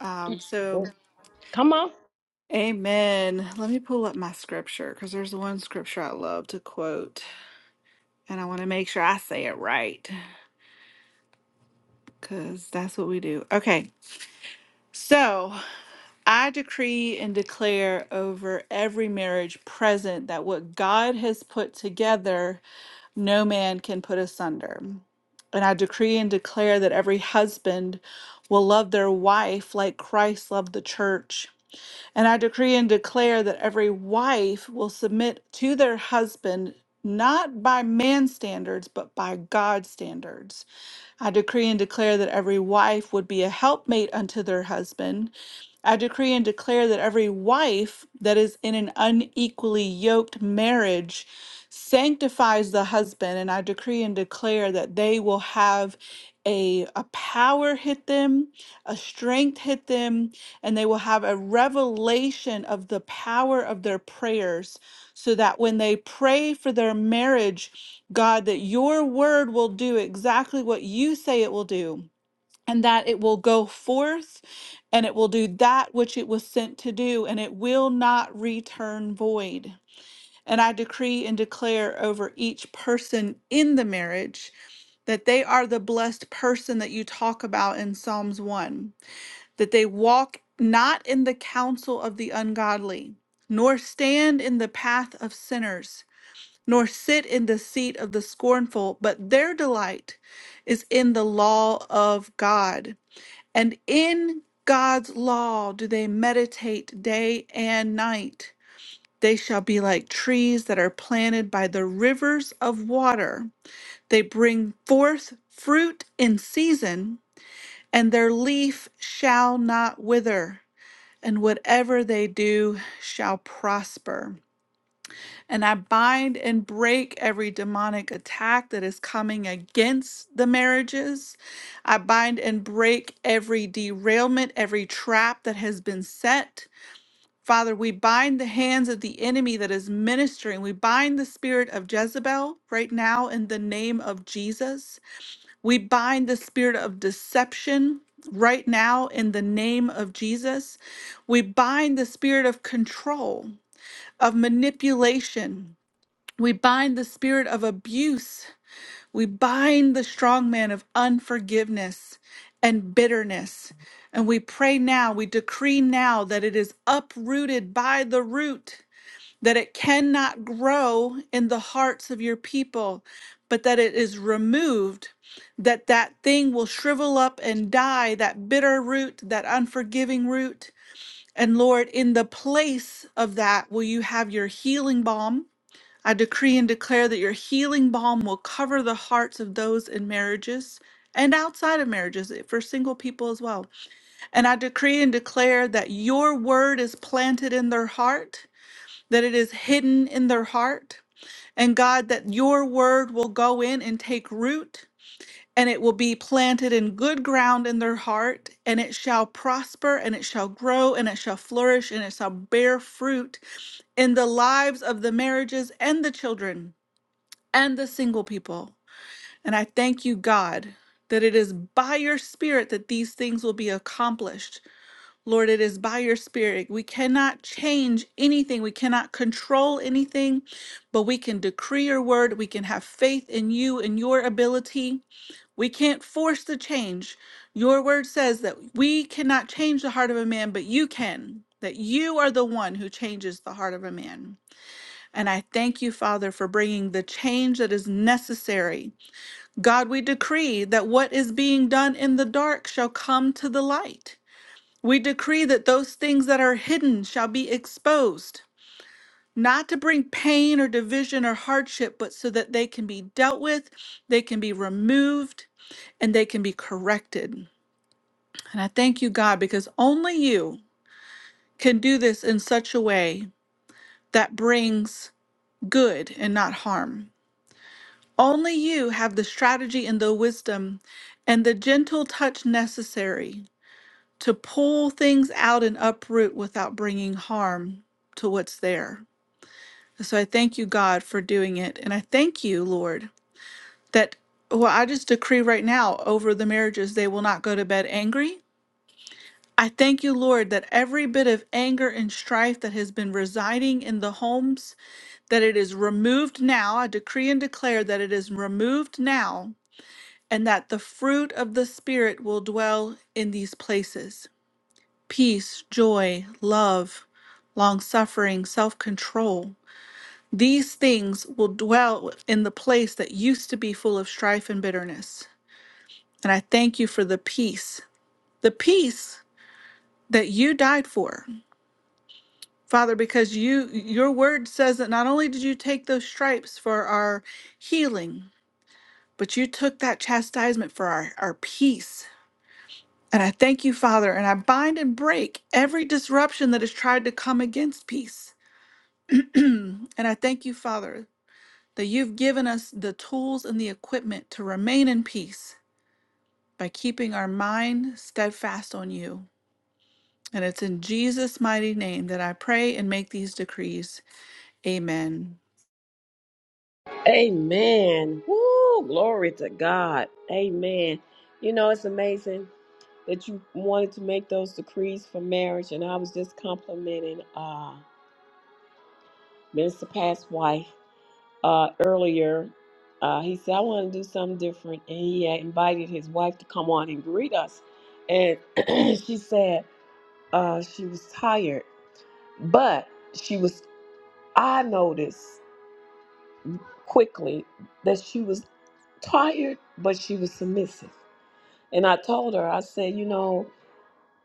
[SPEAKER 8] Um,
[SPEAKER 1] Oh,
[SPEAKER 8] so,
[SPEAKER 1] Come on.
[SPEAKER 8] amen. Let me pull up my scripture because there's one scripture I love to quote, and I want to make sure I say it right because that's what we do. Okay. So, I decree and declare over every marriage present that what God has put together no man can put asunder. And I decree and declare that every husband will love their wife like Christ loved the church. And I decree and declare that every wife will submit to their husband not by man's standards, but by God's standards. I decree and declare that every wife would be a helpmate unto their husband. I decree and declare that every wife that is in an unequally yoked marriage sanctifies the husband. And I decree and declare that they will have a, a power hit them, a strength hit them, and they will have a revelation of the power of their prayers so that when they pray for their marriage, God, that your word will do exactly what you say it will do, and that it will go forth and it will do that which it was sent to do, and it will not return void. And I decree and declare over each person in the marriage that they are the blessed person that you talk about in Psalms 1, that they walk not in the counsel of the ungodly, nor stand in the path of sinners nor sit in the seat of the scornful, but their delight is in the law of God. And in God's law do they meditate day and night. They shall be like trees that are planted by the rivers of water. They bring forth fruit in season, and their leaf shall not wither, and whatever they do shall prosper. And I bind and break every demonic attack that is coming against the marriages. I bind and break every derailment, every trap that has been set. Father, we bind the hands of the enemy that is ministering. We bind the spirit of Jezebel right now in the name of Jesus. We bind the spirit of deception right now in the name of Jesus. We bind the spirit of control, of manipulation. We bind the spirit of abuse. We bind the strong man of unforgiveness and bitterness. And we pray now, we decree now that it is uprooted by the root, that it cannot grow in the hearts of your people, but that it is removed, that that thing will shrivel up and die, that bitter root, that unforgiving root. And Lord, in the place of that, will you have your healing balm? I decree and declare that your healing balm will cover the hearts of those in marriages and outside of marriages eh, for single people as well. And I decree and declare that your word is planted in their heart, that it is hidden in their heart. And God, that your word will go in and take root, and it will be planted in good ground in their heart, and it shall prosper, and it shall grow, and it shall flourish, and it shall bear fruit in the lives of the marriages and the children and the single people. And I thank you, God, that it is by your Spirit that these things will be accomplished. Lord, it is by your Spirit. We cannot change anything, we cannot control anything, but we can decree your word. We can have faith in you and your ability. We can't force the change. Your word says that we cannot change the heart of a man, but you can. That you are the one who changes the heart of a man. And I thank you, Father, for bringing the change that is necessary God, we decree that what is being done in the dark shall come to the light. We decree that those things that are hidden shall be exposed, not to bring pain or division or hardship, but so that they can be dealt with, they can be removed, and they can be corrected. And I thank you, God, because only you can do this in such a way that brings good and not harm. Only you have the strategy and the wisdom and the gentle touch necessary to pull things out and uproot without bringing harm to what's there. so I thank you, God, for doing it. And I thank you, Lord, that well, I just decree right now over the marriages, they will not go to bed angry. I thank you, Lord, that every bit of anger and strife that has been residing in the homes, that it is removed now. I decree and declare that it is removed now, and that the fruit of the Spirit will dwell in these places. peace, joy, love, long suffering, self control. These things will dwell in the place that used to be full of strife and bitterness. And I thank you for the peace, the peace that you died for. Father, because you your word says that not only did you take those stripes for our healing, but you took that chastisement for our, our peace. And I thank you, Father, and I bind and break every disruption that has tried to come against peace. and I thank you, Father, that you've given us the tools and the equipment to remain in peace by keeping our mind steadfast on you. And it's in Jesus' mighty name that I pray and make these decrees. Amen.
[SPEAKER 1] Amen. Woo, glory to God. Amen. You know, it's amazing that you wanted to make those decrees for marriage. And I was just complimenting uh, Minister Pat's wife uh, earlier. Uh, he said, I want to do something different. And he had invited his wife to come on and greet us. And she said uh, she was tired, but she was, I noticed. quickly that she was tired, but she was submissive. And I told her, I said, you know,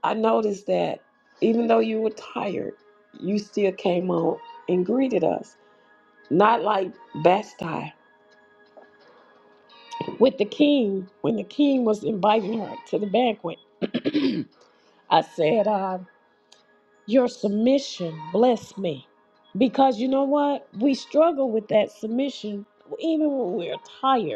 [SPEAKER 1] I noticed that even though you were tired, you still came out and greeted us. Not like Basti with the king, when the king was inviting her to the banquet. I said, uh, Your submission bless me. Because you know what? We struggle with that submission even when we're tired.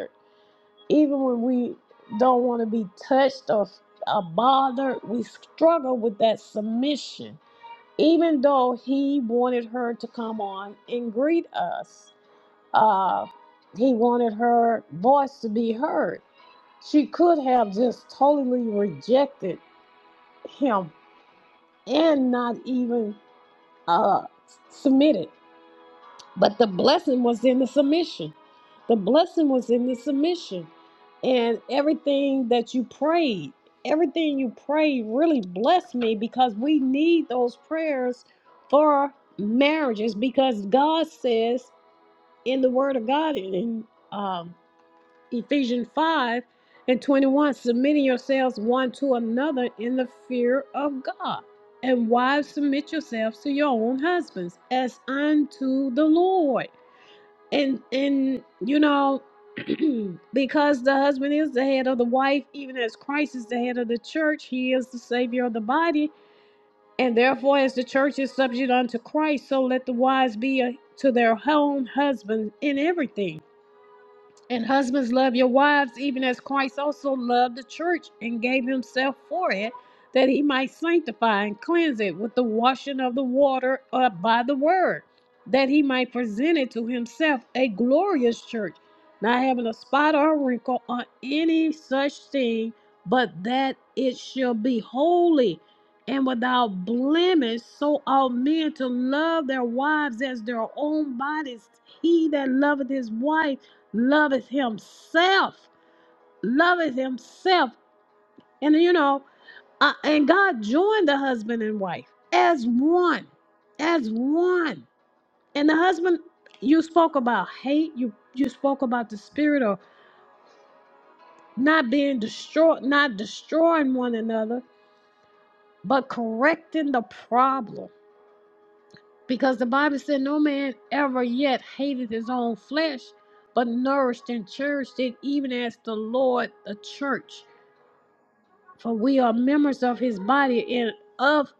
[SPEAKER 1] even when we don't want to be touched or, or bothered, we struggle with that submission. Even though he wanted her to come on and greet us, uh, he wanted her voice to be heard. She could have just totally rejected him and not even uh, submitted. But the blessing was in the submission. The blessing was in the submission. And everything that you prayed, everything you prayed really blessed me because we need those prayers for marriages because God says in the Word of God in um, Ephesians 5 and 21 submitting yourselves one to another in the fear of God. And wives, submit yourselves to your own husbands as unto the Lord and and you know because the husband is the head of the wife even as christ is the head of the church he is the savior of the body and therefore as the church is subject unto christ so let the wives be uh, to their own husband in everything and husbands, love your wives, even as Christ also loved the church and gave himself for it, that he might sanctify and cleanse it with the washing of the water uh, by the word, that he might present it to himself a glorious church, not having a spot or a wrinkle or any such thing, but that it shall be holy and without blemish. So ought men to love their wives as their own bodies. He that loveth his wife, Loveth Himself. loveth Himself. And you know, uh, and God joined the husband and wife as one, as one. And the husband, you spoke about hate. You you spoke about the spirit of not being destroyed, not destroying one another, but correcting the problem. Because the Bible said, no man ever yet hated his own flesh, but nourished and cherished it, even as the Lord the church. For we are members of his body and of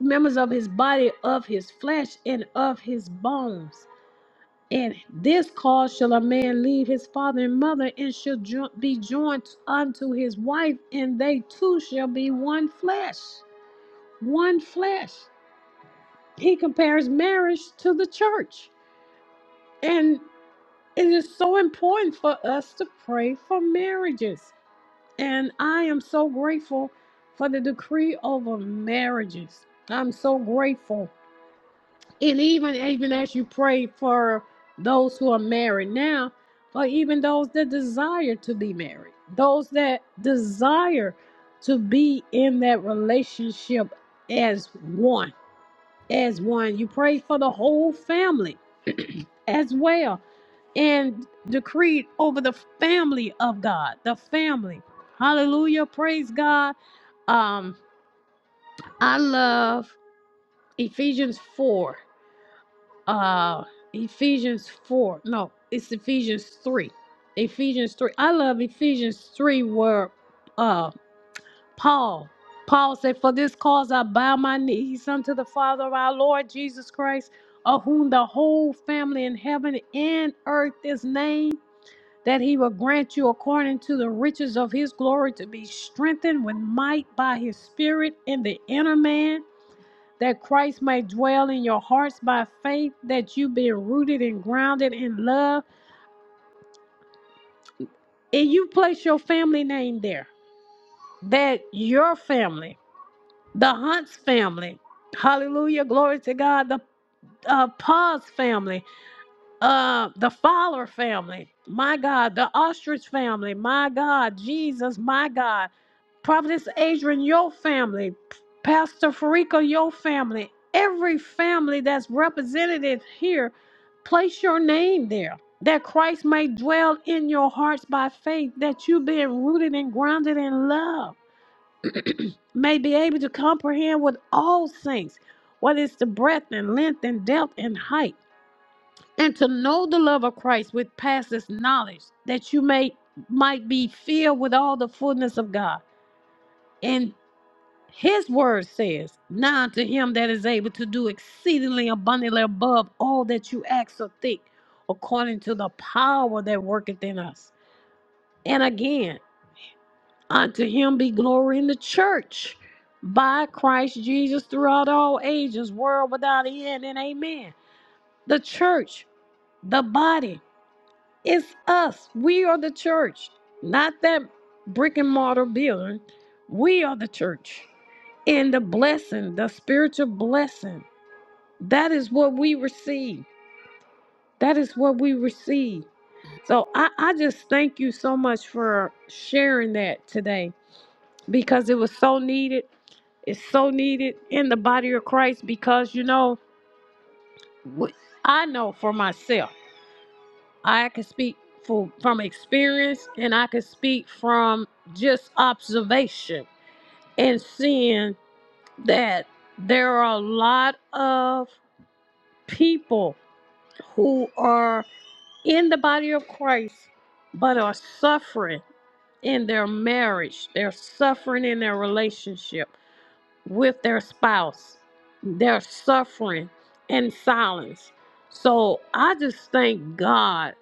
[SPEAKER 1] members of his body, of his flesh, and of his bones. And this cause shall a man leave his father and mother, and shall jo- be joined unto his wife, and they two shall be one flesh. One flesh. He compares marriage to the church. And it is so important for us to pray for marriages. And I am so grateful for the decree over marriages. I'm so grateful. And even even as you pray for those who are married now, or even those that desire to be married, those that desire to be in that relationship as one as one. You prayed for the whole family as well and decreed over the family of God, the family. Hallelujah. Praise God. Um, I love Ephesians 4. Uh Ephesians 4. No, it's Ephesians 3. Ephesians 3. I love Ephesians 3 where uh Paul. Paul said, For this cause I bow my knees unto the Father of our Lord Jesus Christ, of whom the whole family in heaven and earth is named, that he will grant you according to the riches of his glory to be strengthened with might by his Spirit in the inner man, that Christ may dwell in your hearts by faith, that you be rooted and grounded in love. And you place your family name there, that your family the Hunts family. Hallelujah. Glory to God. The uh, Paws family, uh, the Fowler family, my God, the Ostrich family, my God, Jesus, my God, Providence Adrian, your family, Pastor Farika, your family, every family that's represented here, place your name there. That Christ may dwell in your hearts by faith, that you being rooted and grounded in love may be able to comprehend with all saints what is the breadth and length and depth and height, and to know the love of Christ which passes knowledge, that you may might be filled with all the fullness of God. And his word says, Now to him that is able to do exceedingly abundantly above all that you ask or think, according to the power that worketh in us. And again, Unto him be glory in the church by Christ Jesus throughout all ages, world without end, and amen. The church, the body, it's us. We are the church, not that brick and mortar building. We are the church. And the blessing, the spiritual blessing, that is what we receive. That is what we receive. So I, I just thank you so much for sharing that today because it was so needed It's so needed in the body of Christ because you know, wh- I know for myself. I can speak for, from experience and I can speak from just observation and seeing that there are a lot of people who are in the body of Christ but are suffering in their marriage, they're suffering in their relationship with their spouse. They're suffering in silence. So I just thank God,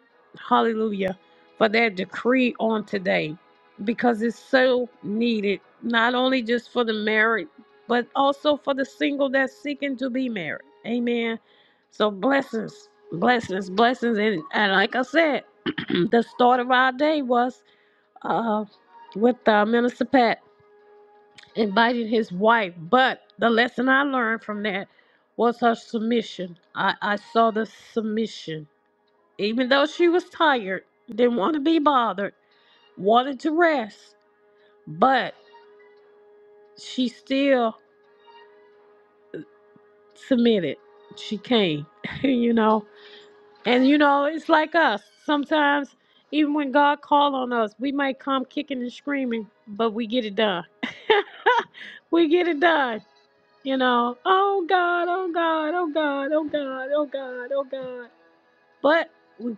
[SPEAKER 1] hallelujah, for that decree on today because it's so needed, not only just for the married, but also for the single that's seeking to be married. Amen. So blessings, blessings, blessings. And, and like I said, the start of our day was uh, with uh, Minister Pat inviting his wife. But the lesson I learned from that was her submission. I, I saw the submission. Even though she was tired, didn't want to be bothered, wanted to rest, but she still submitted. She came, you know. And, you know, it's like us. Sometimes, even when God call on us, we might come kicking and screaming, but we get it done. we get it done you know, oh God, oh God, oh God, oh God, oh God, oh God. But we,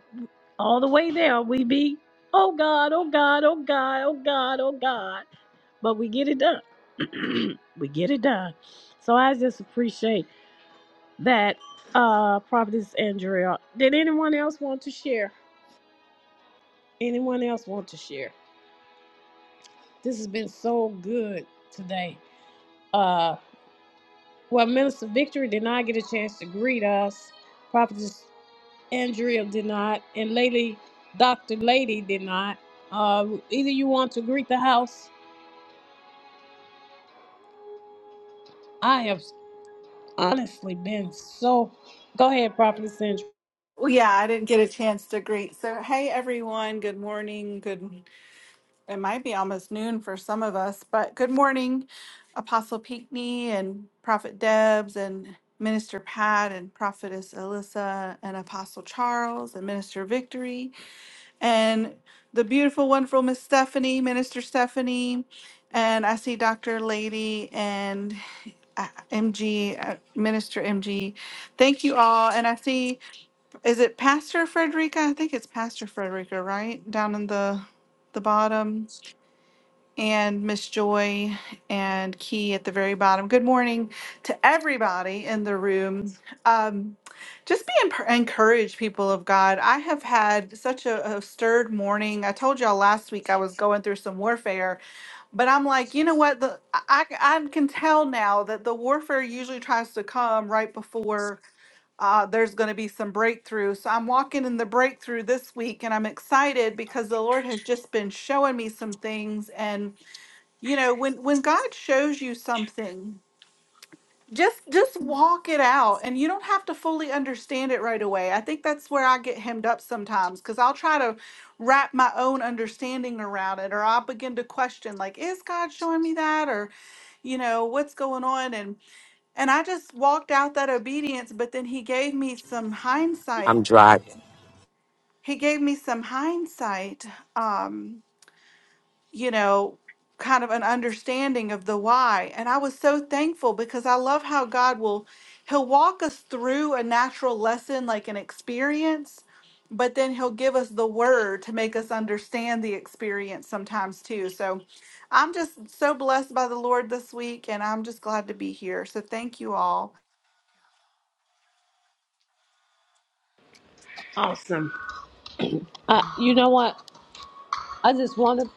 [SPEAKER 1] all the way there, we be, oh God, oh God, oh God, oh God, oh God. But we get it done. we get it done. So I just appreciate that, uh, Providence Andrea. Did anyone else want to share? Anyone else want to share? This has been so good today. Uh, well, Minister Victory did not get a chance to greet us. prophetess. Andrea did not, and Lady Dr. Lady did not. Uh, either you want to greet the house. I have honestly been so. Go ahead, Prophet Sandra.
[SPEAKER 8] Well, yeah, I didn't get a chance to greet. So, hey, everyone. Good morning. Good. it might be almost noon for some of us, but good morning, Apostle Pinckney and Prophet Debs and Minister Pat and Prophetess Alyssa and Apostle Charles and Minister Victory and the beautiful, wonderful Miss Stephanie, Minister Stephanie, and I see Dr. Lady and uh, MG, uh, Minister MG. Thank you all. And I see, is it Pastor Frederica? I think it's Pastor Frederica, right? Down in the the bottom and Miss Joy and Key at the very bottom. Good morning to everybody in the room. Um, just be enp- encouraged, people of God. I have had such a, a stirred morning. I told y'all last week I was going through some warfare, but I'm like, you know what? The, I, I I can tell now that the warfare usually tries to come right before uh, there's going to be some breakthrough. So I'm walking in the breakthrough this week and I'm excited because the Lord has just been showing me some things. and you know when when god shows you something just just walk it out and you don't have to fully understand it right away i think that's where i get hemmed up sometimes because i'll try to wrap my own understanding around it or i'll begin to question like is god showing me that or you know what's going on and and i just walked out that obedience but then he gave me some hindsight
[SPEAKER 9] I'm driving.
[SPEAKER 8] he gave me some hindsight Um you know, kind of an understanding of the why. And I was so thankful because I love how God will, He'll walk us through a natural lesson, like an experience, but then He'll give us the word to make us understand the experience sometimes too. So I'm just so blessed by the Lord this week, and I'm just glad to be here. So thank you all.
[SPEAKER 1] Awesome. Uh, you know what? I just want to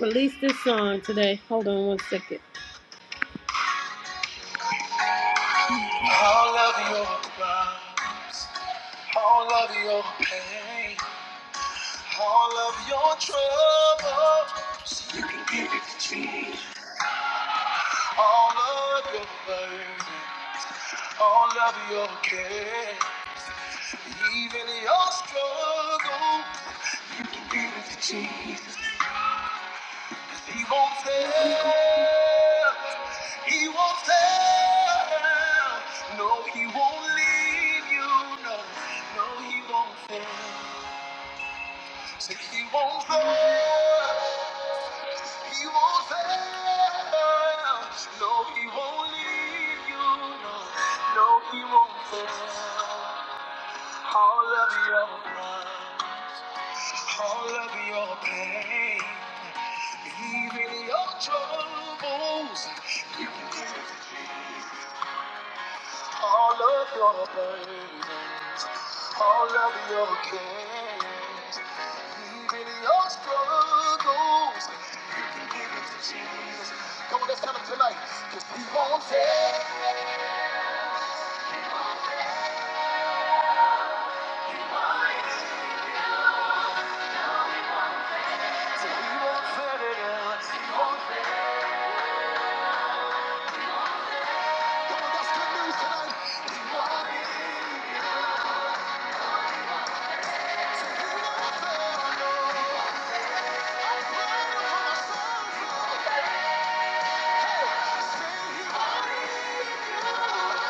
[SPEAKER 1] release this song today. Hold on one second. All of your problems, all of your pain, all of your troubles, all of your burden, all of your care. Even your struggle, he won't fail. He won't fail. No, he won't leave you. No, no, he won't fail. Say he won't fail. He won't fail. No, he won't leave you. No, no, he won't fail. All of your plans. All of your pain, even your troubles, all of your burdens, all of your cares, even your struggles, you can give it to Jesus. Come on, let's tell him tonight, 'cause he won't fail. So he won't fail it out. He won't fail. Well, that's good news tonight. Come on, say it. Say he won't. fail.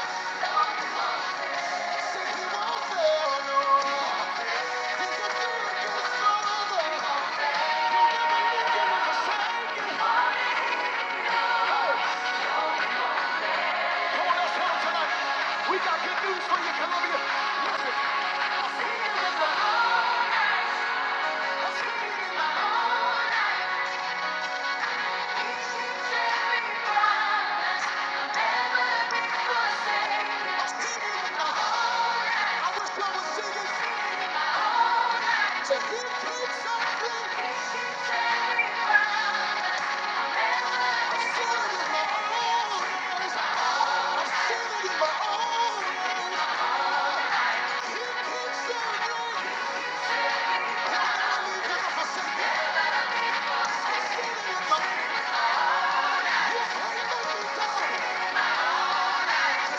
[SPEAKER 1] Thank you. Let's go.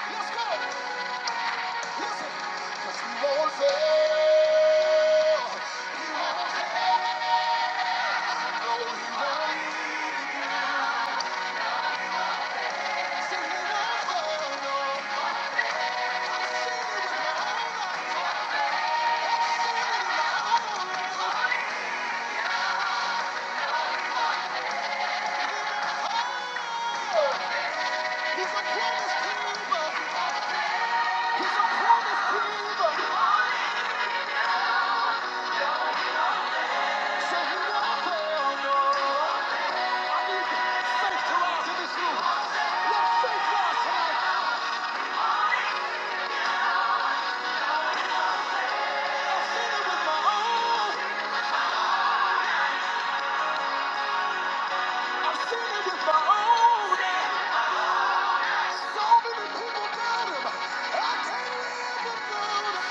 [SPEAKER 1] Listen. Cause he won't fail. So many people got him. I can't live without him.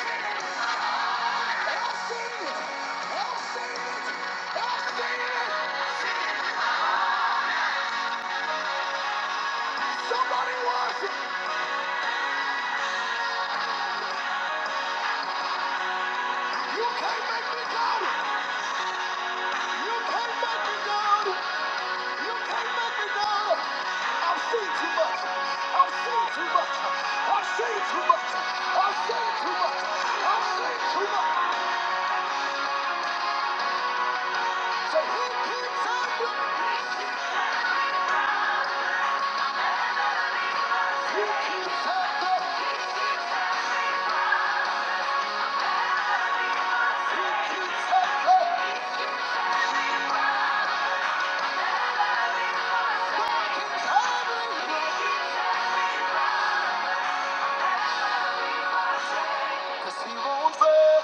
[SPEAKER 1] Cause he won't fail,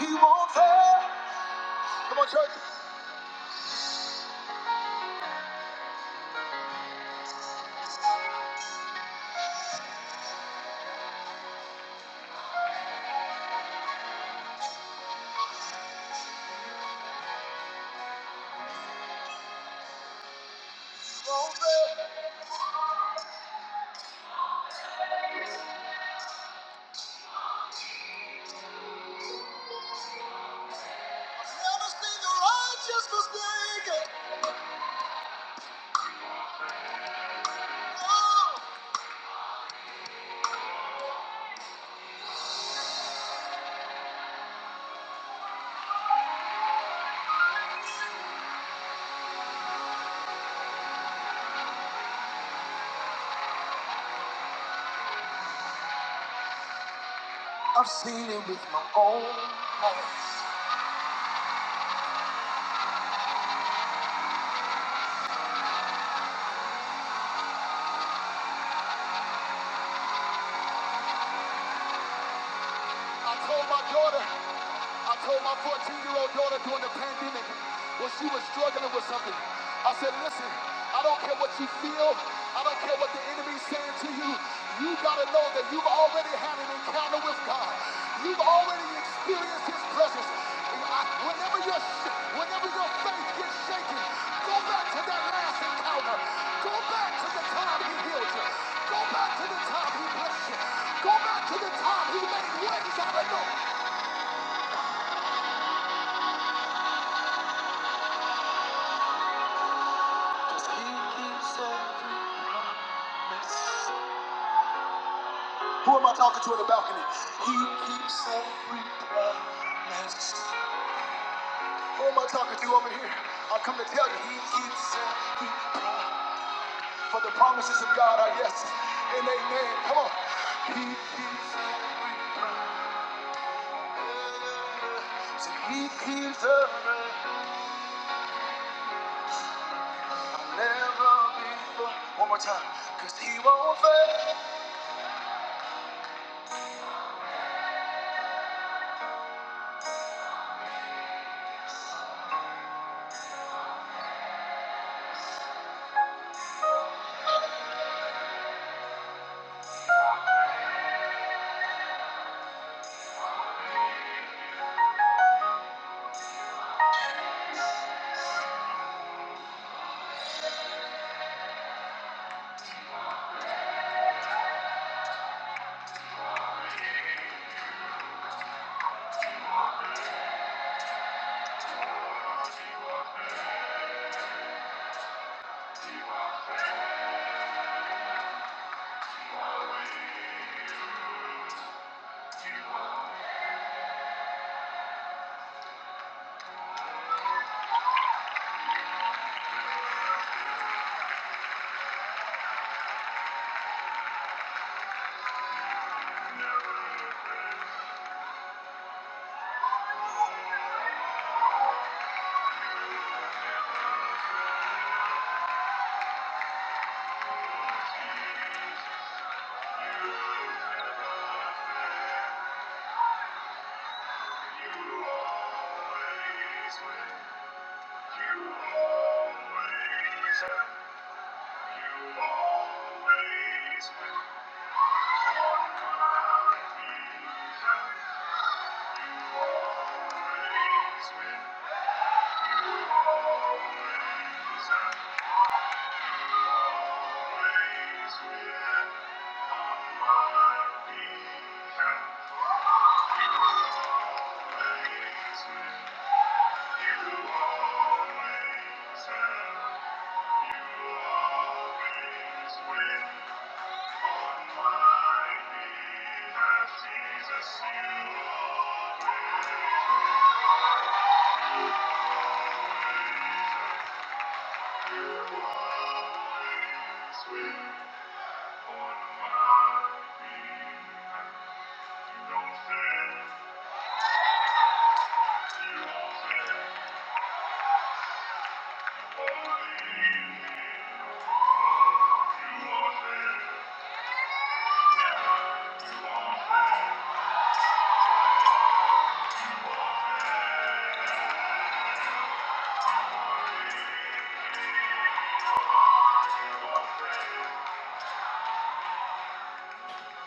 [SPEAKER 1] he won't fail. Come on, church. I've seen it with my own eyes. I told my daughter. I told my 14-year-old daughter during the pandemic when she was struggling with something, I said, listen, I don't care what you feel. I don't care what the enemy's saying to you. You got to know that you've already had an encounter with God. You've already experienced his presence. And I- Whenever, your sh- whenever your faith gets shaken, go back to that last encounter. Go back to the time he healed you. Go back to the time he blessed you. Go back to the time he made ways out of no Who am I talking to in the balcony? He keeps every promise. Who am I talking to over here? I come to tell you, he keeps every promise. For the promises of God are yes and amen. Come on. He keeps every promise. See, he keeps every I'll never be One more time. Cause he won't fail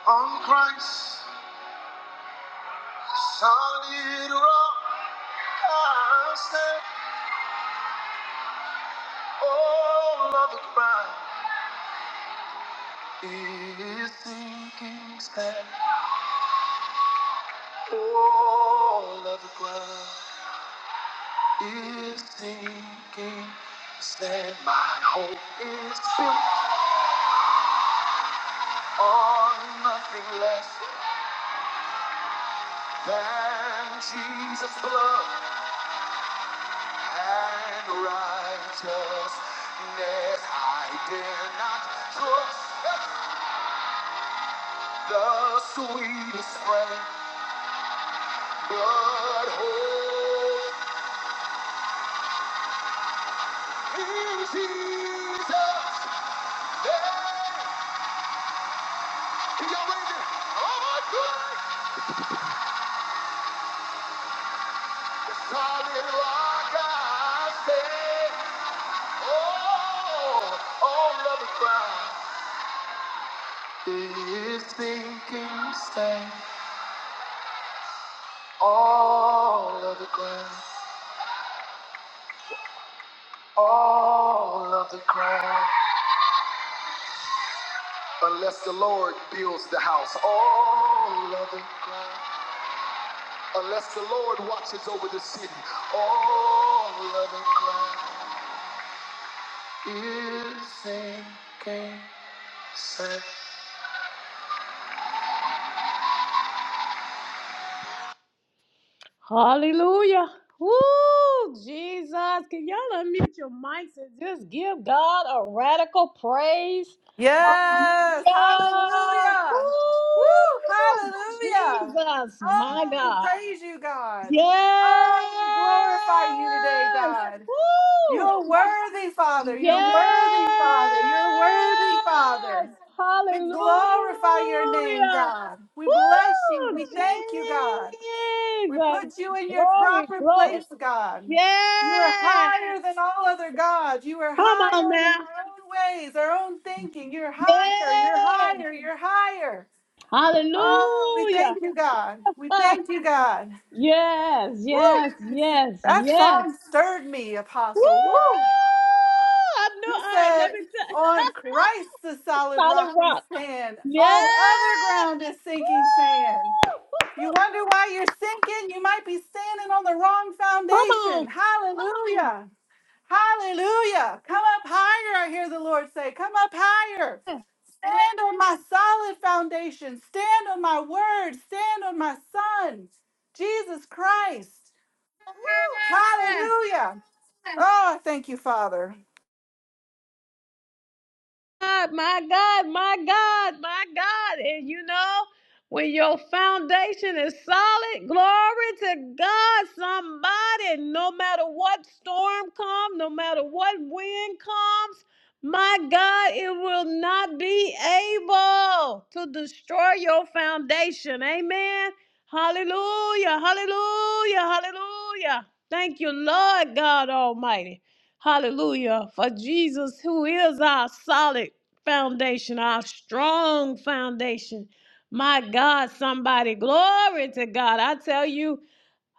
[SPEAKER 1] on Christ. Solid rock, I stand. All of the ground is sinking sand. All of the ground is sinking sand. My hope is built on nothing less than Jesus' blood and righteousness. I dare not trust. the sweetest friend, but hope in Jesus. Hey, can y'all raise it? Oh my God, solid rock I stand. Oh, all of the ground is sinking sand. All of the ground, all of the ground. Unless the Lord builds the house, all of the ground. Unless the Lord watches over the city, all of it collapses. Hallelujah. Woo, Jesus. Can y'all unmute your mics and just give God a radical praise?
[SPEAKER 8] Yes,
[SPEAKER 1] Hallelujah.
[SPEAKER 8] hallelujah. Woo,
[SPEAKER 1] Woo,
[SPEAKER 8] hallelujah.
[SPEAKER 1] Jesus, my
[SPEAKER 8] Oh, we
[SPEAKER 1] God.
[SPEAKER 8] praise you, God.
[SPEAKER 1] Yes.
[SPEAKER 8] Oh, we glorify you today, God.
[SPEAKER 1] Woo!
[SPEAKER 8] You're worthy, Father. You're
[SPEAKER 1] Yes!
[SPEAKER 8] worthy, Father. You're worthy, Father. We
[SPEAKER 1] Hallelujah!
[SPEAKER 8] glorify your name, God. We bless you.
[SPEAKER 1] Woo!
[SPEAKER 8] We
[SPEAKER 1] Jesus!
[SPEAKER 8] thank you, God. We put you in your
[SPEAKER 1] Glory,
[SPEAKER 8] proper
[SPEAKER 1] glory.
[SPEAKER 8] place, God. You are
[SPEAKER 1] Yeah!
[SPEAKER 8] higher than all other gods. You are
[SPEAKER 1] Come on
[SPEAKER 8] higher than our
[SPEAKER 1] now.
[SPEAKER 8] own ways, our own thinking. You're higher, you're
[SPEAKER 1] Yeah!
[SPEAKER 8] higher, you're higher. Oh, we thank
[SPEAKER 1] Hallelujah!
[SPEAKER 8] you, God. We
[SPEAKER 1] Ah,
[SPEAKER 8] thank you, God.
[SPEAKER 1] yes,
[SPEAKER 8] Woo!
[SPEAKER 1] yes, yes,
[SPEAKER 8] That
[SPEAKER 1] yes.
[SPEAKER 8] song stirred me,
[SPEAKER 1] Woo!
[SPEAKER 8] Apostle. Woo!
[SPEAKER 1] I
[SPEAKER 8] He
[SPEAKER 1] know. All right,
[SPEAKER 8] said,
[SPEAKER 1] let me tell.
[SPEAKER 8] On Christ the solid
[SPEAKER 1] Solid
[SPEAKER 8] rock we
[SPEAKER 1] rock.
[SPEAKER 8] stand.
[SPEAKER 1] Yeah!
[SPEAKER 8] All other ground is sinking sand. You wonder why you're sinking? You might be standing on the wrong foundation.
[SPEAKER 1] Woo!
[SPEAKER 8] Hallelujah. Hallelujah. Come up higher, I hear the Lord say. Come up higher. Stand on my solid foundation. Stand on my word. Stand on my son, Jesus Christ. Woo, Hallelujah. Oh, thank you, Father.
[SPEAKER 1] God, my God, my God, my God. And you know, when your foundation is solid, glory to God, somebody, no matter what storm comes, no matter what wind comes, my God, it will not be able to destroy your foundation. Amen. Hallelujah, hallelujah, hallelujah. Thank you, Lord God Almighty. Hallelujah. For Jesus, who is our solid foundation, our strong foundation. My God, somebody, glory to God. I tell you,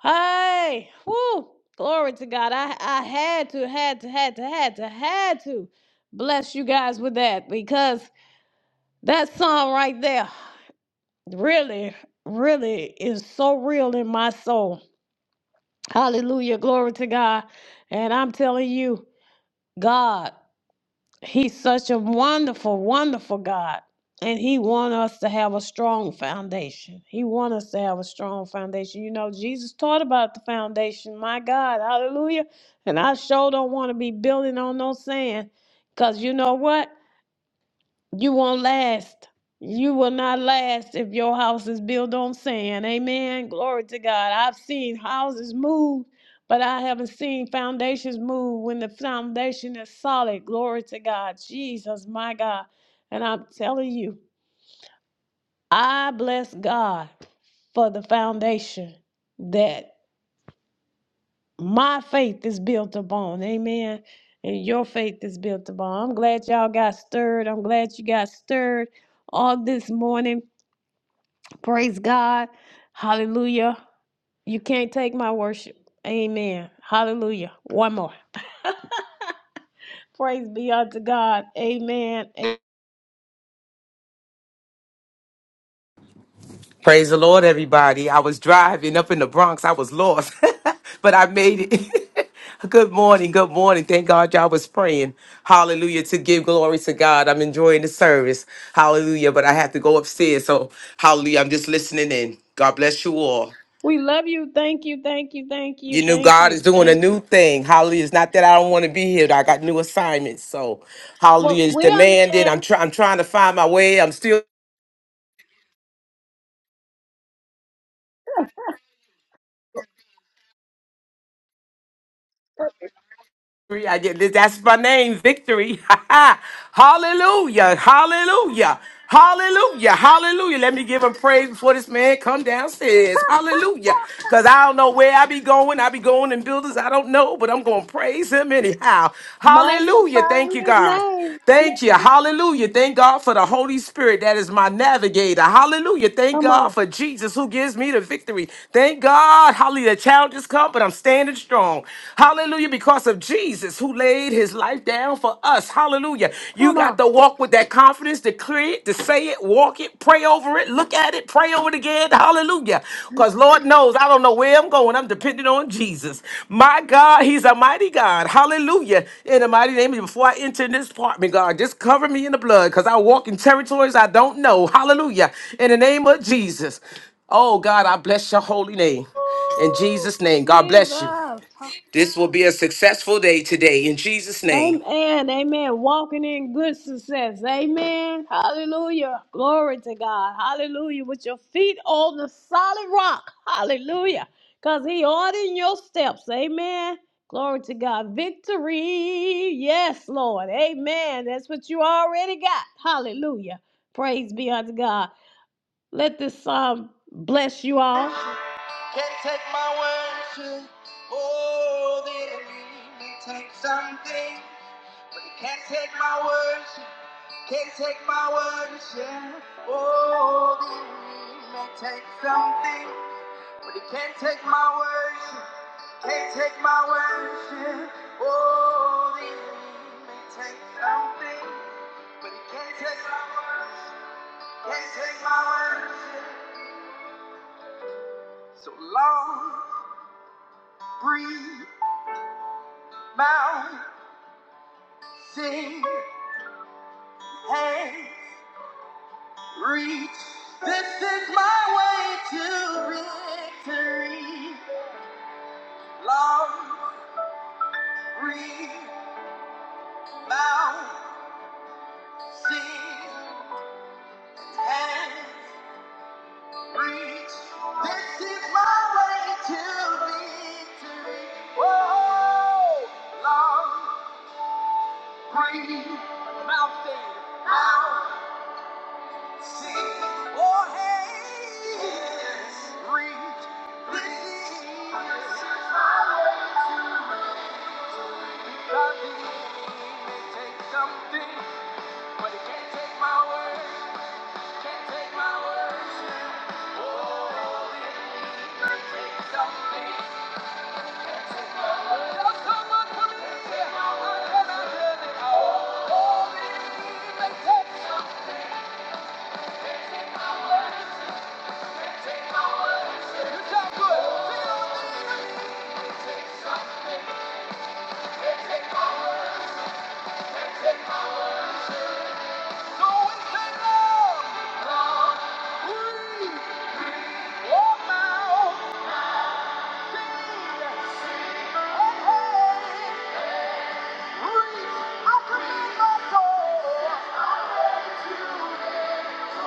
[SPEAKER 1] hey, whoo, glory to God. I, I had to, had to, had to, had to, had to bless you guys with that because that song right there really, really is so real in my soul. Hallelujah, glory to God. And I'm telling you, God He's such a wonderful, wonderful God. And he wants us to have a strong foundation. He wants us to have a strong foundation. You know, Jesus taught about the foundation. My God, hallelujah. And I sure don't want to be building on no sand. Because you know what? You won't last. You will not last if your house is built on sand. Amen. Glory to God. I've seen houses move, but I haven't seen foundations move when the foundation is solid. Glory to God. Jesus, my God. And I'm telling you, I bless God for the foundation that my faith is built upon. Amen. And your faith is built upon. I'm glad y'all got stirred. I'm glad you got stirred all this morning Praise God. Hallelujah. You can't take my worship. Amen. Hallelujah. One more. Praise be unto God. Amen. A-
[SPEAKER 9] Praise the Lord, everybody. I was driving up in the Bronx. I was lost, but I made it. good morning. Good morning. Thank God y'all was praying. Hallelujah. To give glory to God. I'm enjoying the service. Hallelujah. But I have to go upstairs. So, hallelujah. I'm just listening in. God bless you all.
[SPEAKER 1] We love you. Thank you. Thank you. Thank you.
[SPEAKER 9] You know,
[SPEAKER 1] Thank
[SPEAKER 9] God is
[SPEAKER 1] you.
[SPEAKER 9] doing a
[SPEAKER 1] Thank you.
[SPEAKER 9] new thing. Hallelujah. It's not that I don't want to be here. I got new assignments. So,
[SPEAKER 1] Well,
[SPEAKER 9] hallelujah. It's
[SPEAKER 1] we
[SPEAKER 9] demanding. I'm,
[SPEAKER 1] understand.
[SPEAKER 9] try- I'm trying to find my way. I'm still. Victory. I did That's my name, victory. hallelujah. Hallelujah. Hallelujah. Hallelujah. Let me give him praise before this man come downstairs. Hallelujah. Because I don't know where I be going. I be going in buildings I don't know, but I'm going to praise him anyhow. Hallelujah. Thank you, God. Thank you. Hallelujah. Thank God for the Holy Spirit that is my navigator. Hallelujah. Thank God for Jesus who gives me the victory. Thank God. Hallelujah. The challenges come, but I'm standing strong. Hallelujah. Because of Jesus who laid his life down for us. Hallelujah. You
[SPEAKER 1] Come
[SPEAKER 9] got
[SPEAKER 1] on.
[SPEAKER 9] to walk with that confidence, declare it, to say it, walk it, pray over it, look at it. Pray over it again. Hallelujah. Because Lord knows I don't know where I'm going. I'm depending on Jesus. My God, He's a mighty God. Hallelujah. In the mighty name, before I enter in this apartment, God, just cover me in the blood because I walk in territories I don't know. Hallelujah. In the name of Jesus. Oh, God, I bless your holy name. In Jesus' name, God bless you. This will be a successful day today. In Jesus' name.
[SPEAKER 1] Amen. Amen. Walking in good success. Amen. Hallelujah. Glory to God. Hallelujah. With your feet on the solid rock. Hallelujah. Because he ordered your steps. Amen. Glory to God. Victory Yes, Lord. Amen. That's what you already got. Hallelujah. Praise be unto God. Let this psalm bless you all. Can't take my worship. Oh, the enemy may take something, but he can't take my worship. Can't take my worship. Oh, the enemy may take something, but he can't take my worship. Can't take my worship. Oh, the enemy may take something. But he can't take my, words, can't take my words. So long, breathe, mouth, sing, hands, reach. This is my way to victory. Long, breathe, mouth, sing, hands, reach. This is my way to victory. Whoa, long. Free mountain, mount, sea, or haze. Reach, please. This is my way to reach. I'm so my way to reach.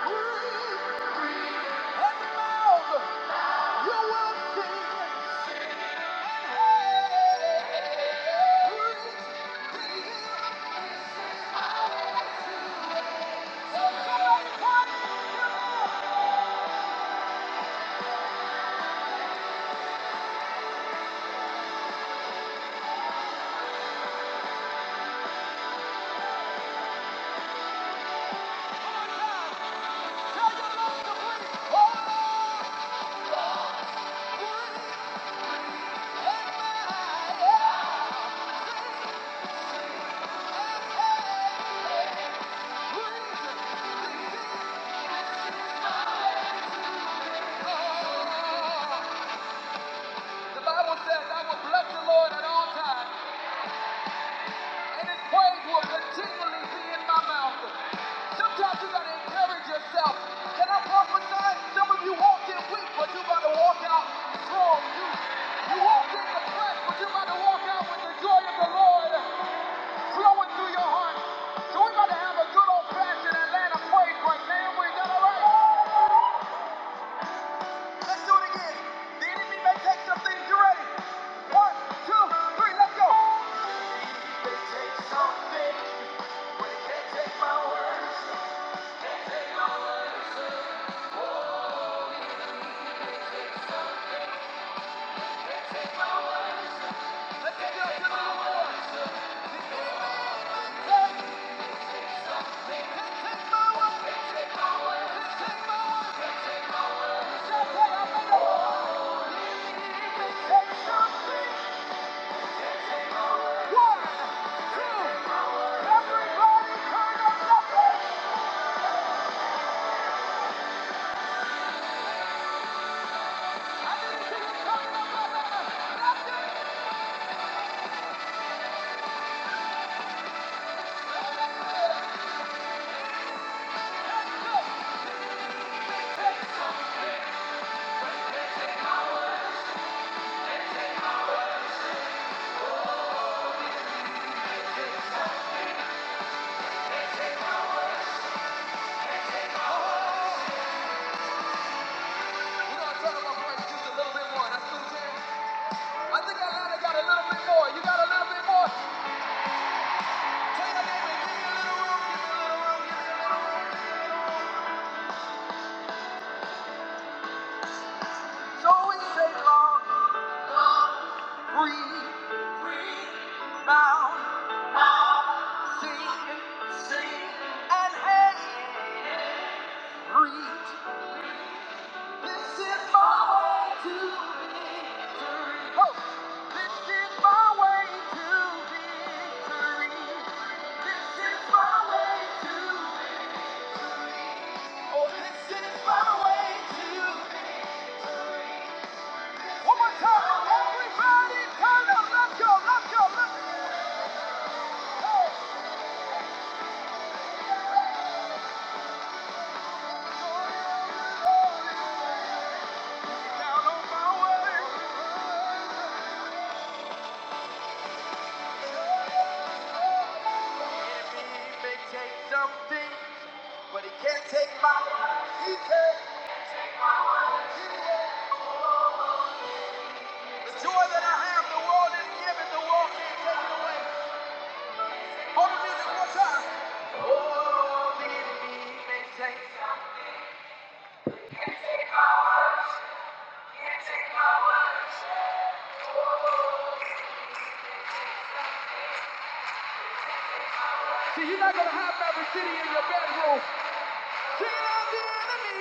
[SPEAKER 1] Oh, breathe and mouth. Oh! The Bible says, I will bless the Lord at all times, and his praise will continually be in my mouth. Sometimes you gotta encourage yourself. Can I prophesy? Some of you walked in weak, but you are about to walk out strong. You, you walked in depressed, but you are about to walk out with the joy of the Lord flowing through your heart. So we're about to have a good old fashioned Atlanta praise break, man. We're gonna Let's do it again. The enemy may take some things. You ready? One, two, three, let's go. It's always take long. Breathe, bow, sing, sing, and hey. Breathe. This is my way to victory. Oh, this is my way to victory. This is my way to. Oh, this is my way to. One more time, everybody, turn up, let's go, let's go, let's go. Enemy may take some things, but he can't take my life. he can't. The joy that I have, the world didn't give it, the world can't take it away. Hold the music one time. Oh, the enemy may take. See, you're not gonna have every city in your bedroom. Get out the enemy.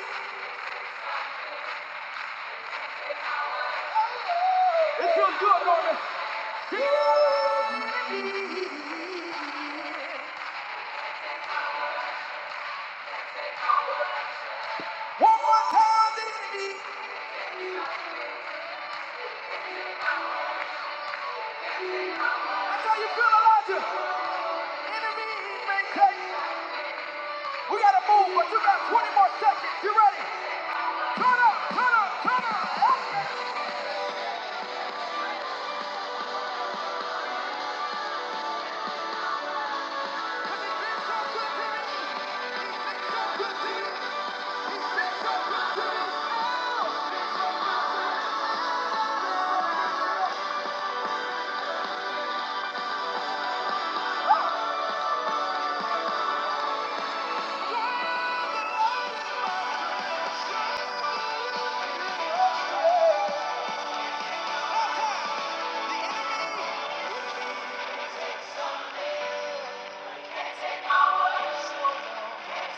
[SPEAKER 1] It feels good, don't it? Get out the enemy. One more time, the enemy. That's how you feel, Elijah. Enemy he may take. We gotta move, but you got 20 more seconds. You ready? Turn up, turn up, turn up. Oh, so so so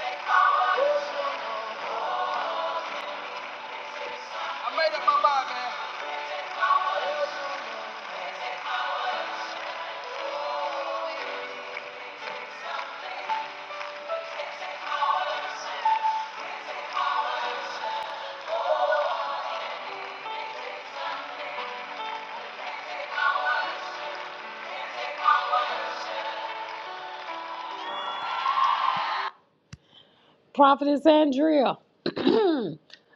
[SPEAKER 1] Prophetess Andrea,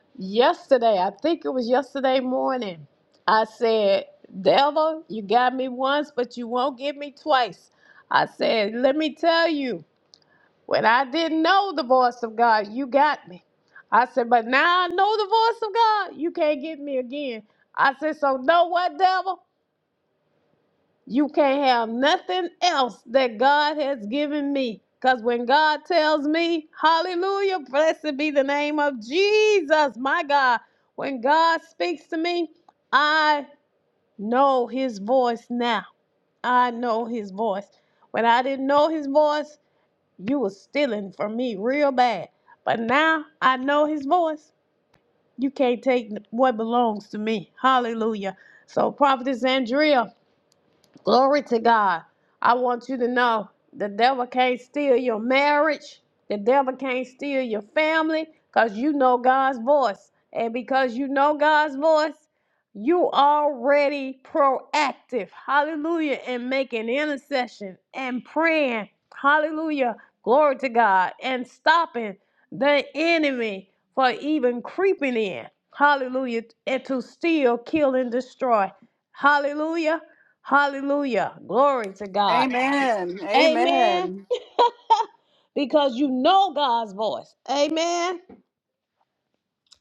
[SPEAKER 1] yesterday, I think it was yesterday morning, I said, Devil, you got me once, but you won't get me twice. I said, Let me tell you. When I didn't know the voice of God, you got me. I said, but now I know the voice of God, you can't get me again. I said, so know what, devil? You can't have nothing else that God has given me. Because when God tells me, hallelujah, blessed be the name of Jesus, my God, when God speaks to me, I know his voice now. I know his voice. When I didn't know his voice, you was stealing from me real bad. But now I know his voice. You can't take what belongs to me. Hallelujah. So, Prophetess Andrea, Glory to God. I want you to know the devil can't steal your marriage. The devil can't steal your family because you know God's voice. And because you know God's voice, you already proactive. Hallelujah. And making intercession and praying. Hallelujah. Glory to God. And stopping the enemy for even creeping in and to steal, kill, and destroy. Hallelujah. Hallelujah. Glory to God.
[SPEAKER 8] Amen.
[SPEAKER 1] Amen.
[SPEAKER 8] Amen.
[SPEAKER 1] Because you know God's voice.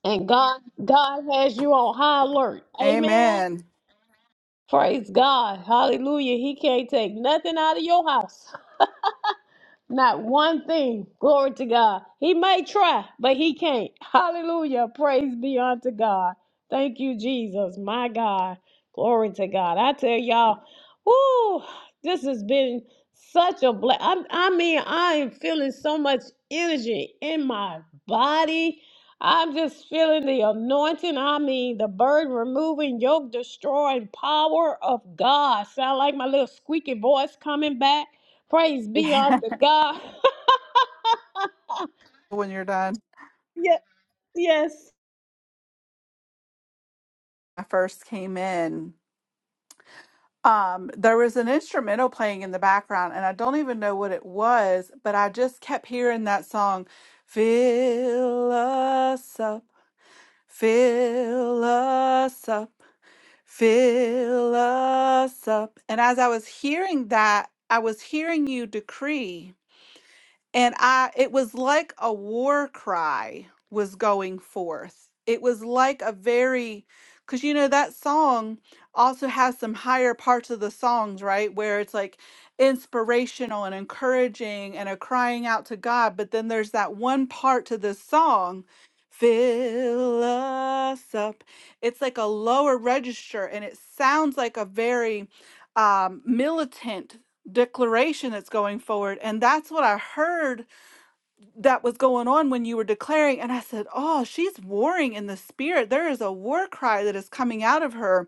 [SPEAKER 1] And God, God has you on high alert. Amen.
[SPEAKER 8] Amen.
[SPEAKER 1] Praise God. Hallelujah. He can't take none of your house. Not one thing. Glory to God. He may try, but he can't. Hallelujah. Praise be unto God. Thank you, Jesus. My God. Glory to God. I tell y'all, whoo, this has been such a blessing. I, I mean, I am feeling so much energy in my body. I'm just feeling the anointing. I mean, the burden removing, yoke destroying power of God. Sound like my little squeaky voice coming back. Praise be unto God.
[SPEAKER 8] when you're done,
[SPEAKER 1] Yes, yes.
[SPEAKER 8] I first came in. um there was an instrumental playing in the background and i don't even know what it was but i just kept hearing that song fill us up fill us up fill us up and as i was hearing that i was hearing you decree and I, it was like a war cry was going forth. It was like a very, because you know, that song also has some higher parts of the songs, right? Where it's like inspirational and encouraging and a crying out to God. But then there's that one part to this song, fill us up. It's like a lower register and it sounds like a very um, militant declaration that's going forward. And that's what I heard that was going on when you were declaring. And I said, Oh, she's warring in the spirit. There is a war cry that is coming out of her.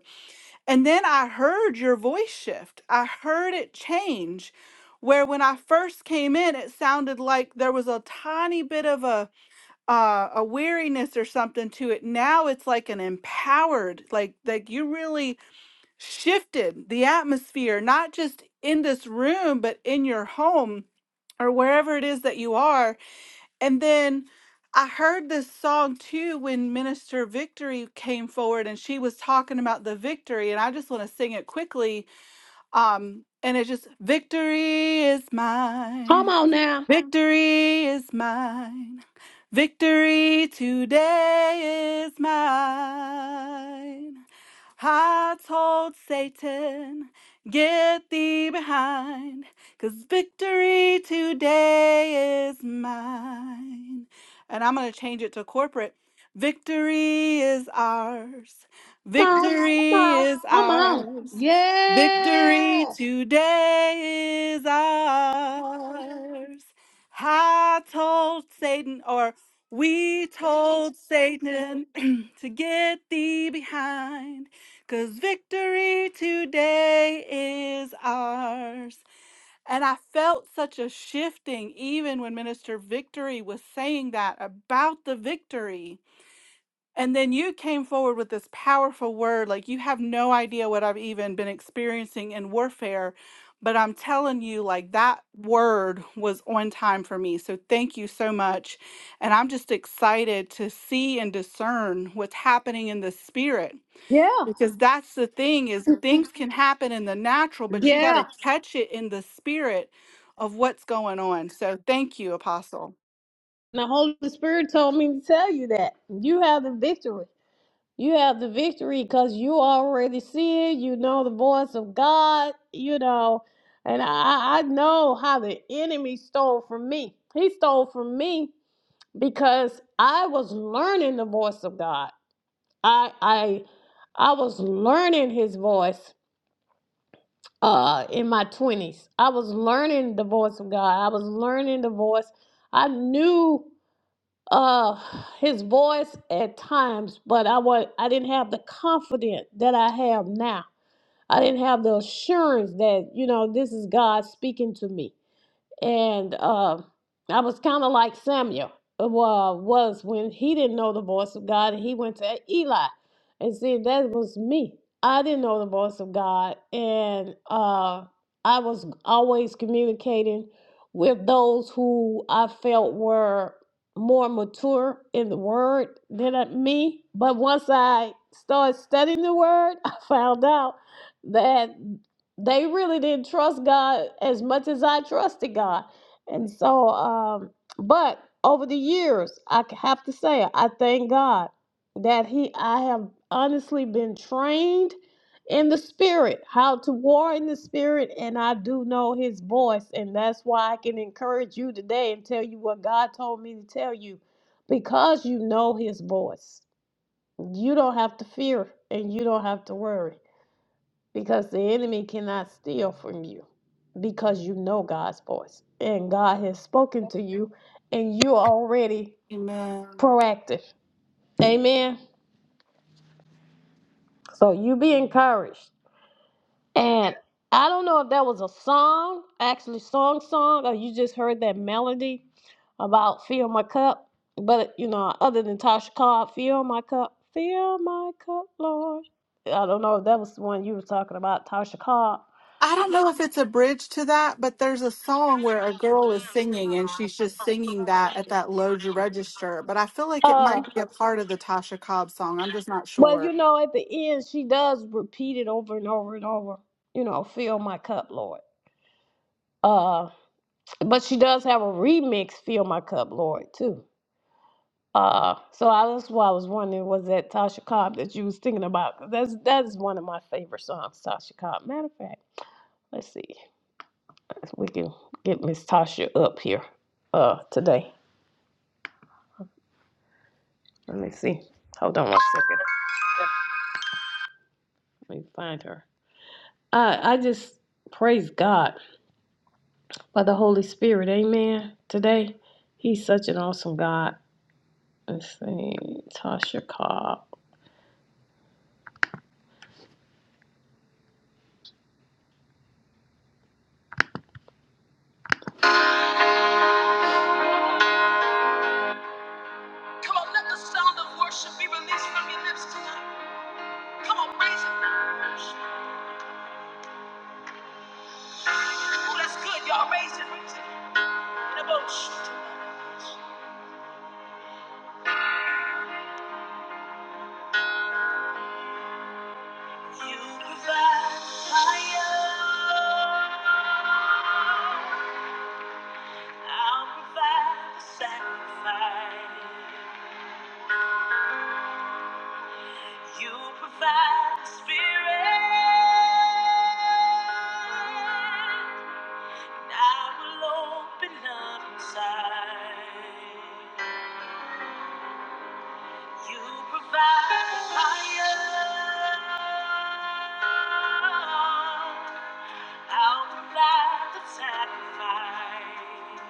[SPEAKER 8] And then I heard your voice shift, I heard it change. Where when I first came in, it sounded like there was a tiny bit of a uh, a weariness or something to it. Now it's like an empowered, like like you really shifted the atmosphere, not just in this room, but in your home or wherever it is that you are. And then I heard this song too when Minister Victory came forward and she was talking about the victory. And I just want to sing it quickly. Um, and it's just, Victory is mine.
[SPEAKER 1] Come on now.
[SPEAKER 8] Victory is mine. Victory today is mine. I told Satan, get thee behind, 'cause victory today is mine. And I'm going to change it to corporate. Victory is ours.
[SPEAKER 1] Come on. Come
[SPEAKER 8] Victory
[SPEAKER 1] on.
[SPEAKER 8] is
[SPEAKER 1] Come on.
[SPEAKER 8] ours. Victory
[SPEAKER 1] Yeah.
[SPEAKER 8] today is ours. I told Satan, or we told Satan to get thee behind, because victory today is ours. And I felt such a shifting even when Minister Victory was saying that about the victory. And then you came forward with this powerful word. Like, you have no idea what I've even been experiencing in warfare. But I'm telling you, like, that word was on time for me. So thank you so much. And I'm just excited to see and discern what's happening in the spirit.
[SPEAKER 1] Yeah.
[SPEAKER 8] Because that's the thing is things can happen in the natural, but you got
[SPEAKER 1] Yeah.
[SPEAKER 8] to catch it in the spirit of what's going on. So thank you, Apostle.
[SPEAKER 1] The Holy Spirit told me to tell you that. You have the victory. You have the victory because you already see it. You know the voice of God, you know. And I, I know how the enemy stole from me. He stole from me because I was learning the voice of God. I I I was learning his voice uh in my 20s. I was learning the voice of God. I was learning the voice. I knew uh his voice at times, but I was I didn't have the confidence that I have now. I didn't have the assurance that, you know, this is God speaking to me and uh, I was kind of like Samuel uh, was when he didn't know the voice of God, and he went to Eli, and see that was me. I didn't know the voice of God, and uh, I was always communicating with those who I felt were more mature in the Word than uh, me. But once I started studying the Word, I found out. that they really didn't trust God as much as I trusted God. And so, um, but over the years, I have to say, I thank God that He, I have honestly been trained in the Spirit, how to war in the Spirit, and I do know His voice. And that's why I can encourage you today and tell you what God told me to tell you because you know His voice. You don't have to fear and you don't have to worry because the enemy cannot steal from you because you know God's voice and God has spoken to you and you're already
[SPEAKER 8] Amen.
[SPEAKER 1] proactive. Amen. So you be encouraged. And I don't know if that was a song, actually song song, or you just heard that melody about fill my cup, but you know, talk up my cup, Lord. Uh,
[SPEAKER 8] I don't know if it's a bridge to that, but there's a song where a girl is singing and she's just singing that at that low register. But I feel like it
[SPEAKER 1] uh,
[SPEAKER 8] might be a part of the Tasha Cobb song. I'm just not
[SPEAKER 1] but
[SPEAKER 8] sure.
[SPEAKER 1] you know, fill it. Uh, but she does have a remix, Feel My Cup, Lord, too. Uh, so I, that's why I was wondering, was that Tasha Cobb that you was thinking about? 'Cause That's that's one of my favorite songs, Tasha Cobb. Matter of fact, let's see if we can get Miss Tasha up here uh today. Let me see. Hold on one second. Let me find her. I I just praise God by the Holy Spirit, amen. Today, He's such an awesome God. Let's see, Tasha Cobb. Come on, let the sound of worship be released from your lips tonight. Come on, raise it. Oh, that's good, y'all. Raise it, raise it. In a boat. You provide fire. I'll provide the sacrifice. You provide the spirit. and I will open up inside. You provide fire. out of provide the sacrifice.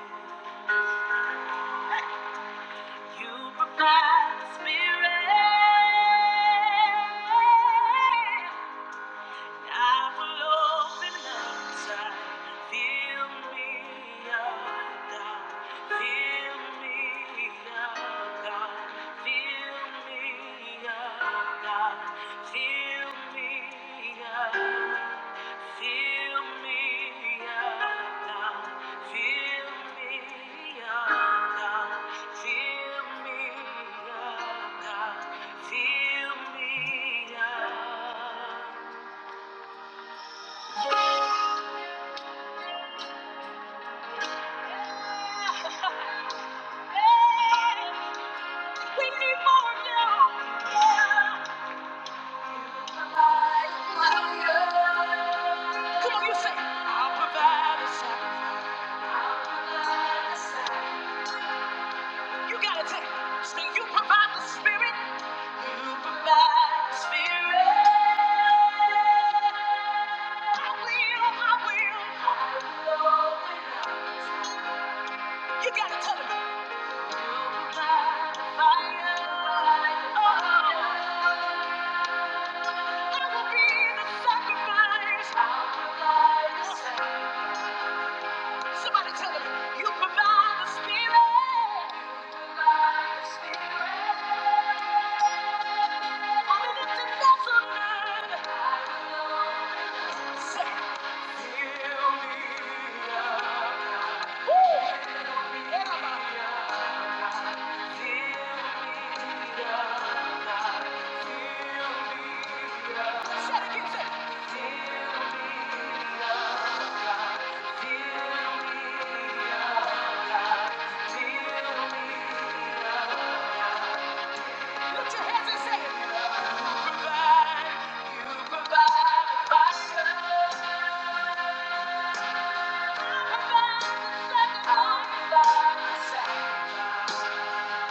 [SPEAKER 1] You provide the spirit. I will open up Fill me up, God. Fill me up, God. Fill me up, God. Fill me up. Fill me up, God. Fill me up, God. Fill me up, God. Fill me up. We Come on, you say, You gotta take. So you provide the spirit. You provide the spirit. I will, I will. You gotta tell him. Oh. Somebody tell them, you provide the spirit. You provide the spirit. Only the defense of man. I know. Say, "Fill me up." Woo! Fill me up. Thank you.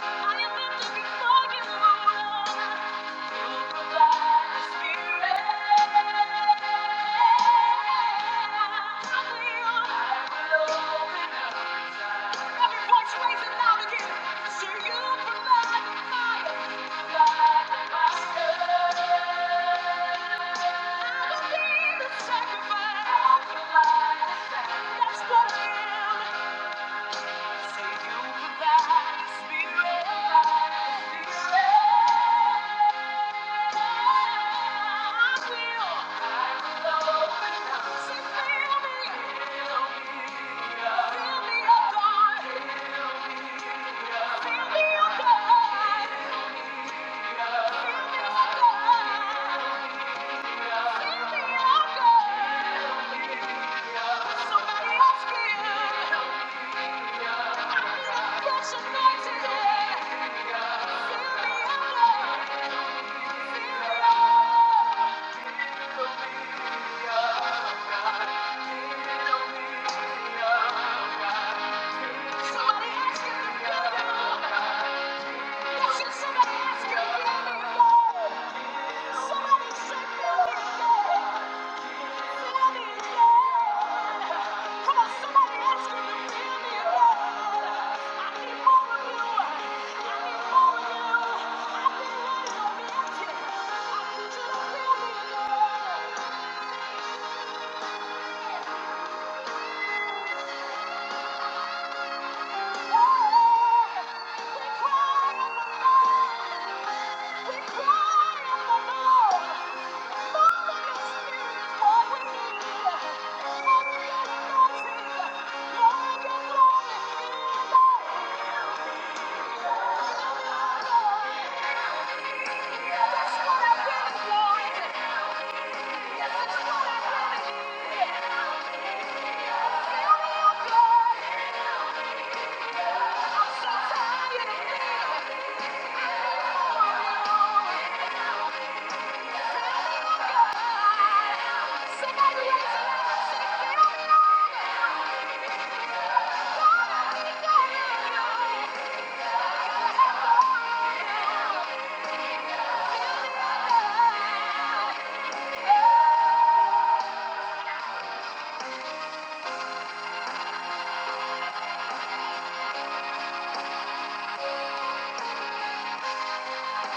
[SPEAKER 1] Sacrifice. I provide the sacrifice. That's what I am. Somebody else can. Fresh anointing. Fill me up. Somebody ask him to fill me up. Should somebody ask him, fill me up? Somebody say, fill me up. Fill me up. Come on, somebody else can redeem me, Lord. I need more of you. I need more of you. I've been running, I've been empty. I need you to fill me, Lord. We cry on the Lord. We cry on the Lord. More of your spirit, Lord, we need you. More of your anointing. More of your glory in our lives. Somebody raise it up.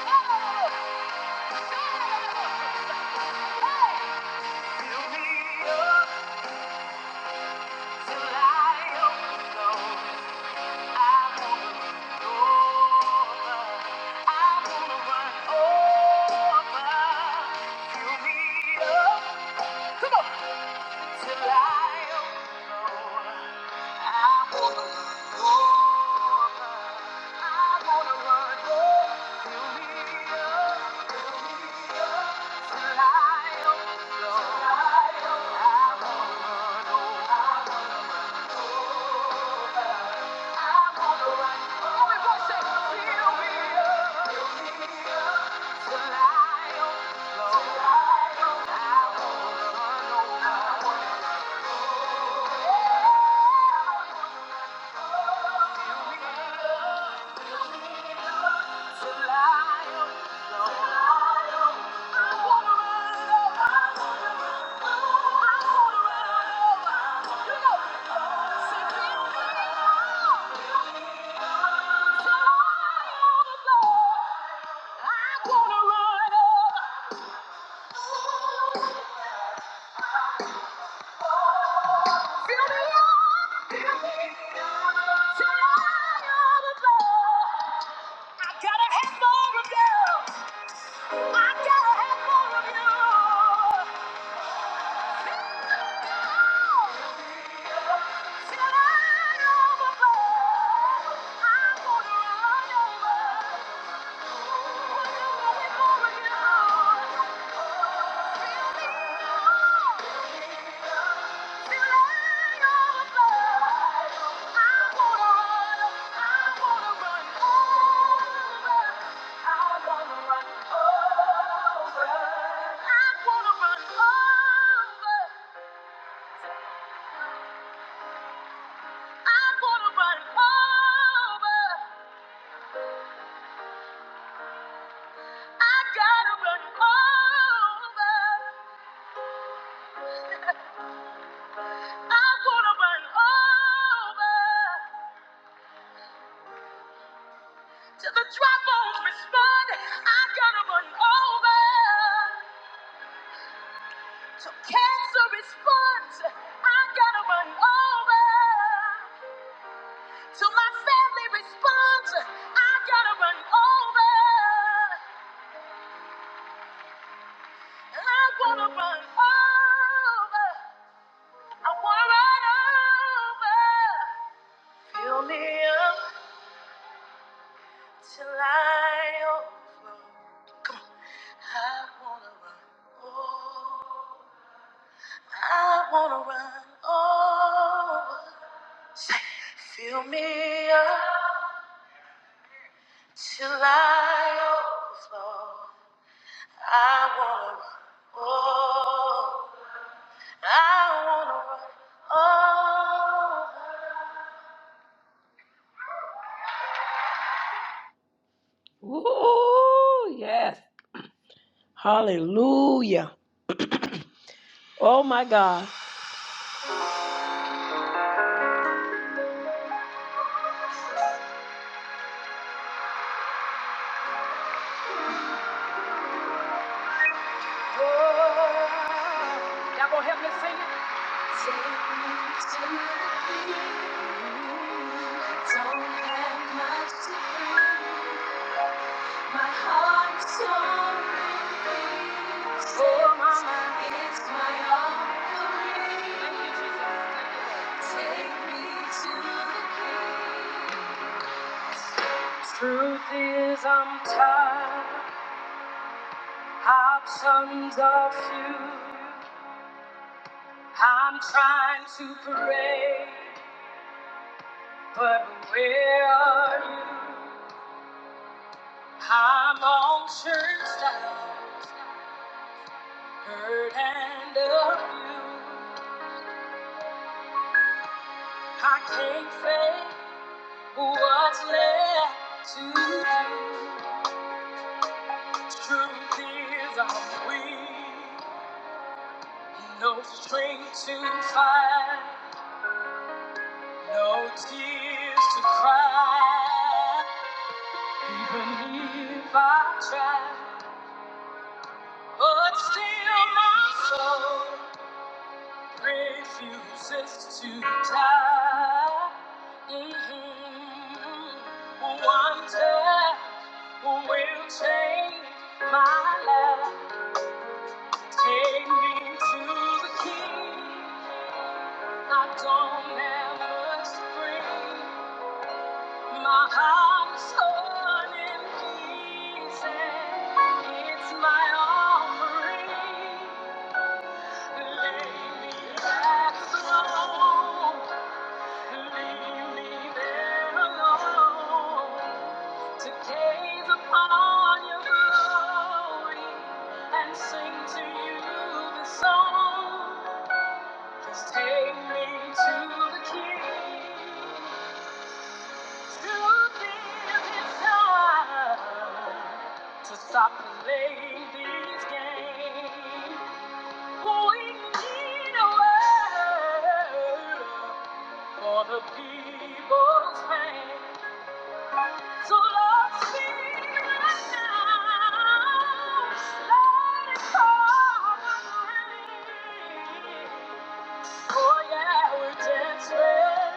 [SPEAKER 1] Oh. Hey. Fill me up. Come on till I overflow. I wanna run over. I wanna run over. Fill me up, fill me up till I overflow. Till I overflow. I wanna run over. I wanna run over. Thank you. I wanna run up. I gotta have more of you. I gotta have more of you. Till I overflow, I'm gonna run over. Cancer response, I gotta run over. Till my family responds, I gotta run over. I wanna run over. I wanna run over. Fill me up till I overflow. Come on. I wanna run over. I wanna run over. Say, fill me up till I overflow. I wanna run over. I wanna run over. Ooh, yes. Hallelujah. Oh my God. over. Y'all gonna help me sing it? I'm sorry, so my mind is my offering. Thank you, Jesus. Take me to the King. Truth is, I'm tired. Options are few. I'm trying to pray. But where are you? I'm all churched out, hurt and abused. I can't say what's left to do. Truth is, I'm weak, no strength to fight, no tears to cry. Even if I try, but still my soul. refuses to die. Mhm. One touch will change my life. Take me to the King. I don't have much to bring. My heart is torn in pieces. It's my offering. Lay me at the throne. Gaze upon your glory and sing to you the song. Just take me to the King, to live his time, to stop playing these games. We need a word for the people's pain. So Lord, speak right now. Let it come and relief. Oh yeah, we're desperate.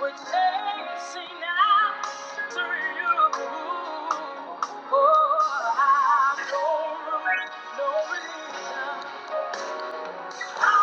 [SPEAKER 1] We're chasing after you. Oh, I have no room, no religion. I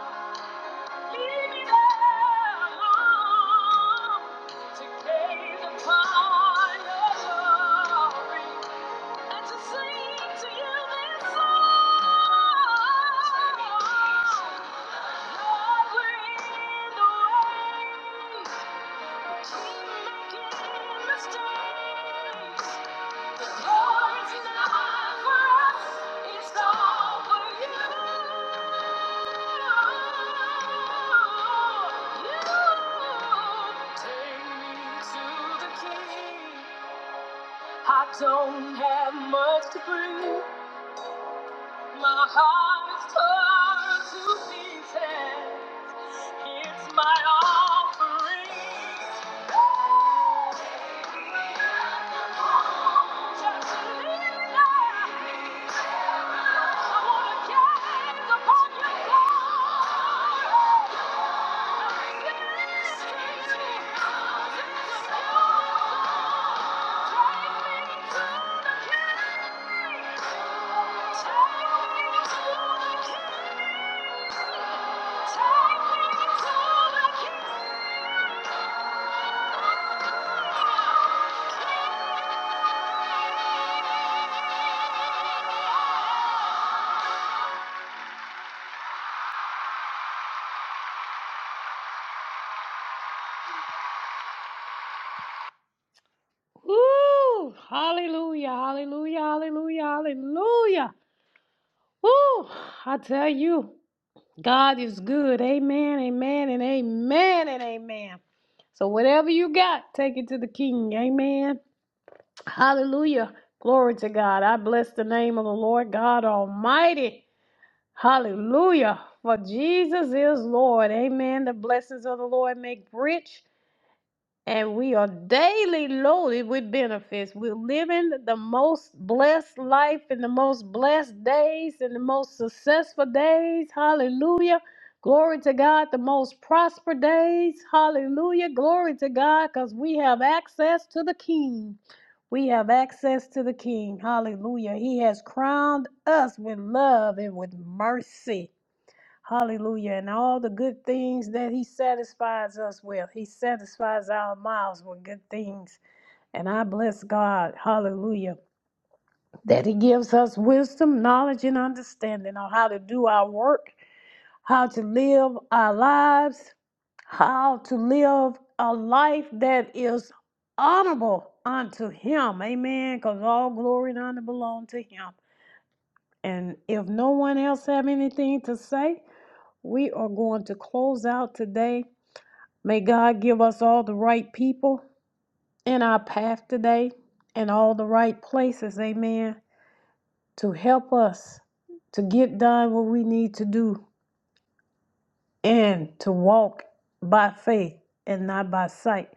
[SPEAKER 1] Thank you the Lord is not for us, It's all for you. I don't have much to bring. My heart is torn to pieces. It's my offering. Just leave it there. I wanna Woo! Hallelujah, hallelujah, hallelujah, hallelujah. Woo! I tell you, God is good. Amen, amen, and amen, and amen. So whatever you got, take it to the King. Amen. Hallelujah. Glory to God. I bless the name of the Lord God Almighty. Hallelujah. For Jesus is Lord. Amen. The blessings of the Lord make rich and we are daily loaded with benefits. We're living the most blessed life in the most blessed days and the most successful days. Hallelujah. Glory to God, the most prosper days. Hallelujah. Glory to God, because we have access to the King. We have access to the King. Hallelujah. He has crowned us with love and with mercy. Hallelujah. And all the good things that He satisfies us with, He satisfies our mouths with good things. And I bless God, hallelujah, that He gives us wisdom, knowledge, and understanding on how to do our work, how to live our lives, how to live a life that is honorable unto Him. Amen. Because all glory and honor belong to Him. And if no one else have anything to say, we are going to close out today. May God give us all the right people in our path today and all the right places, amen, to help us to get done what we need to do and to walk by faith and not by sight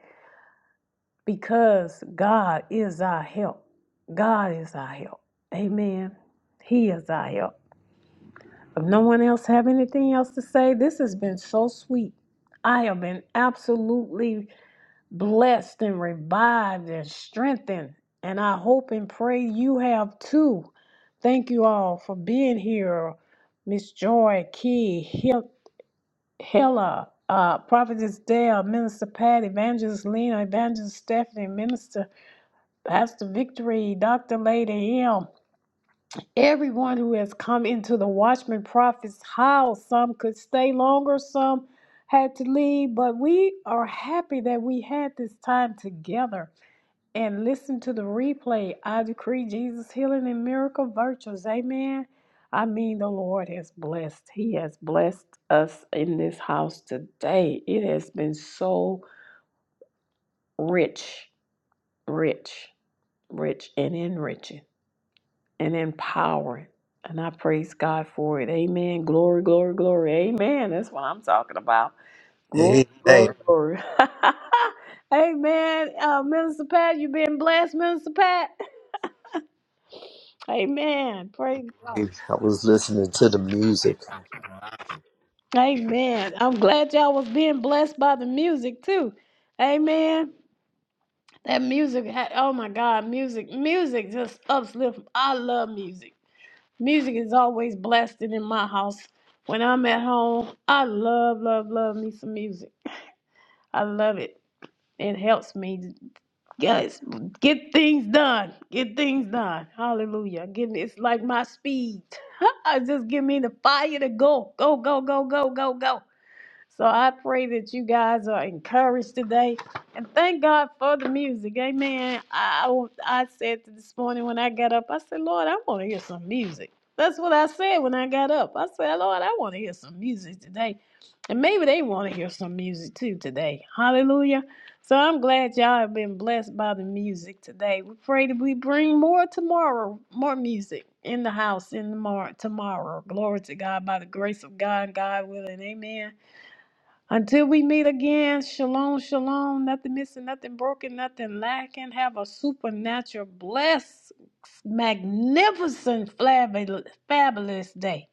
[SPEAKER 1] because God is our help. God is our help. Amen. He is our help. If no one else have anything else to say, this has been so sweet. I have been absolutely blessed and revived and strengthened, and I hope and pray you have too. Thank you all for being here, Miss Joy, Key, Hil- Hilla, uh, Prophetess Dale, Minister Pat, Evangelist Lena, Evangelist Stephanie, Minister Pastor Victory, Dr. Lady M. Everyone who has come into the watchman prophet's house, some could stay longer, some had to leave, but we are happy that we had this time together and listen to the replay. I decree Jesus' healing and miracle virtues. Amen. I mean, the Lord has blessed. He has blessed us in this house today. It has been so rich, rich, rich, and enriching. and empowering. And I praise God for it. Amen. Glory, glory, glory. Amen. That's what I'm talking about. Glory,
[SPEAKER 4] Amen.
[SPEAKER 1] glory, glory. Amen. Uh, Minister Pat, you've been blessed, Minister Pat. Amen. Praise God.
[SPEAKER 4] I was listening to the music.
[SPEAKER 1] Amen. I'm glad y'all was being blessed by the music too. Amen. That music had, oh my God, music, music just uplifts. I love music. Music is always blasted in my house. When I'm at home, I love, love, love me some music. I love it. It helps me, guys, get things done. Get things done. Hallelujah. Give me, it's like my speed. Just give me the fire to go, go, go, go, go, go, go. So I pray that you guys are encouraged today. And thank God for the music. Amen. I, I said this morning when I got up, I said, Lord, I want to hear some music. That's what I said when I got up. I said, Lord, I want to hear some music today. And maybe they want to hear some music too today. Hallelujah. So I'm glad y'all have been blessed by the music today. We pray that we bring more tomorrow, more music in the house in the mar- tomorrow. Glory to God by the grace of God, God willing. Amen. Until we meet again, shalom, shalom, nothing missing, nothing broken, nothing lacking. Have a supernatural, blessed, magnificent, flab- fabulous day.